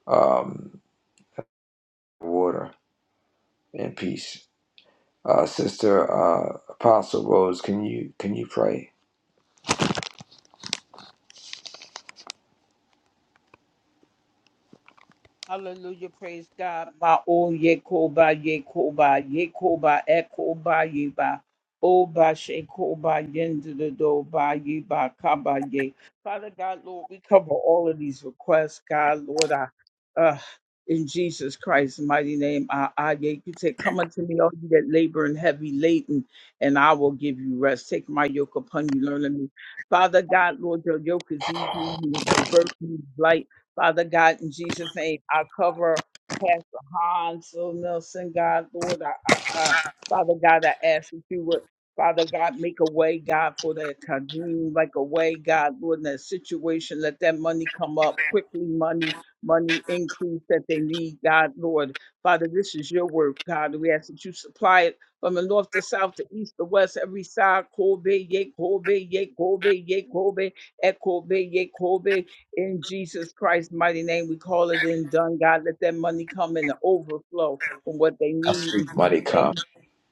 Um, water and peace. Uh, Sister uh, Apostle Rose, can you can you pray? Hallelujah, praise God. Ma o yekoba yekoba yekoba ekoba yeba oba shekoba yendido do ba yeba kaba ye. Father God, Lord, we cover all of these requests, God, Lord. I, uh, in Jesus Christ's mighty name, I, I ye- you say, "Come unto me, all you that labor and heavy laden, and I will give you rest. Take my yoke upon you, learn of me." Father God, Lord, your yoke is easy, your burden is light Father God, in Jesus' name, I cover Pastor Hans O. Nelson, God, Lord. I, I, I- Father God, I ask that you would, Father God, make a way, God, for that Kadeem, like a way, God, Lord, in that situation. Let that money come up quickly, money, money increase that they need, God, Lord. Father, this is your work, God. We ask that you supply it from the north to south to east to west, every side, Kobe, ye, Kobe, ye, Kobe, ye, Kobe, at Kobe, ye Yekobe. In Jesus Christ's mighty name, we call it in done. God, let that money come in the overflow from what they I need. In speak mighty Jesus' come. name,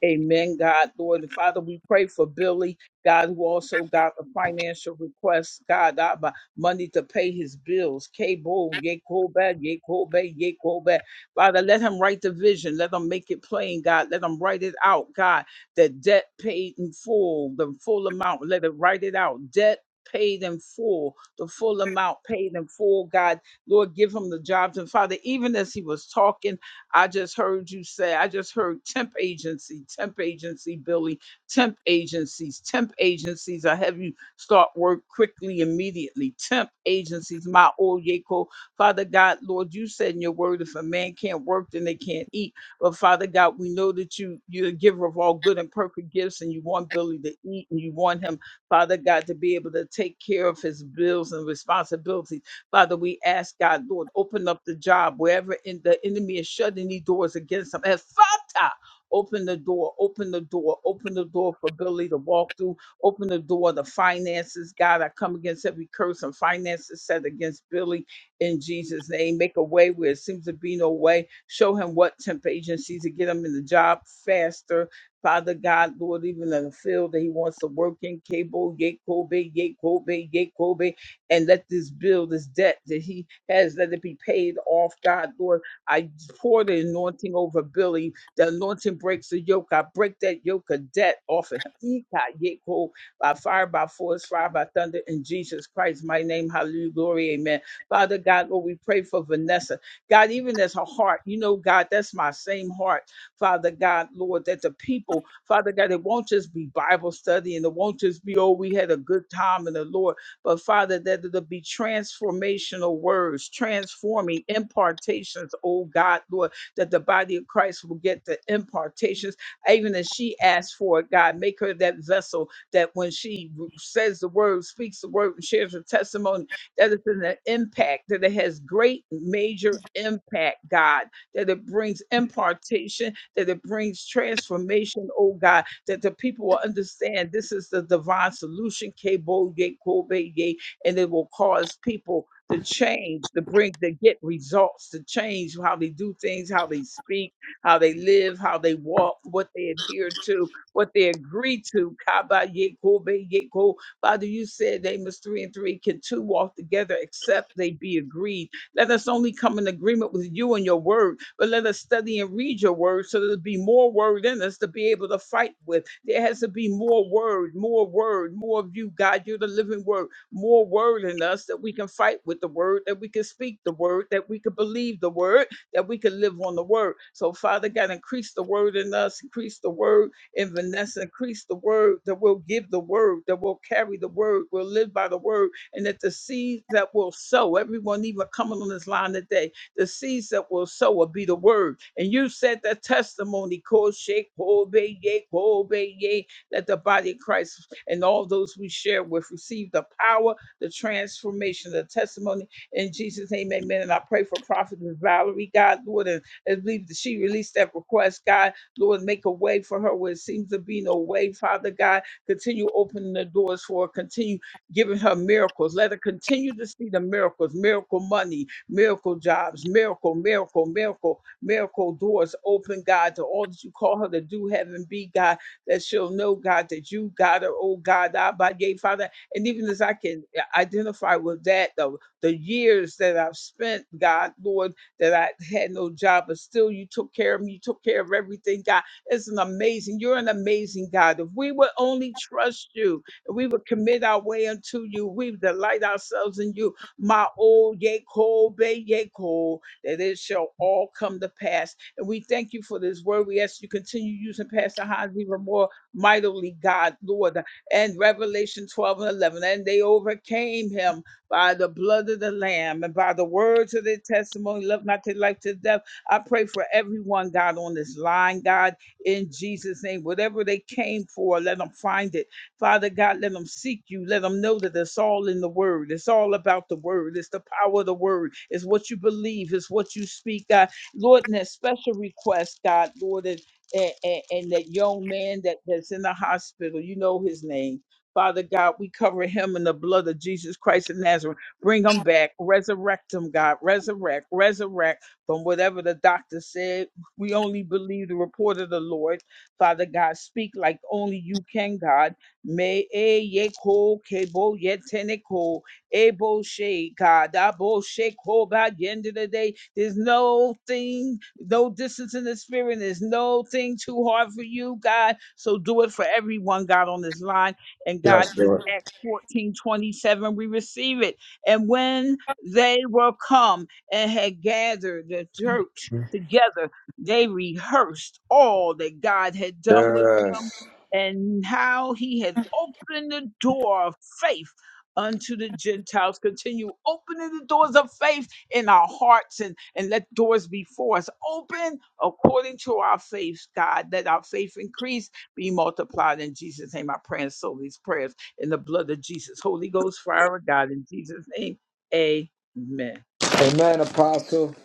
amen. God, Lord and Father, we pray for Billy, God, who also got a financial request, God, uh, by money to pay his bills. K-Bo, Yekobe, Yekobe, Yekobe. Father, let him write the vision. Let him make it plain, God. Let him write it out, God. The debt paid in full, the full amount. Let it write it out. Debt paid in full the full amount paid in full, God. Lord, give him the jobs. And Father, even as he was talking, I just heard you say, I just heard temp agency, temp agency, Billy, temp agencies, temp agencies. I have you start work quickly, immediately. Temp agencies, my old Oyeko. Father God, Lord, you said in your word, if a man can't work, then they can't eat. But Father God, we know that you, you're the giver of all good and perfect gifts, and you want Billy to eat, and you want him Father God, to be able to take care of his bills and responsibilities. Father, we ask God, Lord, open up the job wherever in the enemy is shutting these doors against him. And Father, open the door, open the door, open the door for Billy to walk through, open the door, the finances. God, I come against every curse and finances set against Billy in Jesus' name. Make a way where it seems to be no way. Show him what temp agencies to get him in the job faster Father God, Lord, even in the field that He wants to work in, Cable, Yakobe, Yakobe, Yakobe, and let this bill, this debt that He has, let it be paid off, God, Lord. I pour the anointing over Billy. The anointing breaks the yoke. I break that yoke of debt off of him. Ika, Yako, By fire, by force, fire, by thunder, in Jesus Christ, my name, hallelujah, glory, amen. Father God, Lord, we pray for Vanessa. God, even as her heart, you know, God, that's my same heart. Father God, Lord, that the people, Father God, it won't just be Bible study and it won't just be, oh, we had a good time in the Lord, but Father, that it'll be transformational words, transforming impartations, oh God, Lord, that the body of Christ will get the impartations. Even as she asks for it, God, make her that vessel that when she r- says the word, speaks the word, and shares her testimony, that it's an impact, that it has great major impact, God, that it brings impartation that it brings transformation, oh God, that the people will understand this is the divine solution, Kebo Ye Kobe Ye, and it will cause people to change, to bring, to get results, to change how they do things, how they speak, how they live, how they walk, what they adhere to, what they agree to. Kaba Ye Kobe Ye Ko. Father, you said they must three and three can two walk together except they be agreed. Let us only come in agreement with you and your word but let us study and read your word so there'll be more word in us to be able to fight with. There has to be more word, more word, more of you, God. You're the living word, more word in us that we can fight with the word, that we can speak the word, that we can believe the word, that we can live on the word. So, Father God, increase the word in us, increase the word in Vanessa, increase the word that will give the word, that will carry the word, will live by the word, and that the seeds that will sow, everyone even coming on this line today, the seeds that will sow will be the word. And you said that testimony, ko shake, ko obey, yea, ko obey, yea, that the body of Christ and all those we share with receive the power, the transformation, the testimony. In Jesus' name, amen. And I pray for Prophet Valerie, God, Lord, and I believe that she released that request, God, Lord, make a way for her where it seems to be no way, Father God. Continue opening the doors for her, continue giving her miracles. Let her continue to see the miracles, miracle money, miracle jobs, miracle, miracle, miracle, miracle doors open, God, to all that you call her to do, heaven be, God, that she'll know, God, that you got her, oh God, I by yea, Father. And even as I can identify with that, the, the years that I've spent, God, Lord, that I had no job, but still you took care of me, you took care of everything, God. It's an amazing, you're an amazing God. If we would only trust you, and we would commit our way unto you. We delight ourselves in you. Ma o ye ko be ye ko, that it shall all come to pass. And we thank you for this word. We ask you continue using Pastor Hans even more mightily, God, Lord. And Revelation 12 and 11, and they overcame him by the blood of the Lamb and by the words of their testimony, love not their life to death. I pray for everyone, God, on this line, God, in Jesus' name. Whatever they came for, let them find it Father God, let them seek you. Let them know that it's all in the word. It's all about the word. It's the power of the word. It's what you believe. It's what you speak, God. Lord, and that special request, God, Lord, and, and, and and that young man that, that's in the hospital, you know his name. Father God, we cover him in the blood of Jesus Christ of Nazareth. Bring him back. Resurrect him, God. Resurrect, resurrect from whatever the doctor said. We only believe the report of the Lord. Father God, speak like only you can, God me e ye ko kebo ye teneko ebo she kadabo she ko ba at the end of the day. There's no thing, no distance in the spirit. There's no thing too hard for you, God. So do it for everyone, God, on this line. And God, Yes, this Lord. Acts 1427, we receive it. And when they were come and had gathered the church together, they rehearsed all that God had done with them Yes. and how he had opened the door of faith unto the Gentiles. Continue opening the doors of faith in our hearts and, and let doors before us open according to our faith, God. Let our faith increase, be multiplied in Jesus' name. I pray and sow these prayers in the blood of Jesus. Holy Ghost, fire of God, in Jesus' name. Amen. Amen, Apostle.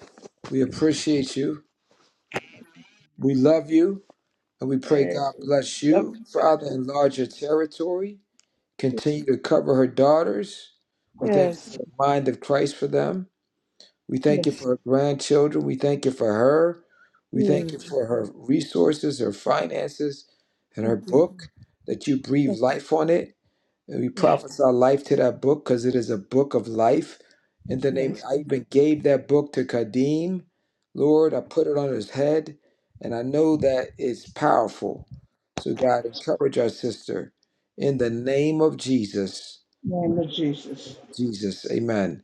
We appreciate you. We love you. And we pray Eh, God bless Love you. Father, you. enlarge your territory. Continue to cover her daughters. We thank you for the mind of Christ for them. We thank you for her grandchildren. We thank you for her. We thank you for her resources, her finances, and her book that you breathe life on it. And we prophesy life to that book because it is a book of life. In the name, I even gave that book to Kadeem. Lord, I put it on his head, and I know that it's powerful. So, God, encourage our sister in the name of Jesus. Jesus. Amen.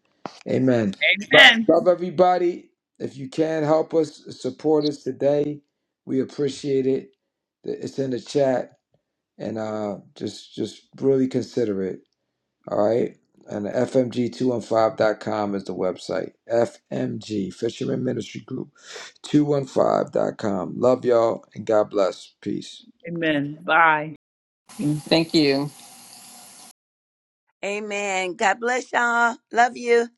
Amen. Lo- Amen. Love everybody. If you can help us, support us today. We appreciate it. It's in the chat, and uh, just just really consider it. All right. And fmg dot com is the website. FMG Fisherman Ministry Group two one five dot com. Love y'all and God bless. Peace. Amen. Bye. Thank you. Amen. God bless y'all. Love you.